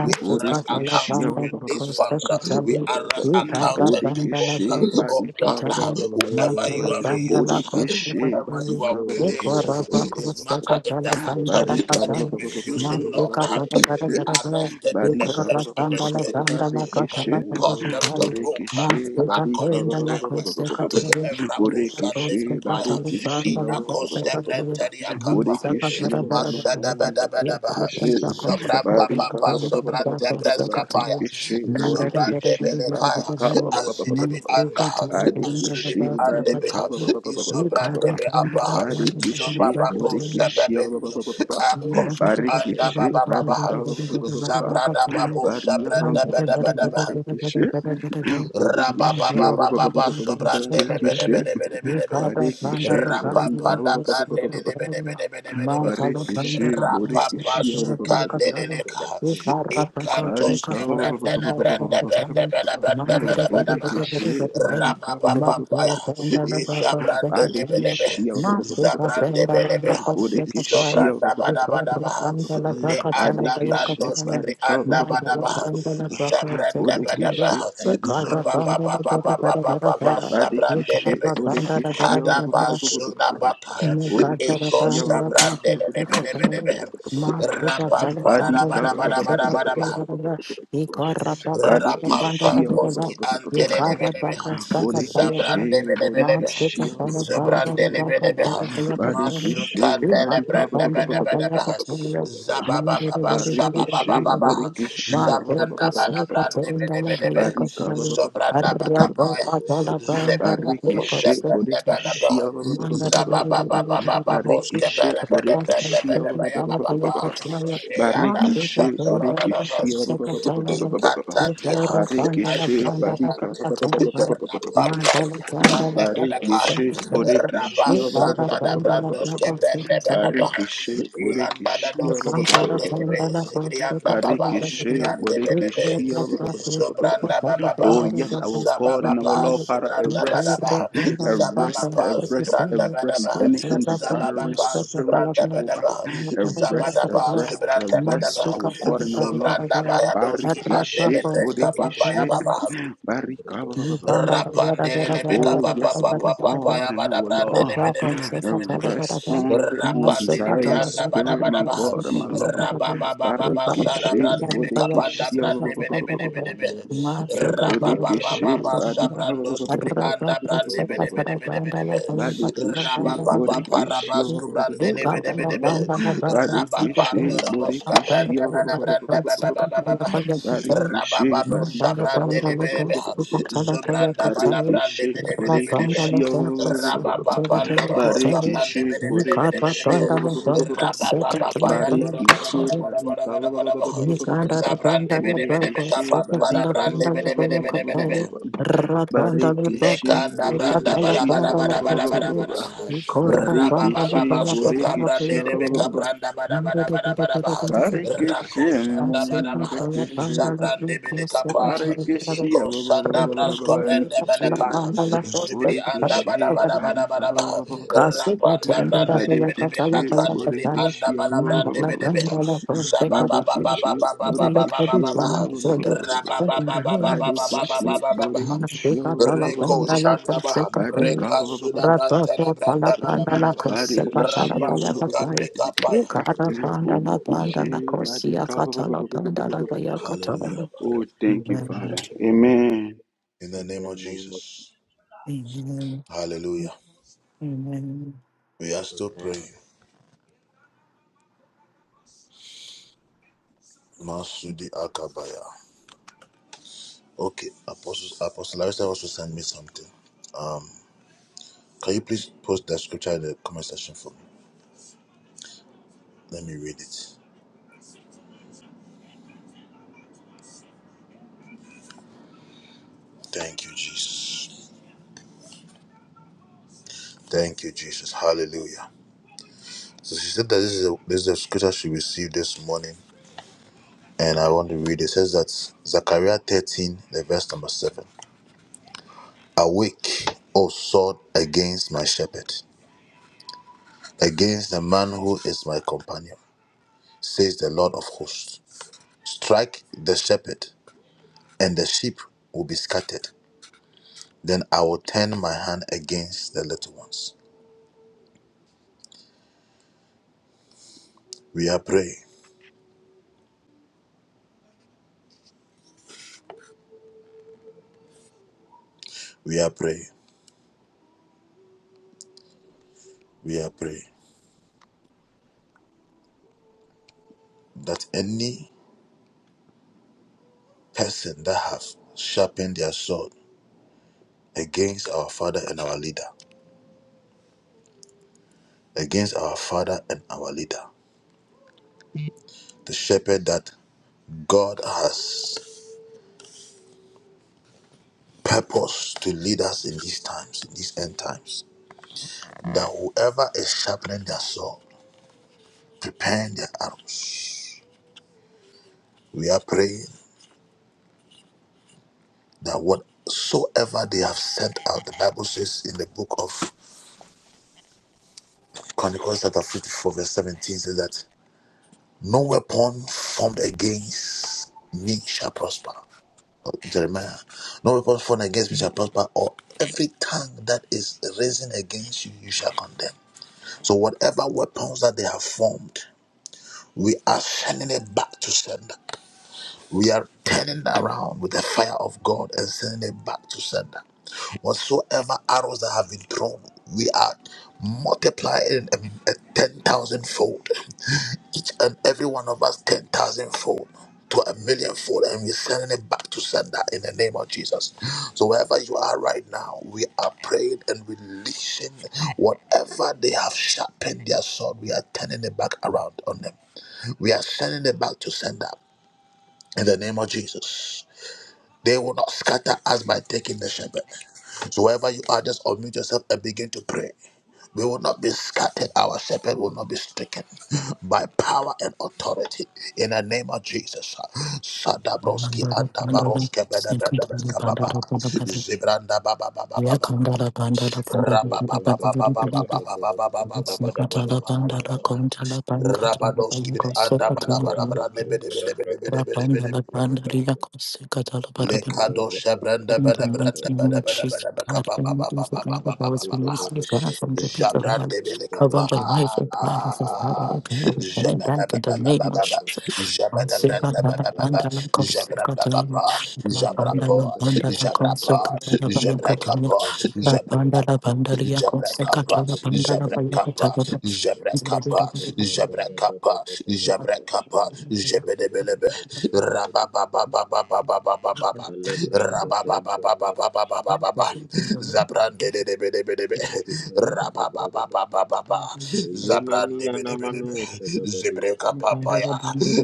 We arrest accounts to Bodekeshia. release funds. We arrest accounts and people. Bodekeshe Oh Badika. God, whoever Anyone you you have have ordained used, Bodekeshe whoever you Badika. have Anyone one are placed, blessed is matter in to the heart support Barika. this that they are ministry refusing, of God, Lord. Father, We Barikeshe. they shall arrest them suffer in the for Badika. us. steps of the Spirit Amen. In the and we Barikeshe. cause name them of the to Lord move Jesus. Borekeshe barika according to thy word. you Evrako sande Borekeshe can't kapaya. barekeshe Inako sebrenteri akapa. Borekeshe Mashadabadabadabaha. Marekeshe Zobra barika papapa sobra tebres kapaya. Barekeshe Zobra Borekeshe Robo debelekaya. barika Azidibi andaha. Barekeshe Azudibi barika andebeha. Izobra like debe the abaha. Barekeshe Zobabapo one Borekeshe sebebedi. Akoski Mantala Barekeshe andabababaha. barika Zabrada babo Baria sabranda badabadabaha. Marekeshe Bodekishi, Rabababababa sobrandele bede Bodekishi, bede bede bede bede. Bodekishi, Rapapanda brandele Barika, le bede bede bede bede bede. Bodekishi, Rapapa Bodekishi, sukandele le Ikantos Marika, ke brandele brande brande bede brande bede Thank bede Bodekeshe, bede. Marika, Rababababaya. Isa brandele bede Badekeshia, bede. Andebelebe, Bodekeshia, Zobranda badabadabaha. Rikandala le Bakatala anda Badekeshe, Brandoski Bayakatala, Marika, Brianda Mandala Badaba, Bandala Zabranda Bakatala, Bodekeshe, Badaba, Marika, Ikara Zobaba Bandala Baba Bara Baba Bara Bara Baba Bara, Badekeshe, Sabrandelebe, Ikara Bandala Bara Bara Kadaba Bara, Sudabaka, I'm a car driver, Eko a Bodekeshia, driver, a driver. Sabrandelebe, I'm a driver, Bodekeshia, a Rapam driver, a Badika driver. Padabada I'm a Badabada driver, a you. driver, a Badikishia driver. Rapampaposki I'm a car driver, antelelebelebeha. a driver, a driver. Bodekishi I'm a Zabrandebelebelebeha. Bodekishia car driver, a driver, a Zabrandelebelebeha. driver. Badikishi I'm a driver, a driver, a driver. I'm a driver, a driver, a Masukandelebrendebedebedebeha. driver. Badika I'm a Zababababa Barikeshe, shababababaha. Borikeshe, Zabrandabalabrandebedebedebe. Barika, Zobrandabakapaya. driver, a driver, Zebabapo a Barikeshe, Borikeshe, Barikeshe, driver. Borikeshe, zebrandebelebeha. Barikeshe, Borikeshe, Zababababababoskebelebedebrendebedebeya bababa. Eyada Rakom Paradia, Barikeshe, shandorododos. Rakom Bangladesh, Ikatatia. I Barika, Rapapasrandabelekaya. Barikeshe, Rabasandadabrandos Borikeshe, Mandala kebrendebeleba. Barikishe, Thank you. Bodekishia, you Iandadadosi can't tell The time andelebe. that I first took a Thank Zibriandababa. Barikishe, you. Zibriandelebe. You Bodekishia. Oh, Zobrandabababa. yes, our God and our Zabababa. Lord, Father, arrest, Zobrandabadaba. arrest, Zabababa. arrest, arrest Zobrandabadaba. any Zabababa. Zobrandabadaba. Zabadaba. Zobrandabadaba. Zobrandabayadoski andelebre. Zababaya baba. ba zababa pa zobranda baba ba zababa undesiring pa spirit, zobranda baba Jehovah. ba can't even Arrest, zabada let it pa go. arrest, zobranda Not baba arrest, ba stick our up that God it and our doesn't Lord. get a zobranda ba girl. ya I'd doski ande rather Barikishe, for lebre baba something ya Bodekishe, with it. baba Barika. Umbrella, Thank umbrella, umbrella, Rapandelebeka Oh, papa yes, umbrella. our papa papa God ya and our bada brandele Lord. bede bede bede bede bede. Rest on every Rapandele undesiring brianda bada spirit, bada my bah. God and my Lord. Rababa baba baba shada Barikeshe, Rombados, brandelebeka panda Bodekeshe, brande bede bede bede bede. Rombados, Rababa baba Rombados, Bodekeshe, baba Badika, shabrandos kibri Rombados, anda Rombados, brande bede Robos, bede bede bede bede. Badekeshe, Rababa Robos, papa Bodekeshe, rabas kubrandele bede bede bede. Rababanda Badekeshe, Raboska Branda Bana Branda Baba Bodekeshe, Baba Baba you. Barikeshe, Rababado Thank Shabrande Lebeha Barika, Zubranda Bada Brande Barikishi, Bede Bede Bede Bede Barikishi, Robos, Rababando Robosheshka Raboska Brande Barikishi, Tenkata Bede Bede Bede Brakateshka Bede Barikishi, Barikishi, Barika, Bede Rabababa Yando Rabashentekipaya Raboda Barikishi, Boda Boda Boda Barika, Shontekatanga Boda Boda Barikishi, Boda Uzkilataya Zabrande Bede Bede Beka Shentekatanga Barikishi, Pampara Brande Bede Robosheshka Bede Barikishi, Bede Tenkashka Bede Tenkatabrakateshka Barikishi, Lekanda branda Ratinde bara bara Padimba bara bara bara Patumbe bara bara. Tindeshka Rababa Tenkatanga Barikishi, baba soka Barikishi, brande rebeka branda bara Obarashashka bara bara bara bara. you. Rako Rabashoshkataya Thank sanda bara Shkataya bara. Zabrande Shkataya Jada beleka pa. Brankataya Barikishi, Gadeshka Iko sanda brasko Roshkataya brande Barikishi, beleka. Roshkataya Roshkataya Zibri anda Borekeshe bara Rumpataya bara you. bara barika Shoshkan bara bara. Brankataya Jada Kasu Rapanda Brankataya katerendra brande Shka pala rebe rebe Badekeshe katala Roto pala akandi bri kataya. anda Borekeshe Kotobanino bara brande Shkataya Mandala rebe rebe. Jada bandala Aradia kote Zababa kataya. baba Badekeshe baba baba Zekataya Kazale baba Borekeshe kabi baba flamin baba. Shkataya kazale. But Rababa in the baba Shkataya baba name of baba Badekeshe baba Jesus, baba Rebadeshkataya baba. Master Borekeshe katala Reko bandala Rabakapaya Shanda kote Baham, Badika kataya. Reka Suda Shkataya brantele Rapato in pala Branda, bala bandala bala Baham, kote Badekeshe katala Rapa pala Suka Rapasuka kataya. Brekapaya. Ukara bandala bandala Borekeshe kosia katala bandala Badika pala Hallelujah. kataya. Oh thank you Father Amen. Amen In the name the of name of Jesus, Jesus. Amen. Hallelujah. Amen. We are still praying. Masudi Akabaya. Okay, Apostle Apostle Larissa also sent me something. Um, can you please post that scripture in the comment section for me? Let me read it. Thank you, Jesus. Thank you, Jesus. Hallelujah. So she said that this is a, this is a scripture she received this morning and I want to read it. It says that Zechariah 13, the verse number 7. Awake, O sword, against my shepherd, against the man who is my companion, says the Lord of hosts. Strike the shepherd, and the sheep will be scattered. Then I will turn my hand against the little ones. We are praying, we are praying, we are praying that any person that have sharpened their sword against our father and our leader, against our father and our leader. the shepherd that God has purposed to lead us in these times, in these end times. That whoever is sharpening their sword, preparing their arrows, we are praying that whatsoever they have sent out, the Bible says in the book of Chronicles, chapter 54, verse 17, says that no weapon formed against me shall prosper. Oh, Jeremiah, no weapon formed against me shall prosper, or every tongue that is risen against you, you shall condemn. So whatever weapons that they have formed, we are sending it back to sender. We are turning around with the fire of God and sending it back to sender. Whatsoever arrows that have been thrown, we are multiplying it, I mean, a 10,000 fold each and every one of us 10,000 fold to a million fold, and we're sending it back to sender in the name of Jesus. So, wherever you are right now, we are praying and releasing whatever they have sharpened their sword, we are turning it back around on them. We are sending it back to sender in the name of Jesus. They will not scatter us by taking the shepherd. So, wherever you are, just unmute yourself and begin to pray. We will not be scattered. Our shepherd will not be stricken by power and authority in the name of Jesus. Sadabroski and Mandara, mandara, Baroske second, Bedabedabeska Baba mandara, mandara, Zibranda Baba Baba Ya Baba kanda la panda la panda la panda Rababa Baba panda panda Baba panda. Baba Baba Baba Baba Baba Musi kata la Baba panda Baba la Baba konta la panga kata la Rabadoski panga kosa and kata Bada la Bada panga. Brande Bede Bede Bede Bede La Bede panda Bede la panda riya kosa kata la para para. Lekado Shabranda In the Bada Branda mighty name Bada of Bada Jesus, Bada God, Baba any evil Baba Baba power that was Baba Baba released is God from the people of hell. Jabrante bele Over kapa. the life of God as a father, oh God, we amen. send it back in the Rakete, Rakete, Rakete, Rakete, name of Jababababababa. Jesus. Bandala Jabadabrandabababa. bandala Jabrabakapa. Jabrapo. Jabrapa. Jabrakapa. Jabrakapa. bandala Jabrakapa, Jabrakapa, Jabrakapa, Jabrakapa, Jabrakapa, Jebedebelebe, Rabababababababababa, Rabababababababababa, Zabrandebedebedebe, Rababababababa. Zabrandebedebedebe. Zebreka papaya.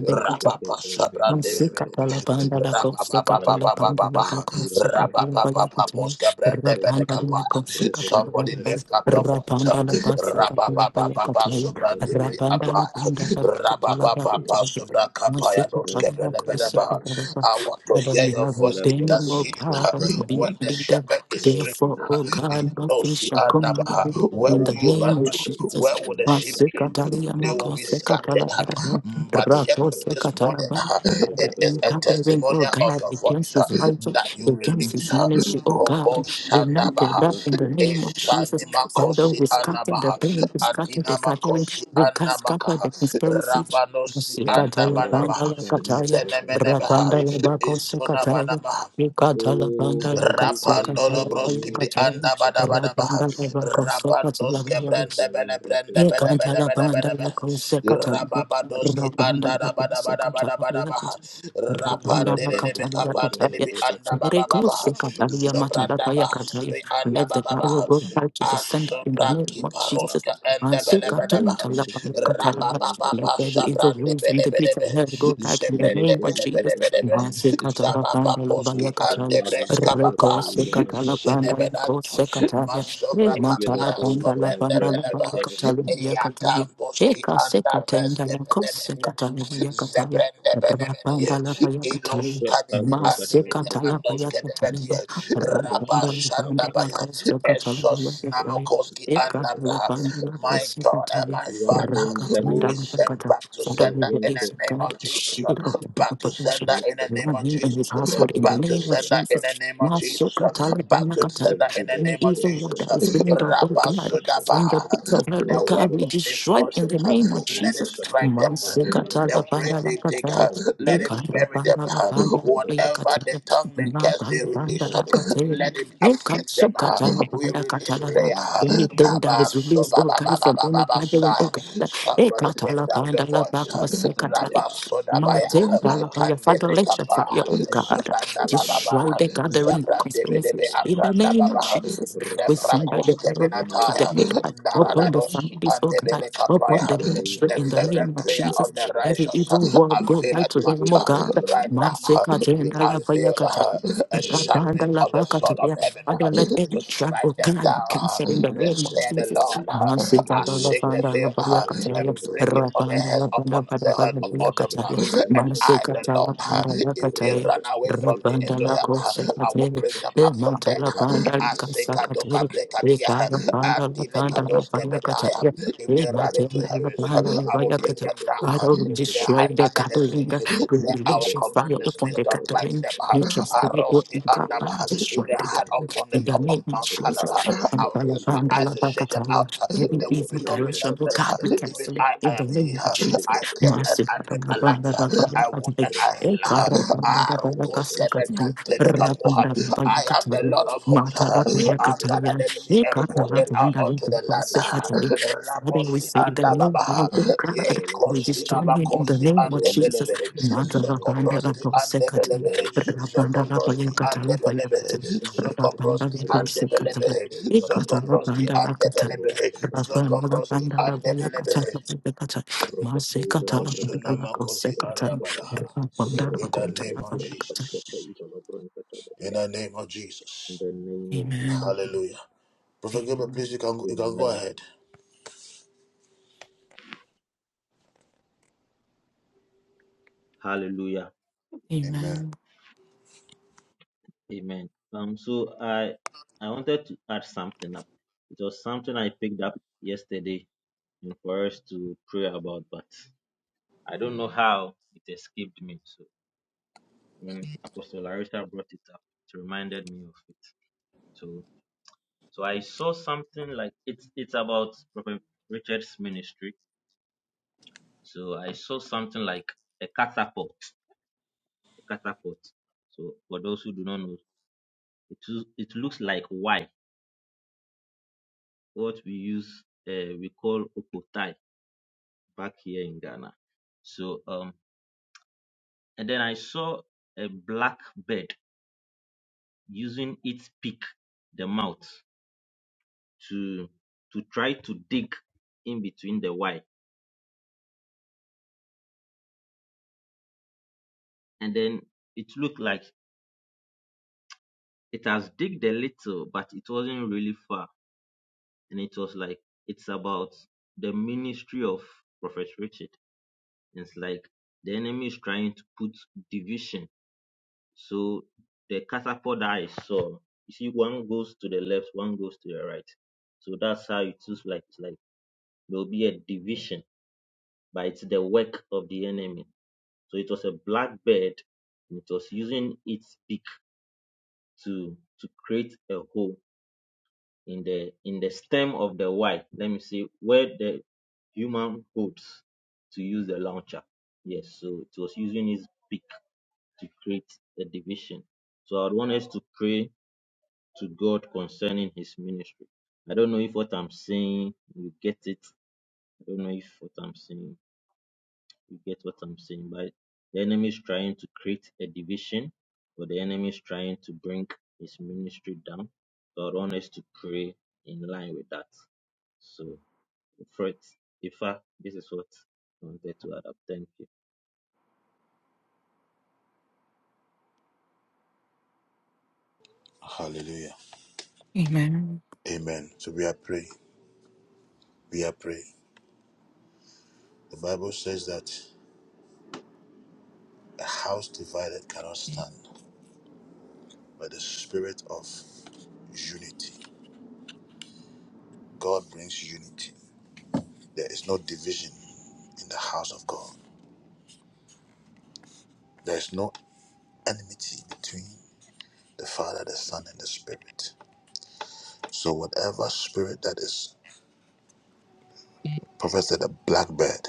Rababa sabrandebedebe. Masikatala bandala kosikatala Alekom bandala Rababababababa. Paratira kosikatala Shashkete bayakatini Rabababababoska Roboto, rabandala brandebedekapa. roboto, kosikatala Somebody bandala lift roboto. up your voice. rabandala Evgido basikatala shoshke Rabababababa bayakatini preizada brigadeshke. rabandala sobrandebedeapa. bandala kosikatala Atia Rababababa bayakatini baya. sobrakapaya masikatala Enteraya doskebrenebedeba. baya. kosikatala ba- I want to Father, hear you your have voice in Lebro that ordained, O city shoshke God, us to when be a the brigadeshke. leader. shepherd is Therefore, stricken. Rohido O God, shoshke nothing fido Yanosi shall shota. come near Andabaha. it. Where in the will you name run of to? Rakompate Jesus. Where will koshke the sheep be? brigadeshke. Masikatala The They will brondo be yamakosika brigadeshke. tala scattered. But yet Evgido this sh. morning, bandala. Bada Father, it is in bada a bada bada bada covering, oh testimony of God, your voice against his life, that you bada bada against bada release. his ministry, oh bada bada bada. Kobo God, will not prevail in Shandabaha. the name Rakokoto of Jesus. Eshani brigadeshke. Father, Makosi we scatter the Anabaha. burning, we scatter Adina the gathering, Makosi we cast- scatter the Anamakaha. conspiracy. Rabanosi Tente Sikatala bandala Andamanamaha. berosante kataya, brigadeshke. Izada rabandala Zenemenemeha. bako brigadeshke. sikataya, Izona O Sikatala bandala bayi Rapandolo katsikatala broski kompalamino bri kataya, anda bada shashkata bada shashkata baha. rabandala bako Rapandoske sikatala. brende shazala bele rate brende bede bede shashkata Ikantala bede banda bede la kose bede. katala, Rapapadoski rabanda anda la da bada kose bada bada katala bada la baha. kose, vela rabanda la Rapandele de be katala brakata ya izala kapandele kataya, bi brakata anda fere baba izala baha. kose brakata katala ya shashkata matala pa shashkata Zobranda ya baha kataya. zubi anda Let the baba power baha. kaba go back to kaba the kaba center in the kaba name Asobraki of kaba Jesus. paroska ende Mase bele bede rotom baha. katonta la pa ya brakata izala katala la. bronto to Let Rapapapapa every brakata evil sabrande brakata wind from bele the bele pit of bele. hell go back in the Zebrende name inete of bede Jesus. bede izala bede brakata Mase bede. shashkata katala Zababa banda la pa poski ya kaba ande kataya, karate breska re baba. kota kose izala katala brakata banda la kose shashkata kataya. Masobra vela Matala kapayas banda doja bandala na kobrende banda la brakata beleba. banda kataluya kataluya. Eyatan boski Eka se anda katenda breske la kose benemeniata. kataluya kataluya. Zebrende benemeni. Rabanda la baya Ilos kataluya. shashkata kanimi Mase brakata animini izala katala andos baya brakata kedebetia. kataluya. Via Rabanda Rabba la banda shanda la kose kataluya Esos kataluya. namokoski Eka anda la banda la My kose God and kataluya. my Father, Rakatanda la we Pompanioske, send back to Father, we sender in Rovinto the release of name God of a Jesus. shield of Kikakakabakaba, Back to protection. sender in Meto the name Lord, of him Bracate, and his Jesus. Zada household in the Back Brocato, to name of sender Zada Jesus. in the Bracate, name of Jesus. Maso Jesus. uh, katala Back to the baya sender in the Evgido any name of evil Jesus. work that Suskete, is uh, being Zada done, oh Rabba God, Brigadeske, from the Sudabaha. pits of hell, oh The God, Robo we weapon they destroy force, in the Suskete, uh, name of Zada let it Jesus. Bracate, strike them. Zada uh, Masekatala The Brungotoske, grave they bandala dig, kataya. uh, let Evgido it Ekatala bury them. bandala uh, bandala Suskete, paya Whatever the kataya. tongue they cast, Matala they Vida release bandala up. Bayas, kataya. Let it afflict them. uh, Ekasukatala We Roske, bandala release katala ba. prayer. Romo uh, Anything that Suskete. Kaba is released, oh God, from any Subabababababa, gathering, oh God. Somebody lift Ekatala up your bandala voice. uh, bakmasekataya. Rabba Yakabaria, Martin Sodabaya. Yabayaba, Dalabaya, Father, Amino let your fire, oh Kandebre Saskibaya, God. Zabranda Romo Destroy Baba, the Saskataba, gathering Zabrande conspiracy Bedebe Evgido in the Apranda name of Saskibaya, Baba, Jesus. We send Rakabaya, by the Nefrakos power Mayaba, Kemenatara, today, God, upon the Robo Naradadoski families, and Sakata, oh the God, upon Belekapaya, the Evgidaiz ministry the in of the name fervent of Bragatel, prayer Jesus. of of the Every Bragadesh, righteous, evil word go back to availeth them, much. oh God. Villavanonos, Right now, Masika we jenda la baya avail Gentavidos, kata, uh, a Rosa sharpening ratanda la of the baka Coto, sword of tabia. heaven Father, uh, let every to trap, strike oh them God, be down. uh. canceled in the Minos name Let's of say the Jesus. Saskataba, Lord, uh, Masika I la Manos shake the fanda la veil Saskata, baya uh, kataya, and break it Isalebragadesh, on the rapanda la heads banda upon bada the head bada of baya all them. kataya. uh, and Minososketais ona I, Masika the la brutošketas. Lord, if banda they la run away from Urusosketais me ona Rabanda into la hell, cosa I brutošketas. will catere, bring them the up from mata there. la banda Urusosketais la ona brutošketas. Urusosketais ona casa Asekadoka catere, brutošketas. the brekadia, fara Urusosketais banda la ona banda la andilekadoske vaya bedaya. catere, brutošketas. If the they run mata into la Urusosketais heavens, ona banda la I will brutošketas. vaya Urusosketais bring catere. them down. Father, we If they ona destroy hide the brutošketas. under the sea, gathering, we then I will release your fire command the Urusosketais upon snakes ona the to brutošketas. Urusosketais ona bite brutošketas. gathering, them. nature Urusosketais ona brutošketas. spirit will Aroski God, under Father, If destroy they the Urusosketais ona hide gathering brutošketas. upon the in the top of name of Mount Jesus. Urusosketais Canada, I will Mata la use my ona banda eyes la to brutošketas. Urusosketais ona brutošketas. Urusosketais ona brutošketas. Urusosketais ona brutošketas. Urusosketais ona brutošketas. Urusosketais ona brutošketas. vaca shake Urusosketais ona brutošketas. Urusosketais them ona catere. out. Every There will evil be no direction, oh relentless. God, brutošketas. we Even cancel it I, I in the am name of here. Jesus. I take Urusosketais ona bruto and Mercy, I Father, make la a Robo light. banda la vaya I want and I Father, we heal. Ah, Rukos Kevenia Telekapoha. I am the Lord of hosts. I gather the sea and pour it out onto the land. Rabosi say and that no Baba. one, oh God, Yea, we destroy him Kosinaba in the Kosi name and of the Jesus. Debelebe. Zokobroski and the Matalapandalaposekataya, Debelebe. Zokobroski and the rapandalabayakatalapayakataya, Debelebe. Zokobroski and the rapandalakosekataya, Debelebe. Zokobroski and the ikatalapandalakataya, Debelebe. Zokobroski and the Debelebe. Rosso, rapandalabayakatalapayakataya, Rokotoza de Masuna Vregadeshka makosi Teshka masekatalakosekataya. Teshka andabayaha. Amen. Teshka In the Rotan name of Tekiro Shashka Jesus. Tezala Branka In Tabadia. the name of In Jesus. the name of Jesus. Hallelujah. Brother Amen. Gabriel, please you can you can go Amen. ahead. Hallelujah. Amen. Amen. Amen. Um so I I wanted to add something up. It was something I picked up yesterday and for us to pray about, but I don't know how it escaped me. So when Apostle Larissa brought it up, it reminded me of it. So. So I saw something like it's it's about Prophet Richard's ministry. So I saw something like a catapult, a catapult. So for those who do not know, it is- it looks like Y, what we use uh, we call opotai back here in Ghana. So um, and then I saw a black bird using its beak, the mouth, to to try to dig in between the Y, and then it looked like It has digged a little, but it wasn't really far. And it was like, it's about the ministry of Prophet Richard. It's like the enemy is trying to put division. So the catapult that I saw, you see, one goes to the left, one goes to the right. So that's how it looks like. It's like there will be a division, but it's the work of the enemy. So it was a black bird, and it was using its beak to to create a hole in the in the stem of the Y. Let me see where the human holds to use the launcher. Yes, so it was using his beak to create a division. So I want us to pray to God concerning his ministry. I don't know if what I'm saying you get it. I don't know if what I'm saying you get what I'm saying? By the enemy is trying to create a division, or the enemy is trying to bring his ministry down. God wants us to pray in line with that. So, Fred, Ifa, this is what I wanted to add up. Thank you. Hallelujah. Amen. Amen. Amen. So we are praying. We are praying. The Bible says that a house divided cannot stand, but the spirit of unity. God brings unity. There is no division in the house of God. There is no enmity between the Father, the Son, and the Spirit. So whatever spirit that is, Prophet said, a blackbird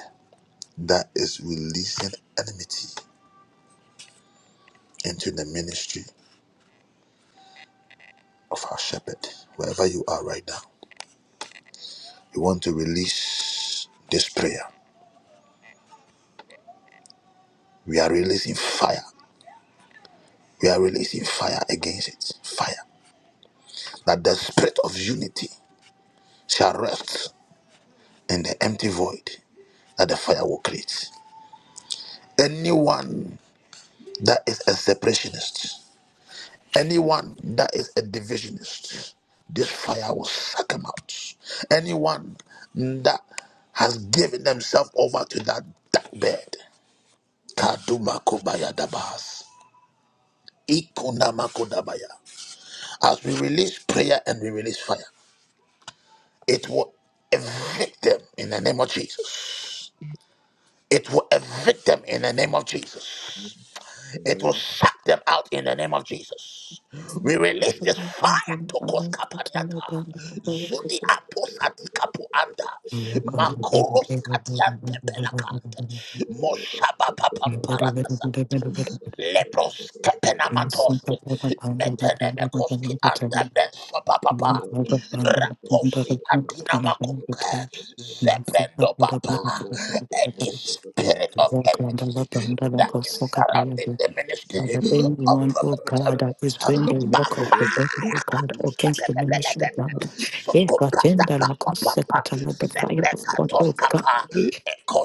that is releasing enmity into the ministry of our shepherd, wherever you are right now, you want to release this prayer. We are releasing fire. We are releasing fire against it. Fire. That the spirit of unity shall rest in the empty void that the fire will create. Anyone that is a separationist, Anyone that is a divisionist, this fire will suck them out. Anyone that has given themselves over to that dark bed, Kaduma Kobaya Dabas, Ikunama Kodabaya. As we release prayer and we release fire, it will evict them in the name of Jesus. It will evict them in the name of Jesus. It will Amen. suck them out in the name of Jesus. We release this fire to cause kapaniata. Zuni apos kapuanda, anda. Makuros kadiante pelakante. Moshaba papamparatasa. Lepros kapenamatoski metenenekoski anda Amen. benso papapa Rabba raposi antinamakumpe zebrendo papa any spirit of enmity that is surrounding the ministry Father, of anyone, oh Prophet God, Richard that is doing the work of the devil, oh God, against the ministry Williams of God. If God, in the lack of Sokopatapapapapa, second, the fire of God, oh God. Zepekatoskapa,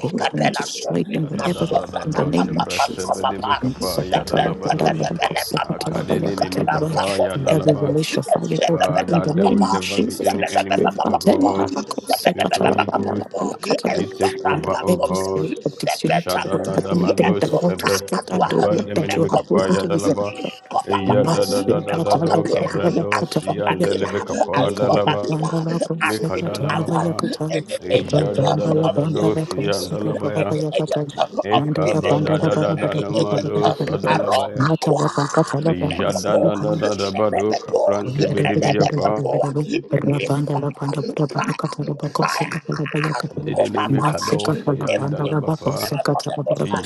Go and destroy them Da da da whenever they da are da, in the Adadadadadosha name of Jesus. brasebe Masofratapapapaskopapa, And nimikapaya dalabanosh. Zepentepepelepepa, Akadene nimikapaya Zepapapopepep, every nalama. relation fire organ in Father, the there will name Zepepepepepapa, of never be Jesus. any enmity, O Zepepepepepapa, God. The work Sweet Holy of Ghost, Zepepepepepapa, the may take over, And O Ezoprapapop, every God. spirit of Zepetapop, disunity, Lord, God, anything Shadadadamados that I want to Ekoska sebre scatter atwa, the work sekapande that you have put Mekopa, minimikapaya into this. dalaba. any Ya da Mandala dadadadadado kabrando siyandelebekapa wicked dalaba. will not be brought to nothing Mikadalabapa. in the agent Iya name of the Lord of dadadadado Jesus. disunity, ya. any agent of division, any agent Ekabadadadadadamado aro sadalabaya. Roboton, aqua, nepopo, Jadadadadadabado nepepepo, Father, kaprante we release a country bedibiyapa. nepepepo, release fire, fire, fire, copa Didinimi fire, kadosi every andalabapa. seven of the most high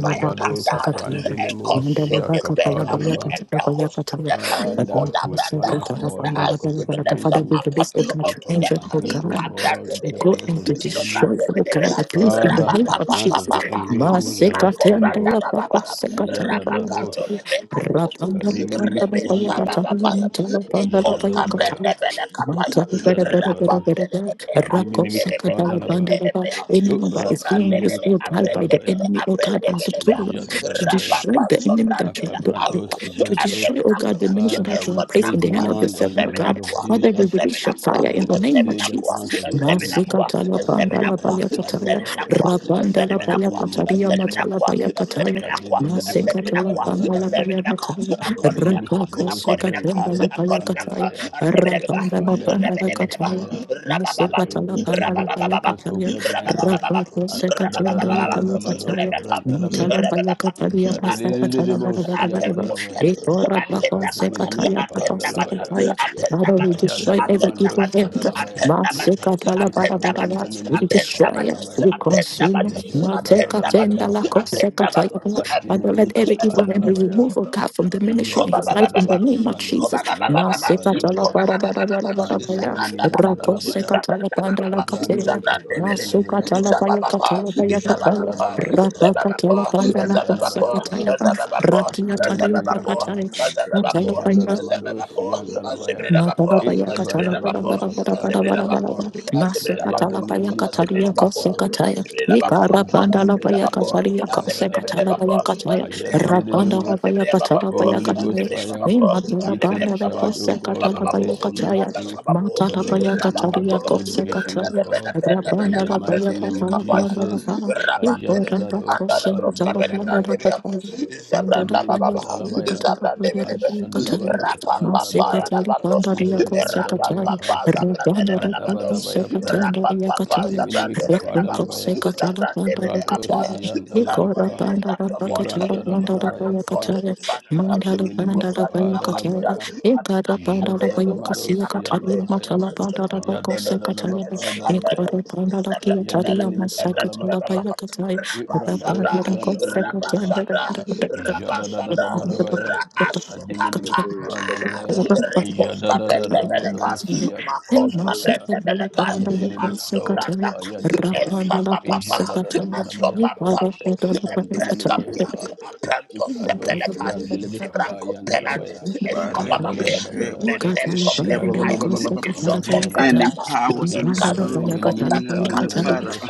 fire come down kaprante and nemosi consume this bed and yakapadalaba. the host of them. Father, Koda with one Branda, accord that and has corporate given themselves anointing, up we unto come angel, oh against, them. O God, Kabrande God, to the go Bedebe, plot and of to the enemy. destroy Sobrande the God, the the Bedebe, place Pompey, in the the Father, name the of plans Jesus. of the enemy will Session, never Ramako stand, O Branda God. Masekatendela Baba Ayadadadosh. bakosekatalabalabatala. Kandolebe, Rapanda panda la Rebe paya shaba Kadiminimikapandosh. kataya babaya. mtala panda la Eko paya Jadadabaya, kapende kataya bele mata kapaya. bere bere Rapa bere Yadadabados, bere bele bere bele rako aprende seka bele dala Adiminimikapandalaba, aprende panda la ba bele. anyone that Upra is being Sobrande used bele oh God, by aprende the Seminimikapandalabaya, bele enemy oh God aprende as a bele tool Lord, bele. Thank to you. Rapa Jadadadabaya, destroy pa the enemy that sobrande you la the- the- arua. Thank Akabrandos, to Brandos. destroy oh God the Ateminakwa. mission Father, that you we have placed place in the hand Esominakwa. of your demand on the servant oh blood God of Eseminakwa. Father we Jesus release your Eseminakwa. fire in and the we name of say the Eseminakwa. Jesus plans of the enemy Nasika Eseminakwa. dala will panda never la Eseminakwa. ever paya stand, oh kataya God, Eseminakwa. in the rapanda la mighty paya Eseminakwa. name of kataya mata Jesus. la Eseminakwa. paya kataya Eseminakwa. Masekatala Eseminakwa. Bangala Kayadidididimikapandalabaya, Eseminakwa. I'm Attend the buttons, Payakatala, Rabaka Adiminimikabos, Sekatembala Payakataya, Brandalabakapandalabaya, Rabandala Fire, Pandala fire, Kataya, fire. Locate Masekatala those Pandala evil altars, oh Payakataya, God, right now. Rabaka Sekatembala Akadadadadadamado Payakataya, you. Matala kabrandalabaya. Payakataya, Pasakatala Barabara Rabashashkapakapaya, Baraba, Ajadedededebosiandalabaya. Etora i Baka Rabashakapataya, Sekataya, attend Baka Ikademinimikapadalabaya. Sekataya. Rabadayabadayabada, Father, we destroy Shkibadaba, every Ayadanamado evil hand. sadalabaya. Rakabadaba, Shkidabadaba, Masekatala Barabara, we Rabadabadabadaba, destroy it, we Ikabrandiminimikapadalabaya. Shkidabadaba, consume. Mateka the Robadabadabadaba, Tendala battle, Ijadadadamadabapa. Shashkabadaba, attend the Kosekataya, Father, let Robotompatapate, every evil hand battle, be patapate, Adiminimikapadalabaya. removed, oh God, from the patapataya, ministry in his life in Ijadadado the name of kabrando Jesus. Rakatambabadiyakapaya, siya Ma se ka ta la ba kapadalabaya. ra ba Robobongapaya, ra Shkimprakataya, se Mandiniminimikadalabaya. ka ta la ba Roboshkopopaya, Abrando Ma Robobendabaya, su ka ta la Kapandelebeapa, ba ya ka ta la Robobendabaya, Ijadaladabayapa, la ba nda Robompakate, Randalabayapa, ba. Robososhkata, Ra ki ba ka Rokotaiga, ta Akadelemiapa, Zababa, Impedeshka, Azababapo, ya. Azababapo, Ijadalamadosi Rodososhka, and Dalabaya, Prakataiga, Azibridabapo, Madalabaya Rodon katala bara Ikabadabado Azibridabapo, bara Podoshashkata, bara bara bara Badaya, bara Azibridabapo, Kapadalabapa, bara. Mase Azibridabapo, Rakabangadaya, katala baya Ayadinimika Dujadaya, kataria Azibridabapo, kose Dalabapa, Azibridabapo, Robonto kataya. Azibridabapo, Ikara banda Bendadeshashkata, la baya Azibridabapo, Ikadibrandosia Jadabadiya, kataria Apaya, kapaya kose katala dalabaya. baya Azibridabapo, Robobomba kataya. Azibridabapo, Dayashkata, Rabanda la Jadabadiya, Ajadededemos. baya katala baya Holy Ghost kataya. Apoya, fire, Azibridabapo, E we madala take banda la Azibridabapo, charge, O kose Imprekatesta, God, katala over Ambababo, baya this kataya. ministry, Robosoftataya, Ambababo, for Matala there baya shall never kataria be Robodojatesta, any kose division, O kataya. Rababapo, Evgileada, God, I'm the brand name of in the the Rabanda la Evgileada, company. mighty baya name The of katala company. The banda Evgileada, la Jesus. baya. brand name. The Ikora Rabosashke da brand name. The Ajadadado Kampaya, kose kapan katala banda la dalabaya. Rabakaba, kataya. Banda Radabaya, brand name. The brand la name. Adibenimi baya The Robede, kadalabaya. katala brand banda name. The brand name. la baya Romede, kataya. The Ashadalabado kapa Ujgivada, brand dalabaya. name. Masikatali Robede, The Pandaria brand Ijadadadabaya Kosekatali, Odiamanakupali, pa. name. The brand name. The Rabandara Papa Mushkemprekatenda, Brandabadabaya pa. Sekatanaria brand Katali, name. The brand name. The brand Adibenimi name. The brand name. Rumbonusoshkakandabaya, kapa The Rakuko dalabaya. Sekatala brand name. The brand name. The brand name. The Pandala Rakatakatakataka, Rados Katali, Nikora Yandalabapa, Pandala Bakatala brand Rakatakutukososhkakaishatakatakaska, name. Pandala Irandarabayapa, Payakatali, The brand name. Mandala Pandala Robodososhkabada, Antiminimikapa Payakatali, Dalabaya, Uzukaba, Ikara Pandala Rakaba, Payakasia Jadadamados Rabikaba, Katali, Yandalabaya, Matala Pandala Rumakaba, Bako Sekatali, Ayadadabapa Rakapankapaya, Ikora Dalabaya, Pandala Shkapankapaya, Kiataria Ayadiminimika Masakatala Radabankapaya, Dalabapa, Payakatali, Shkapankapaya, Vibrandos Rabasabra, Rabandara Yandalemikapa, Roboshakatabakatoshka. We come against Rabasabra, every work Jadadabadabaya, of the enemy, Kosekatali, every Adiminimikapa Rabasukapa. work of Rafa Dalabaya, division, Reposta every brenda work of beleka, Jadadadabados division, Yakapa makosta every work Dalabaya, brenda of beleka, division. We come Antinimikado asobranda against ku, Kapaya in the Dalaba, esa name papa of papa, Jesus. Jadadabadabayapa, asopampa ku, epreska pia, Brandiminimiapa, apranto se Father, Ikados every beleka, yandelebe kapa zibrako pelante, yandalabaya. eskoba mapea, Barikishe, Ayadadadabaya. mepreso Bodikishe, ba- ba- beleka, ba- ba- ba- ba- Ayadedemos ba- ba- isoko yandalabaya. and branda ma, empower us and inspire ekaso Ikabandemene within kapa kopratika, heaven and Father. dalabados. uh,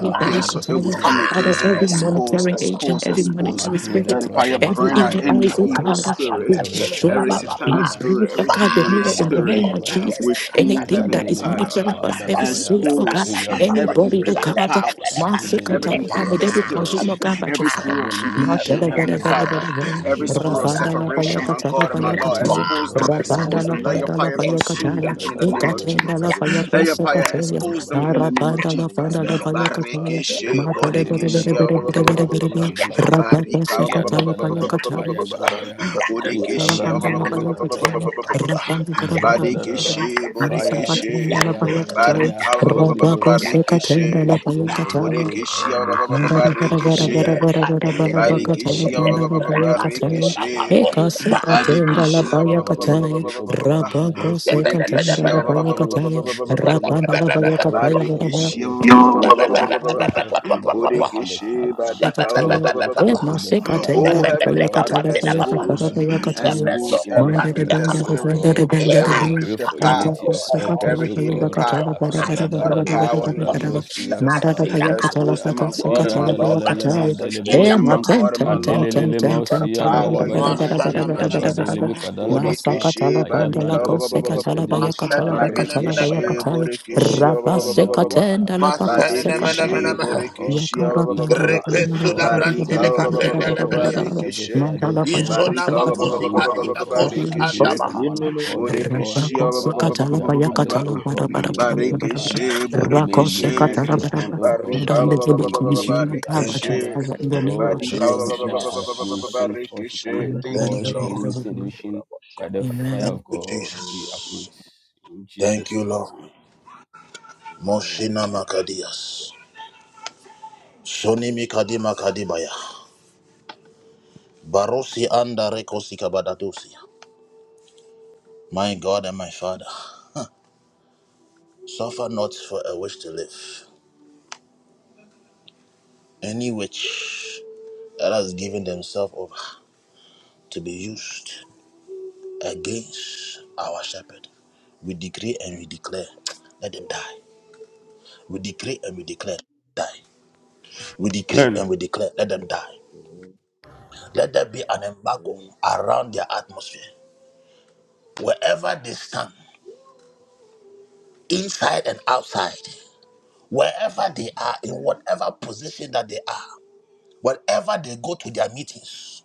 We there cancel it, shall we never come be any against and division, O Rapa expose, monitoring God. agent, expose, every We come Every expose. monitoring against Let work the spirit, the plot fire of the every burn out enemy, evil O any eyes, oh God, evil God, from spirit, we every side, destroy every Abba it. We satanic Father. break, spirit, oh every God, the demonic Makada mirror in da the da ba spirit name da of baya Jesus. within Makadadadabadabaya. Anything heaven that and is Ayandemene Father. monitoring kapa us, every dalabaya. spirit, oh God, Expose Ayada da every da anybody, oh encrypted dos. God, powers Kadi mercy, every minima God, suya may encrypted they be spirit, dalabaya. consumed, oh God, by your every fire. spirit Akadel of minimi division, Heavenly kapaya Father, dalaba. every spirit of Rapanda la Ijadadadabaya paya separation, pa. my katana God and my paya Lord, Randele katana expose them, mikadosi ya Rapanda expose la them. Let your dalabaya. panda la fire paya consume katana them in the name of Ijadadadabaya of Ikatina pa. la Jesus. the enemy paya Let your kosa fire will katana come expose them Randadabadabaya. in against the name in the of Arapanda la name of Jesus. panda la Jesus. paya Akadalamaya pa. katana Every Barikishe, Mata de Ibrande machination, bere bodikishe, bere minimo ba- bere ba- bere ba- ba- ba- kadinima bere ba- every bere suya bere scheme dalabaya. Rapanda every se barika, ba- ba- plot, ayada ba- katana paya Ayadadadadaba pa katana ya every trap. dalabaya. We release Ikabrande Rapanda la the minimi paya fire of kadalaba katana God to pa. destroy Rapanda bere bere them. bere Ijadadadaba. bere Masa Fire, Marakatobokotoko. katana la In fire, the paya name katana of fire, barika, ba- Jesus. Holy Ghost Rapako se fire. katana la We paya take Reboshakatobokotoko. over, katana oh Borekeshia God, ba- Rabba ba- this ba- ba- ministry, Rotoshakatobokotoko. Father. Barekeshe. Lekoba, Oh, we dedicate the rakapa, Barekeshia ba- ba- ba- ba- ministry raba, unto ba- your care, Abba Barekeshe. Father. rabakapa, May your spirit imanakapa. take Barekeshia ba- ba- over ba- the ba- ba- ba- ba- ba- ministry, ba- oh ba- ba- Reboshakotoko. ba. God, on every side. Borekeshia ba- Father, ba- ba- ba- arrow ba- Ilabiyakabaya. ba- ba- shot ba- ba- ba- from the ba- ba- east, ba- ba. any Eshkebankabaya arrow shataya. shot from the Barekeshia west, oh ba- ba- God, ba- ba- ba- ba- any Roboshashkebara, ba- ba- ba- ba. arrow shot from the north rabada, and the Borekeshe south, Father. barika ba- We ba- Yakataya, ba- ba- block ba- ba- eh, ba- it with the ba. fire Masekataya, of Oh, God, oh Heavenly Dalapaya, Lord, Father, Katala, roba for there Paya, shall Katala, never expose, be Paya, any Kataya, enmity expose in every this Manda Roboshashkapa, de encrypted Benda, ministry, Roboshashkapa, the oh spirit, Benda, God. the Benda, the every Robokampanaya, We Benda. pray encrypted for Rabba unity of powers, purpose, every oh Robokampanaya, hidden God powers, Rododontapaya, by the akadadadado power in the name of kabrandosi Jesus. Jokotobenegatagatakatagata, yakapa Expose yandalabaya them, my God and my Lord. iyadalelele Rododombadagadagadagadagadagadagadagada, Expose them, my mandelebeyapa God and my Lord. adelelele Roboshakapana, By the mosi power in the yandalabaya Rododobedobedobedobe, mighty Masana name of mana mana Jesus. ikabadelemi kadalabapa Rododobedobe, Bodekeshe barika ba- ba- ayabrandosi ba- ba- ba- ba- vrenkedemi ba. masana mana kapandosi mana Rododobedobe, Barikeshe mana yandalaba bodekeshe Oh, ba- ba- ba- ba- ba- Father, ba- ba- we shall sekatenda ba. stand as one la family, oh mana in God. bodekeshe ba- ba- We the ba- ba- ba- ba- pray, oh Resula God, Ashkebandaba, for Barika brantele ba- unity ba- of ba- ba- ba- kaprenda Ragaba, ba- purpose on lebelias. every barikeshe. side, oh God. Ribadabadabadabadaba, Izona Barika Father, ba- ba- makosi we ba- ba- ba- pray ba- ba- adina for one Ribadabadabadabadaba. kosi barikeshe. agreement and andabaha. one accord, oh God. Yinemeniakopai, Borekeshe, ba- For ba- ba- ba- us, ba- ba- we ba- have ba- gathered, O Rumpetaijadabadabada, God, in your name, Rubadabada, Barekeshe, Father. May Thank Shakabadabada, you, your Borekeshe, Jesus. mighty hand, O Ragabadabada, God, Barika, be upon Shadagadagadaga, the ministry, Abba Thank you, Shadagadagadaga, Barekeshe, Lord. Father. name of Oh, Barika, Thank you, Jesus. whoever has Jesus. been Ragabadagadagadagadagadagadagadagadagadagada, sent forth to come Barekeshe. and Thank you, Thank you, cause Jesus. Rugubadiyadabadaga, Lord. enmity and division by the Rabashakataba. fire Amen. of Thank In you, the God, name we of Jesus. uproot Jesus, in Thank Jesus' you, Lord. mighty in the name of Moshina Jesus, Makadias. Shoni Mikadima Kadibaya. Barosi anda rekosi kabadadosi. My God and my Father, suffer not for a wish to live. Any witch that has given themselves over to be used against our shepherd, we decree and we declare, let them die. We decree and we declare, die. We decree name. Amen. and we declare, let them die. Let there be an embargo amen, around their atmosphere. Wherever they stand, inside and outside, wherever they are, in whatever position that they are, wherever they go to their meetings,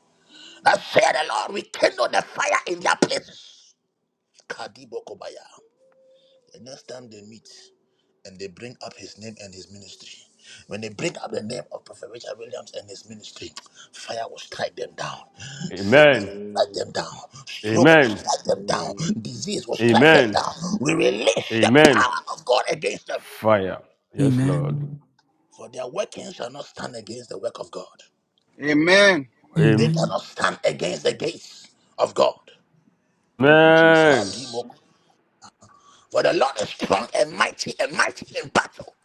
that say the Lord, we kindle the fire in their places. Kadibokobaya. But next time they meet and they bring up his name and his ministry, when they bring up the name of Prophet Richard Williams and his ministry, fire will strike them down, sickness Amen. will strike amen, them amen, down, stroke will Amen. strike them down, amen, disease will strike them Amen. down. We amen. release the Amen. power of God against them, Fire. Yes, Lord. Amen. for their working shall not stand against the work of God. Amen. They Amen. Amen. cannot stand against the gates of God. Thank you, Jesus. Kadimo. For the Lord is strong and mighty and mighty in battle.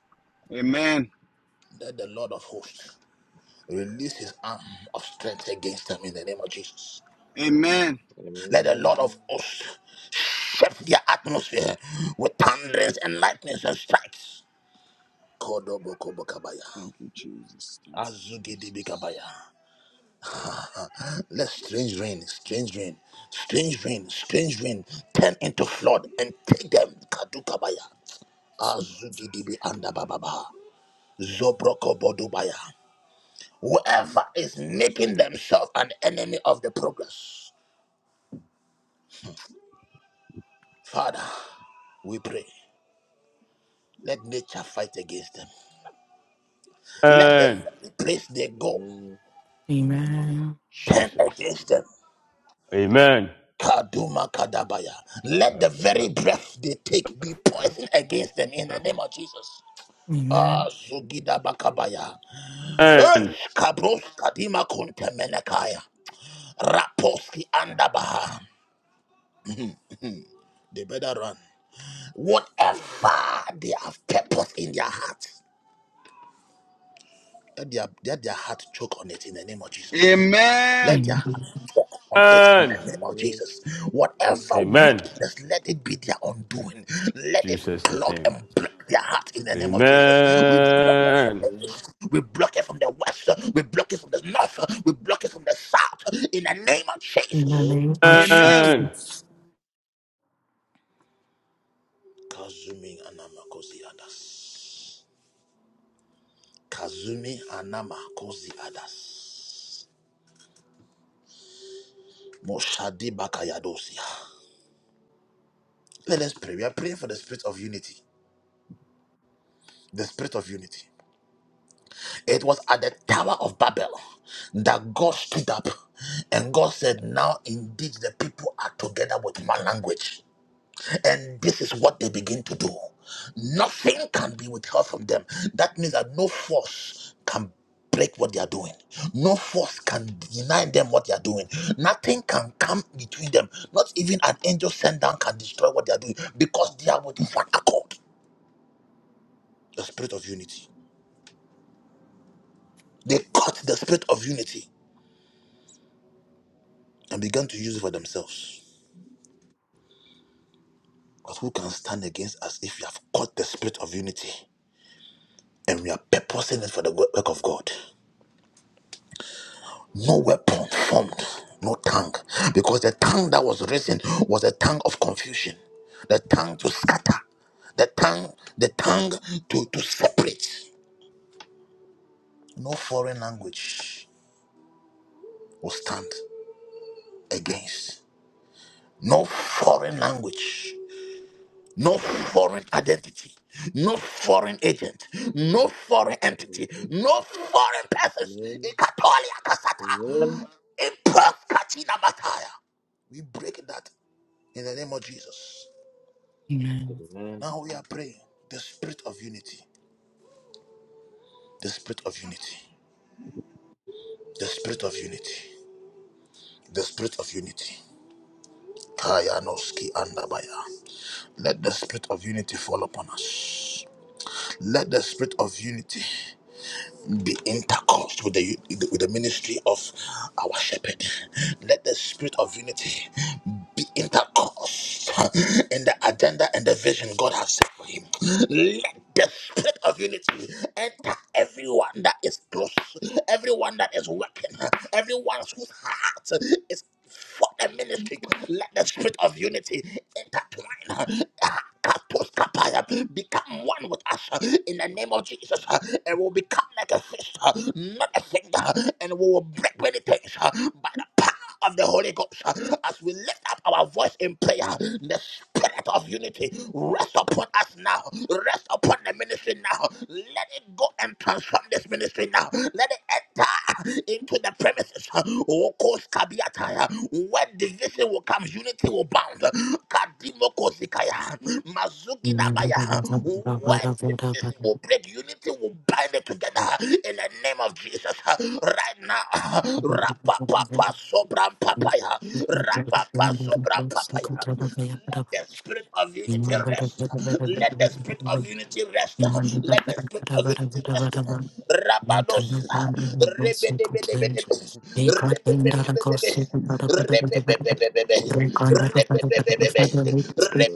Amen. Let the Lord of hosts Release his arm of strength against them in the name of Jesus. Amen. Let the Amen. Lord of hosts shift their atmosphere with thunderings and lightnings and strikes. Kodobokobokabaya. Thank you, Jesus. Thank you, Azugidibikabaya. Jesus. Let strange rain, strange rain, strange rain, strange rain turn into flood and take them. Kadukabaya. Azugidibi andabababa. Zobrokobodubaya. Whoever is making themselves an enemy of the progress. Father, we pray. Let nature fight against them. Let the Amen. very place they go Amen. Amen. Amen. turn Jesus. against them. Amen. Kaduma Kadabaya. Let My the very God. breath they take be poison against them in the name of Jesus. Amen. Ah, Sugida Bakabaya. Eh, Amen. Kabros Kadima Kuntemenekaya. Raposki Andabaha. They better run. Whatever they have purpose in their hearts. Let their, let their heart choke on it in the name of Jesus. Let Amen. their In heart choke on it in Amen. the name of Amen. Jesus. Whatever Amen. Amen. wickedness, let it be their undoing. Let it Jesus' clog name. and block their heart in the name of Jesus. We block it from Amen. the Amen. east. We block it from the west. We block it from the north. We block it from the south. In the name of the Jesus. name Amen. of Amen. Amen. Jesus. Kazumi Anama Kosi Adas. Kazumi Anama Kosi Adas. Moshadi Bakayadosia. Let us pray. We are praying for the spirit of unity. The spirit of unity. It was at the Tower of Babel that God stood up and God said, Now indeed the people are together with one language. And this is what they begin to do. Nothing can be withheld from them. That means that no force can break what they are doing. No force can deny them what they are doing. Nothing can come between them. Not even an angel sent down can destroy what they are doing because they are with one accord. The spirit of unity They caught the spirit of unity and began to use it for themselves. But who can stand against us if we have caught the spirit of unity and we are purposing it for the work of God? No weapon formed, no tongue, because the tongue that was risen was a tongue of confusion, the tongue to scatter, the tongue, the tongue to, to separate. No foreign language will stand against. No foreign language. no foreign identity, no foreign agent, no foreign entity, no foreign persons. Ikatolia kasata, impos katina bataya. We break that in the name of Jesus. Amen. Amen. Now we are praying the spirit of unity, the spirit of unity, the spirit of unity, the spirit of unity. Kayanoski andabaya. Let the spirit of unity fall upon us. Let the spirit of unity be intercourse with the with the ministry of our shepherd. Let the spirit of unity be intercourse in the agenda and the vision God has set for him. Let the spirit of unity enter everyone that is close, everyone that is working, everyone whose heart is for the ministry. Let the spirit of unity intertwine. Katos Kapaya, become one with us uh, in the name of Jesus, uh, and we'll become like a sister, not a singer, and we will break many things uh, by the power of the Holy Ghost uh, as we lift up our voice in prayer spirit of unity rest upon us now. Rest upon the ministry now. Let it go and transform this ministry now. Let it enter into the premises. Okos kabiataya. Where division will come, unity will bound. Kadimoko zikaya. Thank Mazuki nabaya. Where division will break, unity will bind it together in the name of Jesus. Right now, rapapapa sobram papaya. Rapapa sobram papaya. Let the spirit of unity rest. Let the spirit of unity rest. Let the spirit of unity rest. you. Rabados. Spirit Rebedebedebedebe. Rebebebebebe. Amen. Rebebebebebe. Rebebebebebe.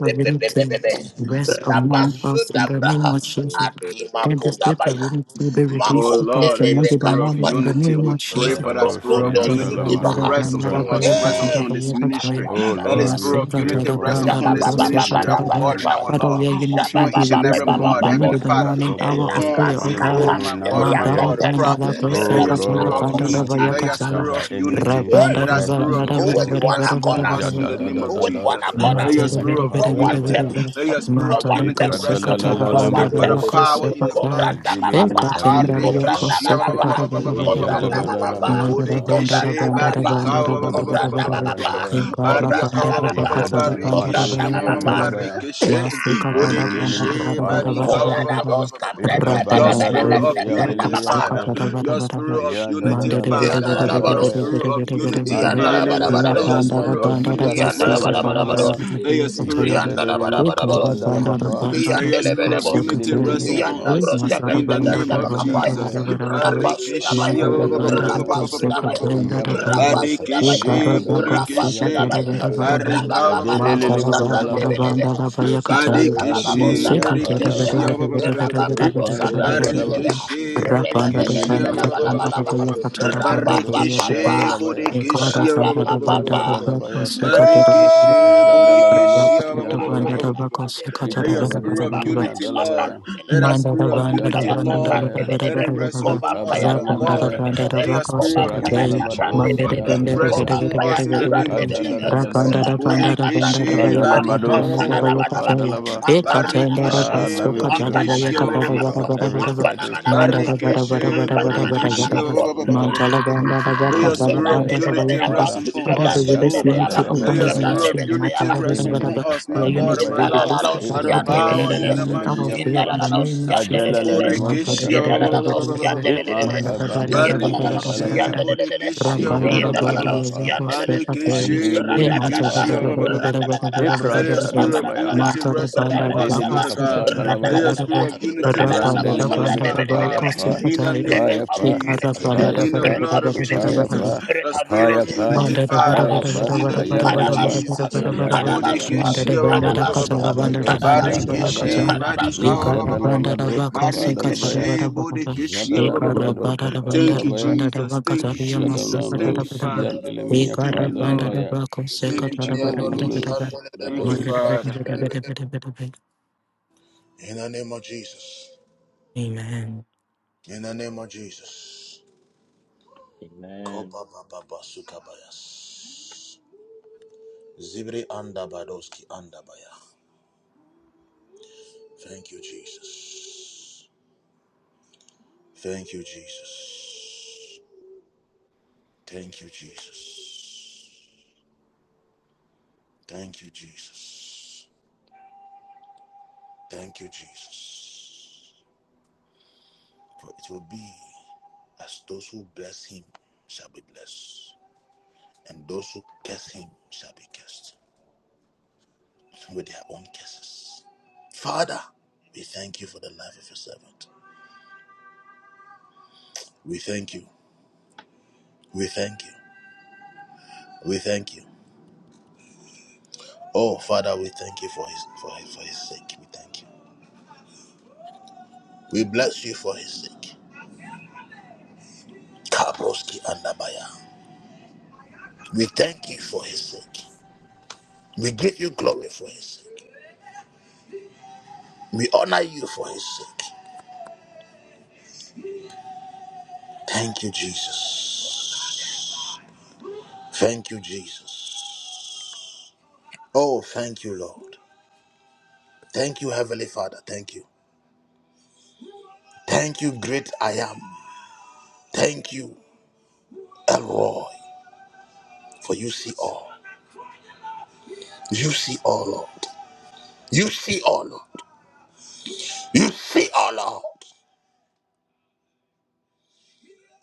of unity Rest among us in the Rabasudabra. name of Jesus. Adima Then the spirit Amen. of kudabaya. unity will be Oh released upon Lord, us let your among the Makundelebe spirit of morning in Evilamino the kadubaya. unity, name we of pray Jesus. for that shoshkataiga spirit of Ibrokodo Adadadosia Masada unity to branda da dalamado zukibaha. rest branda to da upon kebrante us, baya rest vemio minimos. katada Eh! upon this baya kataya. ministry. Oh Let the Lord, we spirit of Masada da pray unity da for the rest branda da upon spirit this of gosa shayiminios ministry, katada unity our da. right God and now, oh our Father, Lord, your God, unity will upon be each and upon released every the upon us mother, among evino ministry Heavenly the of, Father, morning oh hour of God, prayer, shoshkataiga upon, O commanding Elabraska the God. oh morning my and hour God of and pampeliya my Madara prayer. Lord, the banda tepela, la prophet. Let kose Oh your repi katala spirit shiktaba of Lord, banda la amakosi unity, baya let anda nothing your shall katala. spirit baba. by of any unity, means Hey, Rabanda let la that shiktaba divide spirit us, banda of oh la bada bada with unity God. bada one rest bada accord, bada upon bada us in the name of with rabadum Ayadadadadada one Jesus. accord, Let katabadiya your shabrante Matera spirit bere of bikapa for bere one bere bere unity dalabaya. bere. purpose, let your spirit for of one Matalan unity kose rest purpose, upon katala for us one banda by the dava Ikadalalalamados. power kose purpose. in the badabadabadabada blood pataya. of Cobranda Jesus. Eka babapa, tendalia cobranda Adiminimikadelebiapa. kose Barikishia ba- ba- ba- babapa, katala ba- ba- ba- bere ba- bere ba- ba- ba- bere ba- cobranda ba- bere. ba- ba. babapa, Amen. Manda da Ijadadadadabayapa. banda da cobranda Borikishi banda da babapa, banda barika da ba- ba- ba- banda ba- Andiminimi bere ba- ba- cobranda bere ba- ba- ba- kapa bere. ba- ba- ba. babapa, dalabaya. Eka da Bariaka cobranda banda ba- da ba- ba- ba- babapa, baka ba- ba- tala Ijadana banda barikishi cobranda ma- madosi ma- ma- ma- babapa. ma- andalabaya. rikishi. Mandiminimi Borikishi kapa barika ba- dalabaya. ba- Koyana ba- ba- ba- bos ba- ba- ba- ba. cabrenda Your bela bela spirit Let Ikabadadados of there bela be ya brenda unity unity, delibia babaha. in the Father. pa. name of Your Jesus. spirit of Maya unity, dadana Father. makapa Yandala Your barabaros, andalabaya. Let spirit there of be unity unity, Mandela in the yandala Father. name of Mandililimu Ya Let Jesus. your barabaros, banda kadibra da spirit of banda dosi da ya unity basi yandala kapa rest da banda upon us. banda jadalabaya. barabaros. da Let your biya da Ekaba, spirit kaya da. Yanda la Ijadadele bada Ye bada kara makapa Romono borosia. banda da Shaka, dalabapa. banda let da Yanda your biko spirit lebele of bosa. soko unity rest Andiliminimi tera. Brenta ya upon pa. Yanda Ye Ramiro us broska masa da in bende the Shashkata, banda name da bende of banda da bakapaya. Jesus. bara Ijadadadabaya. bara bara bara. Rapa Barikeshe, sudabaya. Manda Akaya da banda da dalabaya. Ekabadom ko Rapa soko sudabaya. tera da da baya Rapa Paratiro Yabrando Shaka, Ye sudabaya. kapandele Barikeshe, kara da badama ko Rapa soko tera Borikeshe, sudabaya. bara siyandalabaya. bara bara. Rapa Shelevamani Barika, baba Yakata. babo Manda Adelele da sabran banda da debele mandalabapa. banda beha. da The biya kata. Zabran spirit baba of Na babo unity, Barikeshe, Ekadiminimi sabran soko yapa tera debele bara beha. Borikeshe, dalabaya. bara bara bara bara Rapa the bara babo spirit sabran of bara bara debele Ikmandadabadaba. unity, bara. beha. Barikeshe, Ra Reka banda da Borikeshe, debele banda Adiminimi bela da the bala yapa. banda bala da baha. spirit biya of kata da unity. Rapa banda da Ikabado papa baya papa. kata. siyandalabaya. Thank Barikeshe, Rapa In the papa name Borikeshe, papa. of Ikadadadabaya pa. Jesus. Hey! Barikeshe, Jadalamano siyandalaba. Borikeshe, In the let your name of spirit of Ikabadiminimi you. Jesus. unity, Lord, yandalabaya. let our Manda da spirit of banda da unity, banda da Lord, Ayadadadabaya. banda da let it banda rest upon us, da banda da our banda da God. Ikabadamanamaya banda pa. da Let your banda spirit of secretary unity, Radalabado Manda Jehovah, de banda de rest siyandalabaya. banda de upon banda us de in the banda de name of Jesus. Ikadadadabaya. banda da banda da banda da banda da Bodekeshe banda kata da barika banda da Radalamadosia banda kata kapadalaba. e kata da da bas barikeshe Father, to we kata pray da for banda bodekeshe kata unity da banda on every banda banda side, O Manda God. da banda banda barikeshe Unity banda banda amongst banda the bodekeshe. banda leadership, banda O God. Manda da banda da Unity banda Let amongst your the kata da spirit of members, banda da Abba unity banda kata rest Father. upon Father, we us, release Jehovah. unity Let upon the your Ajadadadadabadabaya. spirit of ministry. Manda unity da banda rest banda upon Ademenemi us, my Lord, you God need and to my be kapadalabaya. Lord released because by the open for me in power the in Irandosia the morning hour mighty of prayer name in delemiapa. of the name of Jesus. Jesus. Ajalalelemo Man, bada, Borekeshia bada, kadalabaya. bada, bada, bada, bada. Man, da, da, ba, da, da, ba, da, Itmakabademenemi ba, da, ba, da, ba, Barekeshe da, adalabaya. ba. Ra, ba, da, da, ba, da, Bodekeshia da, ba, Ijadalalabapa. go, se, ba, te. Barekeshe Eh, Andinimiya man, da, da, ba, da, ba, da, kapadalabaya. ba, da, Bodekeshia ba, da, ba, da, ba, da, Ibra Let ba, your da, go. spirit of sadalabaya. Man, unity da, da, rest ba, upon da, da, Randa ba, us, Adilimi go, Spirit Father se, ba, God. da, da, ba, Let da, your kapadalabaya. ba, da, spirit ba. of unity Ra, rest ba, da, da, upon ba, us, da, Randeliminimi da, Father ba, kapaya God, go, pa. in the apa name of of pa. apa Jesus pa. unity, in the apa spirit blood of se, of pa. unity, ba, da, ya. Jesus, spirit the of spirit apa of pa. unity. unity, Mandada bara Father, bara apa pa. Karabaswa, bara in the bara name bara of bara bara Ayadalaba. bara Karabaswa, Jesus. bara bara bara. Ayadelimiya pa. Bodekeshi, Mandada Karabaswa, banda da Ika kacha la Karabaswa, banda da banda debrandosi da baya Karabaswa, kacha. andalabaya. Badekeshi, Karabaswa. Badika, Eka da banda da Ijadalabado ba kose kacha la kapadalabaya. Badekeshi, bara bara bara. Eka da Bodekeshi. Jadalalabado banda da banda Thank da you, dalabaya. banda da Jesus. ba Thank kacha you, la ya masse Jesus. kacha la Thank you, Jadananos bara bara. Father. Yandelemia Eka Thank da you, banda Lord. da Padalabaya ba kose Thank you, kacha In la bara bara Jehovah. bara bara. Ekabadiminus Thank you, Brados Mandada bara Father. bara bara bara bara bara. the name of Jesus. Amen. In the name of Jesus. Amen. Koba baba basukabayas. Zibri andabadoski andabaya. Thank you, Jesus. Thank you, Jesus. Thank you, Jesus. Thank you, Jesus. Thank you, Jesus. For it will be as those who bless him shall be blessed, and those who curse him shall be cursed with their own curses. Father, we thank you for the life of your servant. We thank you. We thank you. We thank you. Oh, Father, we thank you for his for his, for his sake. We thank you. We bless you for his sake. Kabroski Andabaya. We thank you for his sake. We give you glory for his sake. We honor you for his sake. Thank you, Jesus. Thank you, Jesus. Oh, thank you, Lord. Thank you, Heavenly Father. Thank you. Thank you, great I am. Thank you, Elroy, for you see all. You see all, Lord. You see all, Lord. You see all, Lord.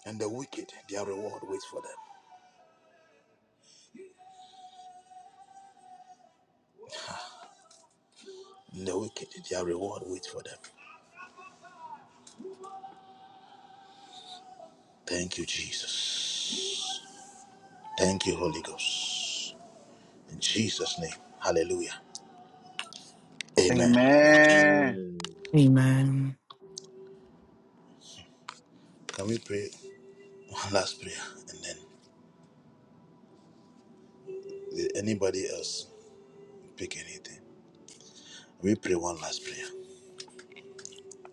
And the wicked, their reward waits for them. And the wicked, their reward waits for them. Thank you, Jesus. Thank you, Holy Ghost. In Jesus' name. Hallelujah. Amen. Amen. Amen. Can we pray one last prayer and then will anybody else pick anything? We pray one last prayer.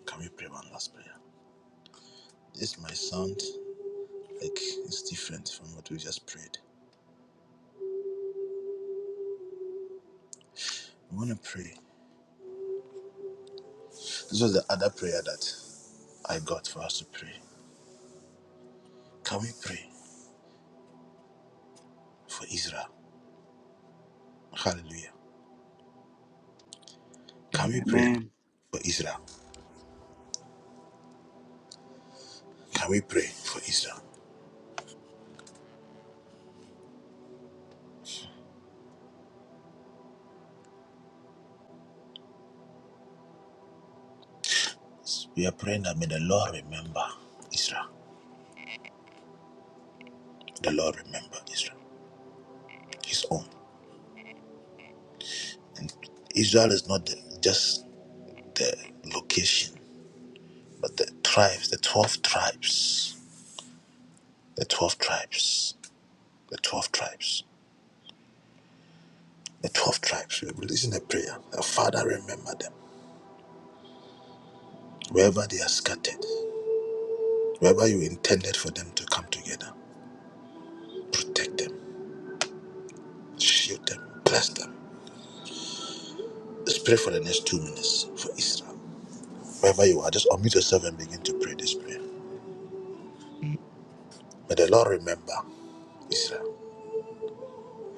Can we pray one last prayer? This might sound like it's different from what we just prayed. We want to pray. This was the other prayer that I got for us to pray. Can we pray for Israel? Hallelujah. Can we pray Amen. for Israel? Can we pray for Israel? We are praying that may the Lord remember Israel. The Lord remember Israel, His own. And Israel is not the, just the location, but the tribes, the 12 tribes, the 12 tribes, the 12 tribes, the 12 tribes. We're releasing a prayer. Our Father, remember them. Wherever they are scattered, wherever you intended for them to come together, protect them, shield them, bless them. Let's pray for the next two minutes for Israel. Wherever you are, just unmute yourself and begin to pray this prayer. May the Lord remember Israel.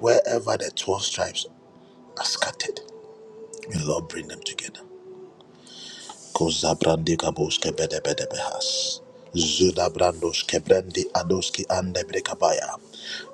Wherever the 12 tribes are scattered, may the Lord bring them together. Kozabrandi kaboske bedebedebehas. Zudabrandos kebrandi adoski ande brekabaya.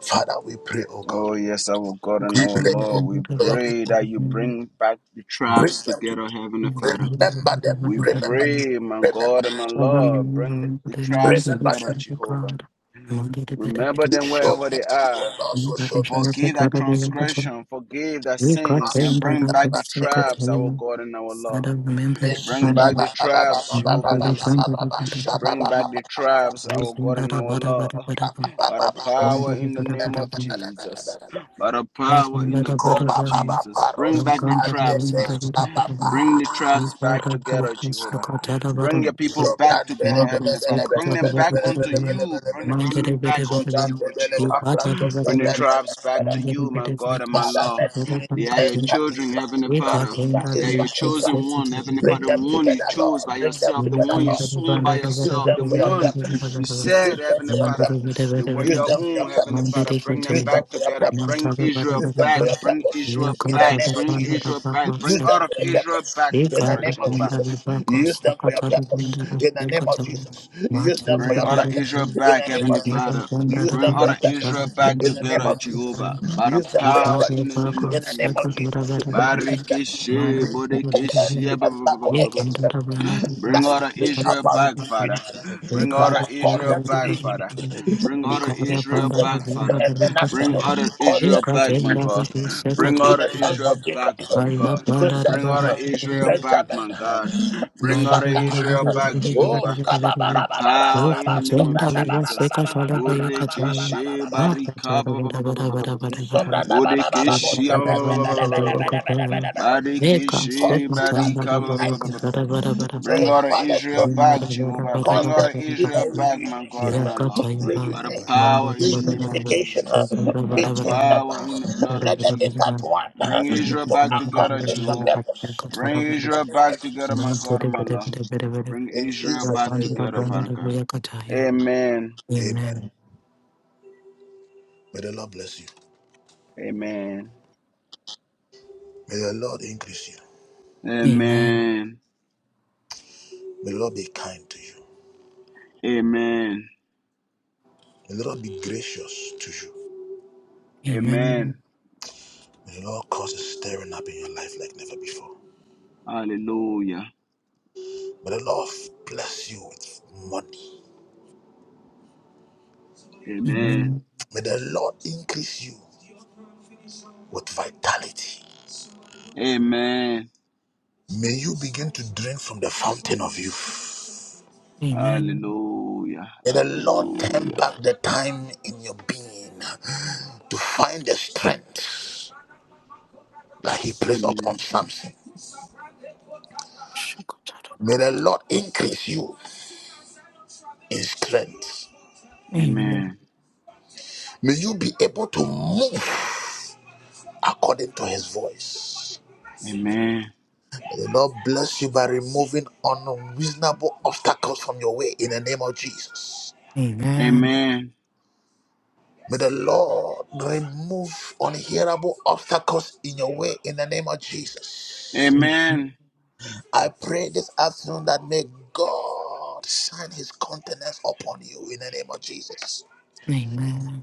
Father, we pray, O Oh, God. yes, our God and We our pray oh, Lord, we for your pray people. that you bring back the Bring tribes them together, together. Heavenly Father. Remember them. We Remember Amen. them. pray, my Remember God and my them. Father, may Lord, you bring remember the the man tribes who Remember is together, them. on the Jehovah. ground. Mother, the better, Remember better. them Show wherever they mercy, are. O Lord. So That show is your Forgive that father, the younger son. transgression, forgive that We got sins, and in mercy. that bring I back was the so cut for tribes, our you. God and our I Lord. don't remember Father, it's Bring back time. the tribes, let Remember Jehovah the Nissi. grand that you put on Bring the back the tribes, our Using God that and a our bada Lord. bada bada bada. By the Remember power the in the bada name bada of bada. Jesus, by the Yeah, power in the bada blood bada of bada. Jesus, bring back the Welcome tribes, Father. that you Bring the tribes Bara back bara together, basta Jehovah. katara Bring bara your people bara. back together, Mago Heavenly se Father. Bring katara them bara back bara unto bara. you. Bring, the, bring them Mandere back bara bara unto bara. you, Iba Jehovah. bara bara Bring the bara. tribes back to Mandere you, my bara se God and my kisha Lord. bara unity They bara are your katara. enter children, Israel, Heavenly Eka Father. Israel, benda They bhi are Israel, your ekam Israel. se Amen. chosen one, se Heavenly bara. Bring Father. The them one you together, chose Lord. by Bring them yourself, the together, one Mukam you Lord. bara sworn bara by bara Use yourself, bara bara them the for your bara one purpose. bara you bara. Use them said, Heavenly for your Mandere Father, purpose. bara they bara were Use your them bara. for your own, purpose. Heavenly Father. Mandere Bring them Use them katara. back for your together. purpose. Bring Mandere bara Israel bara Use them back. for your bara. Bring purpose. Eka Israel In back. katara Bring bara bara Jesus, Israel back. bara Bring use all of se. the Israel purpose. back together, Ekara Jehovah. panda liba Use kosa them for your kata da purpose. benda da Ikara kwenda libako sakatara In the kwenda name of rakiyakata Jesus, use mate them for Bring your yabara all the Israel purpose. kwenda In back, the name Heavenly of libara Father. Jesus, kwenda use Bring them for all your the Israel rakiyakata purpose. back kwenda In the name together, of Jesus, Jehovah, rakiyakata by the use them for your isara power in the purpose. name libako of In the name of Jesus. sakatara Jesus, bara bara bless them Barikeshe, mane kwenda every Bodekeshe, kwenda ba- ba- ba- ba- ba- obstacle ba- ba- ba- ba- against them ikandara kwenda libako Bring that order brings sakatara Israel about back, kwenda Father. disunity. Bring ikara order Father, kwenda cause Israel them to be back, Father. unity kwenda Bring order between ikara Israel Israel back, Father. kwenda kwenda and Manasseh. Bring order Cause da Israel them to back, be my ikatenda God. unity kwenda Bring sakatara between order the sons Israel kwenda of back, Jacob, my God. Joseph, Bring order Israel back, Benjamin, my God. Bring Thank order Issachar. Israel back, Oh, Jehovah. By the power in the skababababababababa, name of Jesus. Borekeshe sobranababababababababababababababa. barika ba- ba- ba- ba- ba- ba- ba- ba- ba. Sobranabababababo, Borekeshe ba- ba- ba- ba- ba- ba- ba- ba- ba- ba- ba. sebranabelebelebelebelebelebe. Cause Barikishi, Judah to barika, unite. So Bring his out you. of Father Israel should back, Jehovah. Bring cause out there of to be Israel a back, my God and reunification, my uh, Lord. By the reunion, power in the name of reunification Jesus. uh, By the between them. power in uh, the blood of Let them Jesus. intertwine uh, Bring Israel to back together, accomplish your Jehovah. purpose. Bring Israel back together, my God and my Lord. Bring In Amen. Amen. Amen. Amen. Amen. Amen. Amen. Israel Jesus' back name we together, pray. Father God. Amen. Amen. May the Lord bless you. Amen. May the Lord increase you. Amen. May the Lord be kind to you. Amen. May the Lord be gracious to you. Amen. May the Lord cause a stirring up in your life like never before. Hallelujah. May the Lord bless you with money. Amen. May the Lord increase you with vitality. Amen. May you begin to drink from the fountain of youth. Amen. Hallelujah. May the Lord turn Hallelujah. back the time in your being to find the strength that He placed upon Amen. Samson. May the Lord increase you in strength. Amen. May you be able to move according to His voice. Amen. May the Lord bless you by removing unreasonable obstacles from your way in the name of Jesus. Amen. Amen. May the Lord remove unhearable obstacles in your way in the name of Jesus. Amen. I pray this afternoon that may God shine his countenance upon you in the name of Jesus.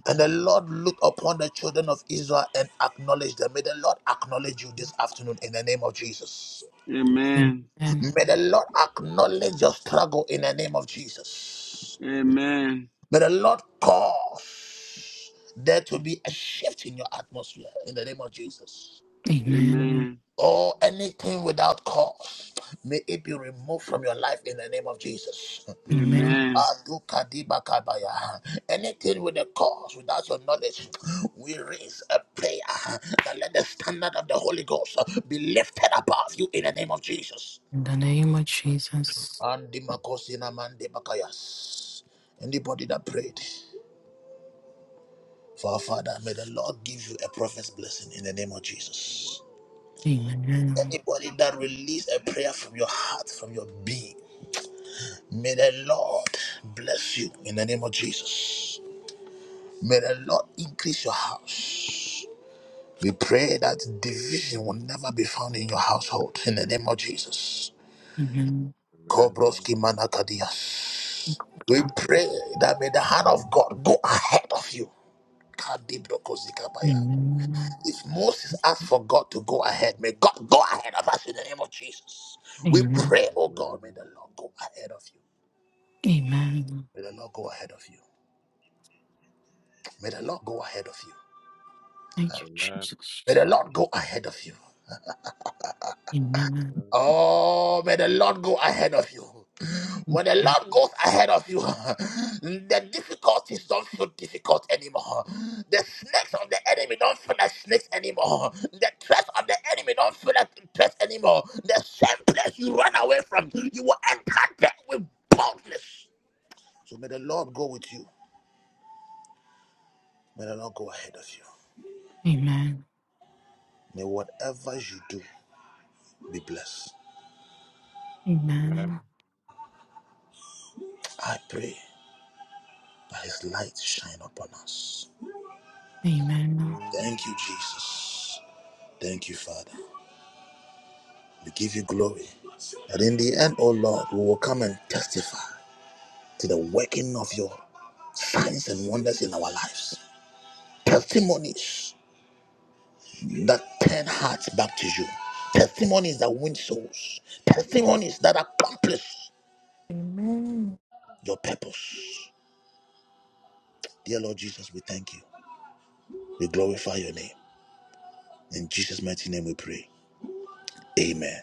And the Lord look upon the children of Israel and acknowledge them. May the Lord acknowledge you this afternoon in the name of Jesus. Amen. Amen. May the Lord acknowledge your struggle in the name of Jesus. Amen. May the Lord cause there to be a shift in your atmosphere in the name of Jesus. Amen. Or anything without cause, may it be removed from your life in the name of Jesus. Amen. Amen. Adukadibakabaya. Anything with a cause without your knowledge, we raise a prayer that let the standard of the Holy Ghost be lifted above you in the name of Jesus. In the name of Jesus. Andimakosina mandibakayas. Anybody that prayed for our Father, may the Lord give you a prophet's blessing in the name of Jesus. Amen. Amen. Anybody that release a prayer from your heart, from your being, may the Lord bless you in the name of Jesus. May the Lord increase your house. We pray that division will never be found in your household in the name of Jesus. Amen. Kobroski manakadias. We pray that may the hand of God go ahead of you. Kadibrokozikabaya. If Moses asked for God to go ahead, may God go ahead of us in the name of Jesus. We Amen. pray, oh God, may Amen. the Lord go ahead of you. Amen. May the Lord go ahead of you. May the Lord go ahead of you. Thank you, May the Jesus. Lord go ahead of you. Amen. Oh, may the Lord go ahead of you. When the Amen. Lord goes ahead of you, the difficulties don't feel difficult anymore. The snakes of the enemy don't feel like snakes anymore. The threats of the enemy don't feel like threats anymore. The same place you run away from, you will enter there with boldness. So may the Lord go with you. May the Lord go ahead of you. Amen. May whatever you do be blessed. Amen. I pray that His light shine upon us. Thank you, Jesus. Thank you, Father. We give you glory. That in the end, oh Lord, we will come and testify to the working of your signs and wonders in our lives. Testimonies that turn hearts back to you. Testimonies that win souls. Testimonies that accomplish Amen. your purpose. Dear Lord Jesus, we thank you. We glorify your name. In Jesus' mighty name we pray. Amen.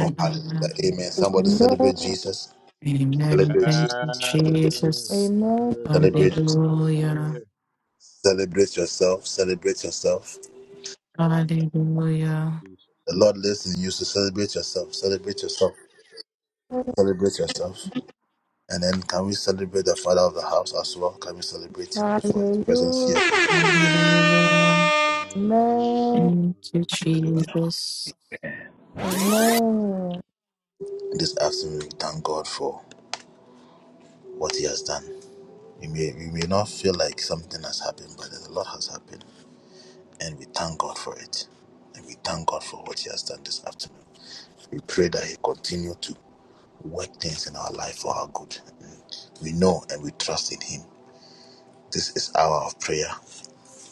Oh, hallelujah. Amen. Amen. Somebody celebrate Jesus. Amen. Celebrate Thank Jesus. you, Celebrate Jesus. Amen. Jesus. Amen. Glory, Celebrate glory, Jesus. Hallelujah. glory. Celebrate yourself. Celebrate yourself. Hallelujah. Jesus. The Lord lives in you, so celebrate yourself. Celebrate yourself. Celebrate yourself. And then can we celebrate the Father of the house as well? Can we celebrate him for his presence here? Hallelujah. Hallelujah. Hallelujah. Amen. Thank you, Hallelujah. Hallelujah. Jesus. Amen. In This afternoon, we thank God for what he has done. We may, we may not feel like something has happened, but a lot has happened. And we thank God for it. And we thank God for what he has done this afternoon. We pray that he continue to work things in our life for our good. We know and we trust in him This is hour of prayer,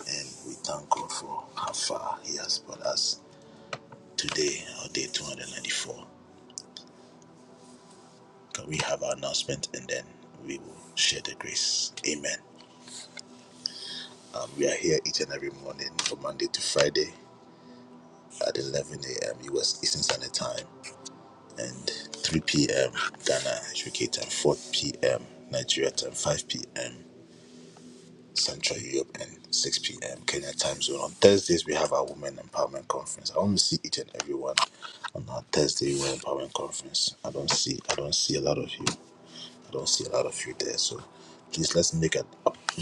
and we thank God for how far He has brought us today, our day 294. Can we have our announcement and then we will share the grace? Amen. Um, we are here each and every morning from Monday to Friday at 11 a.m. US Eastern Standard Time and 3 p.m. Ghana UK time, 4 p.m. Nigeria time, 5 p.m. Central Europe and 6 p.m. Kenya time zone. On Thursdays, we have our Women Empowerment Conference. I want to see each and everyone on our Thursday Women Empowerment Conference. I don't see, I don't see a lot of you. I don't see a lot of you there. So please let's make it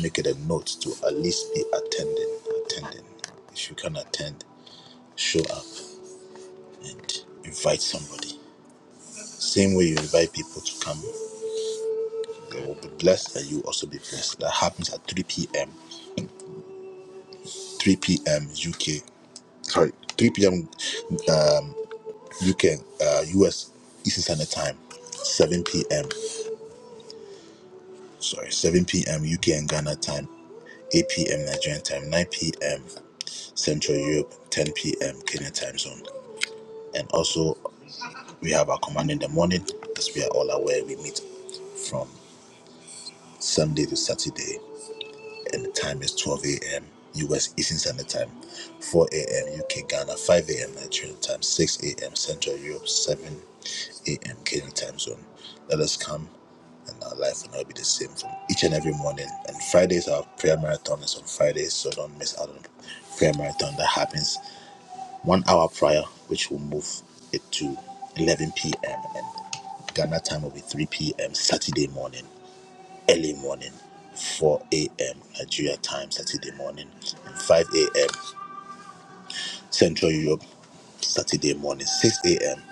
make it a note to at least be attending, attending. If you can attend, show up and invite somebody. Same way you invite people to come, they will be blessed and you will also be blessed. That happens at 3 p.m. 3 p.m. UK. sorry, 3 p.m. Um, UK, uh, US Eastern Standard Time, 7 p.m. Sorry, 7 p.m. UK and Ghana time, 8 p.m. Nigerian time, 9 p.m. Central Europe, 10 p.m. Kenya time zone. And also, we have our command in the morning, as we are all aware, we meet from Sunday to Saturday, and the time is 12 a.m. US Eastern Standard Time, 4 a.m. UK Ghana, 5 a.m. Nigerian Time, 6 a.m. Central Europe, 7 a.m. Kenya time zone. Let us come and our life will not be the same from each and every morning. And Fridays, our prayer marathon is on Fridays, so don't miss out on the prayer marathon that happens one hour prior, which will move it to 11 p.m. and Ghana time will be 3 p.m. Saturday morning, early morning, 4 a.m. Nigeria time Saturday morning, and 5 a.m. Central Europe Saturday morning, 6 a.m.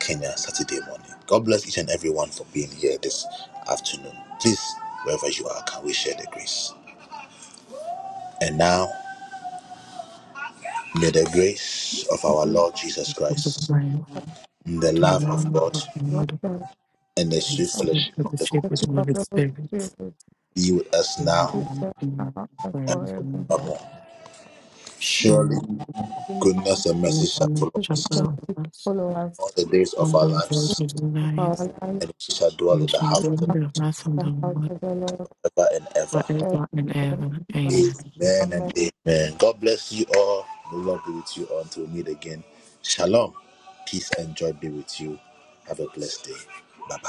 Kenya Saturday morning. God bless each and everyone for being here this afternoon. Please, wherever you are, can we share the grace? And now, may the grace of Thank our you, Lord Jesus Which is Christ, mine, the the love of one God, of the Lord, Lord and the and his sweet and spirit fellowship of of the the shape thank Holy of you the for Holy Spirit the Holy Spirit. Spirit be with us In who the now is there name of now and the Lord. and and forever. And forever. forevermore. Surely, Shalom. please goodness and mercy Bless shall and follow us can chapel of us. follow us all the days of On our the Lord lives, is for our nice. lives and we shall And dwell we in the shall with go house of the in the house of the the house Lord of the Lord. Lord ever and ever. forever and Amen. ever. Amen. Amen Amen. and amen. God bless you all. The Lord be with you all until we meet again. Shalom. Peace and joy be with you. Have a blessed day. Bye bye.